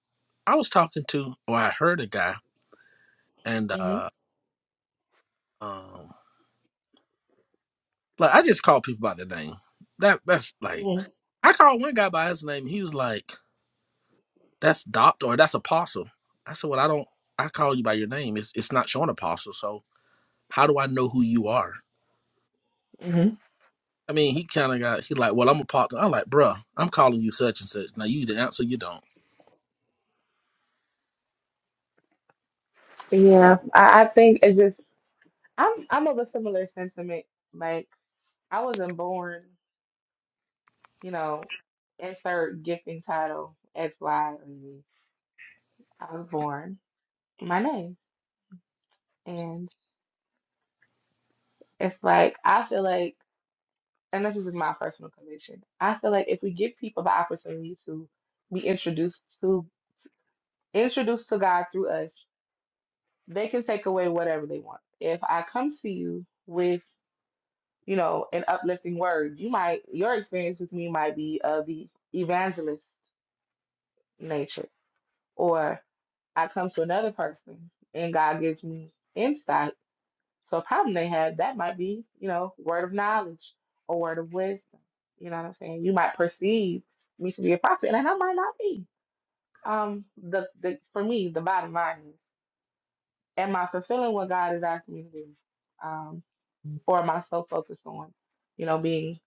S5: I was talking to, or I heard a guy, and
S1: gonna
S5: uh, um, like I just call people by their name. That that's
S1: say.
S5: like
S1: hmm
S5: I called one guy by his name. He was like, "That's doctor or that's apostle." I said, "Well, I don't. I call you by your name. It's it's not showing apostle. So how do I know who you are?"
S1: Mhm.
S5: I mean, he kind of got he like, "Well, I'm a apostle." I'm like, "Bruh, I'm calling you such and such. Now you either answer, or you don't."
S1: Yeah, I, I think it's just I'm I'm of a similar sentiment. Like I wasn't born, you know, insert gifting title X Y or Z. I was born my name, and it's like I feel like, and this is just my personal conviction. I feel like if we give people the opportunity to be introduced to introduced to God through us, They can take away whatever they want. If I come to you with, you know, an uplifting word, you might your experience with me might be of the evangelist nature. Or I come to another person and God gives me insight. So a problem they have, that might be, you know, word of knowledge or word of wisdom. You know what I'm saying? You might perceive me to be a prophet, and I might not be. Um, the, the for me, the bottom line is, am I fulfilling what God is asking me to do? Um, or am I so focused on, you know, being,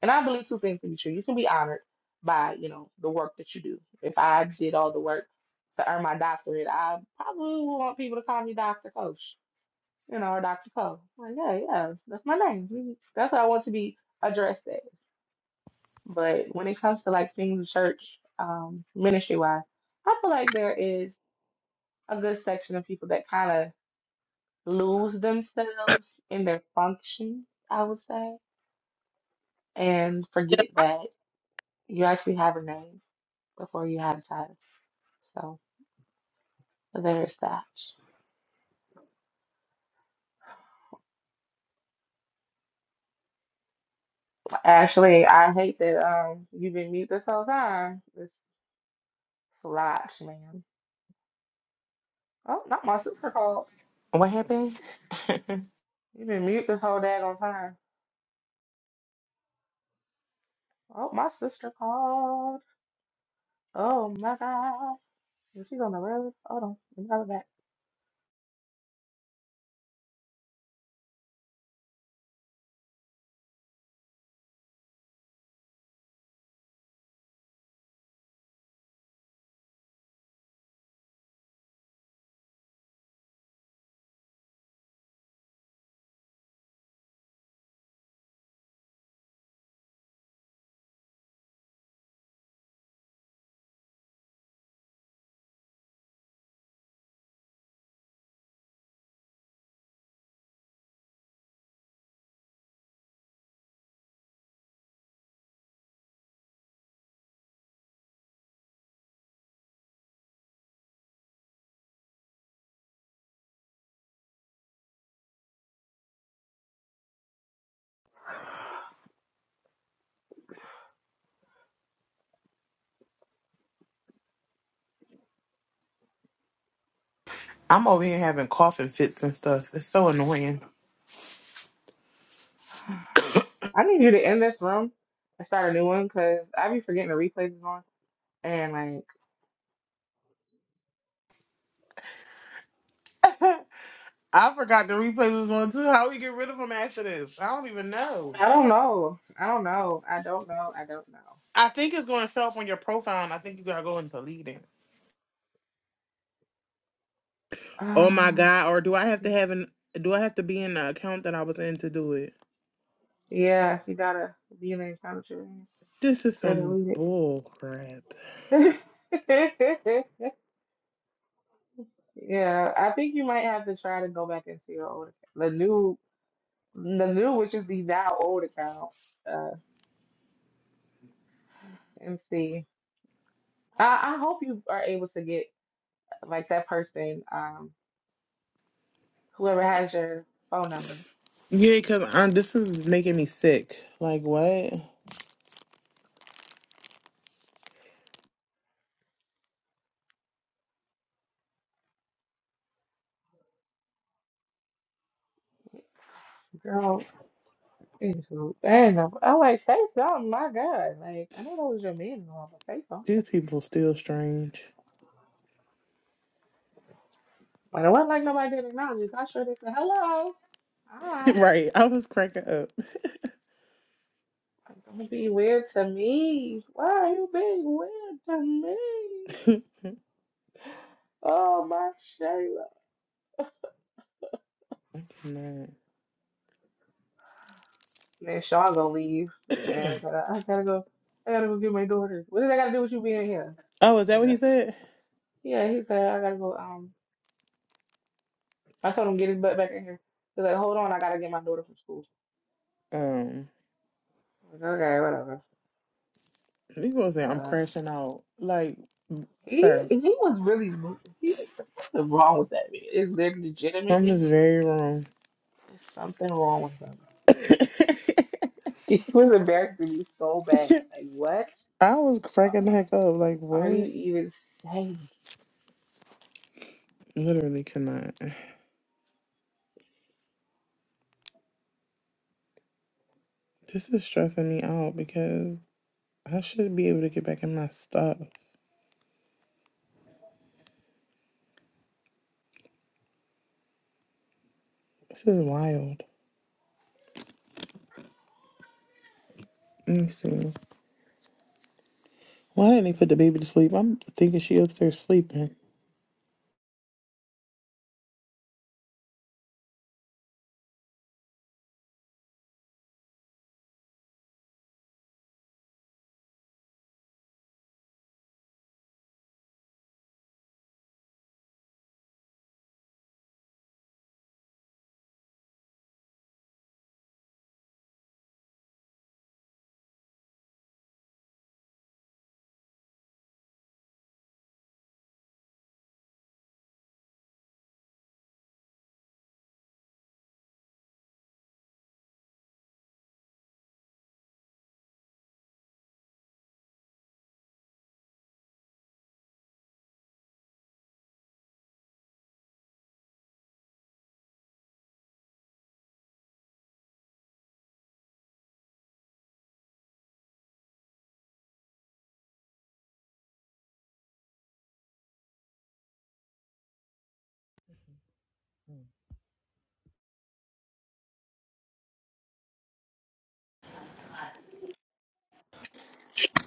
S1: and I believe two things can be true. You can be honored by, you know, the work that you do. If I did all the work to earn my doctorate, I probably would want people to call me Dr. Coach, you know, or Dr. Co. Like, yeah, yeah, that's my name. Mhm. That's what I want to be addressed as. But when it comes to like things in church, um, ministry wise, I feel like there is a good section of people that kind of lose themselves in their function, I would say and forget that you actually have a name before you had a title. So there's that. Ashley, I hate that um you've been mute this whole time. This lot, man. Oh, not my sister called.
S4: What happened? *laughs*
S1: You've been mute this whole daggone time. Oh, my sister called. Oh my God. And She's on the road. Hold on. Let me call her back.
S4: I'm over here having coughing fits and stuff. It's so annoying.
S1: I need you to end this room and start a new one because I be forgetting the replays is on. And like,
S4: *laughs* I forgot the replay was on too. How we get rid of them after this? I don't even know.
S1: I don't know. I don't know. I don't know. I don't know.
S4: I think it's going to show up on your profile, and I think you gotta go and delete it. Oh my
S1: Um,
S4: god! Or do I have to have an? Do I have to be in the account that I was in to do it?
S1: yeah, you gotta be in the country
S4: This is
S1: to
S4: some
S1: delete
S4: bull crap.
S1: it. *laughs* Yeah, I think you might have to try to go back into your old account. The new, the new, which is the now old account, uh, and see. I, I hope you are able to get like that person, um, whoever has your phone number.
S4: Yeah, because this is making me sick. Like what?
S1: Girl, anywho, I ain't know. I'm like, say something, my God. Like, I know that was your man, but say
S4: These people still strange.
S1: But it wasn't like nobody did acknowledge. I sure they said, hello. Hi.
S4: *laughs* right. I was cracking up.
S1: Like, don't be weird to me. Why are you being weird to me?
S4: *laughs* I
S1: Oh, my Shayla.
S4: cannot.
S1: then Sean gonna leave. And uh, I gotta go. I gotta go get my daughter. What does that gotta do with you being here?
S4: Oh, is that what
S1: Yeah,
S4: he said?
S1: Yeah, he said, I gotta go. Um, I told him, get his butt back in here. He's like, hold on, I gotta get my daughter from school.
S4: Um,
S1: like, okay, whatever.
S4: he was saying I'm
S1: What?
S4: crashing out. Like,
S1: He,
S4: sir,
S1: he was really, mo- he, something wrong with that man. It's leg-
S4: something's
S1: legitimately
S4: very wrong. *laughs*
S1: There's something wrong with him. *laughs* He was embarrassing me so bad. Like, what
S4: I was cracking the heck up. Like,
S1: are you
S4: what?
S1: even saying?
S4: Literally cannot. This is stressing me out because I should be able to get back in my stuff. This is wild. Let me see. Why didn't they put the baby to sleep? I'm thinking she upstairs sleeping.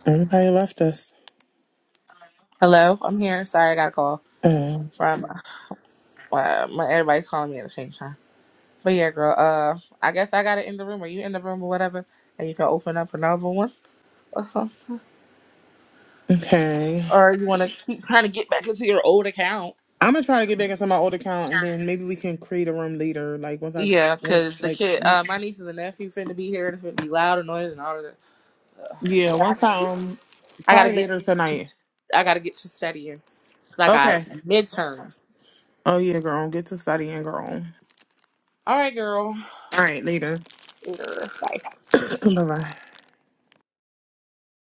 S4: Everybody left us.
S1: Hello, I'm here. Sorry, I got a call
S4: Uh,
S1: from uh, my everybody's calling me at the same time. But yeah, girl. Uh, I guess I gotta end the room. or you end the room or whatever? And you can open up another one or something.
S4: okay.
S1: Or you wanna keep trying to get back into your old account?
S4: I'm gonna try to get back into my old account, and then maybe we can create a room later. Like once I
S1: Yeah,
S4: once
S1: cause the
S4: like
S1: kid, uh, my nieces and nephew finna be here. It's finna be loud and noise and all of that. Ugh.
S4: yeah,
S1: Yeah, I
S4: once
S1: gotta
S4: I
S1: get.
S4: um
S1: I gotta
S4: probably
S1: get
S4: later
S1: to.
S4: tonight.
S1: I gotta get to studying. Like I
S4: Okay.
S1: midterms.
S4: Oh yeah, girl, get to studying, girl.
S1: All right, girl.
S4: All right, later.
S1: Girl, bye.
S4: *clears throat* bye bye.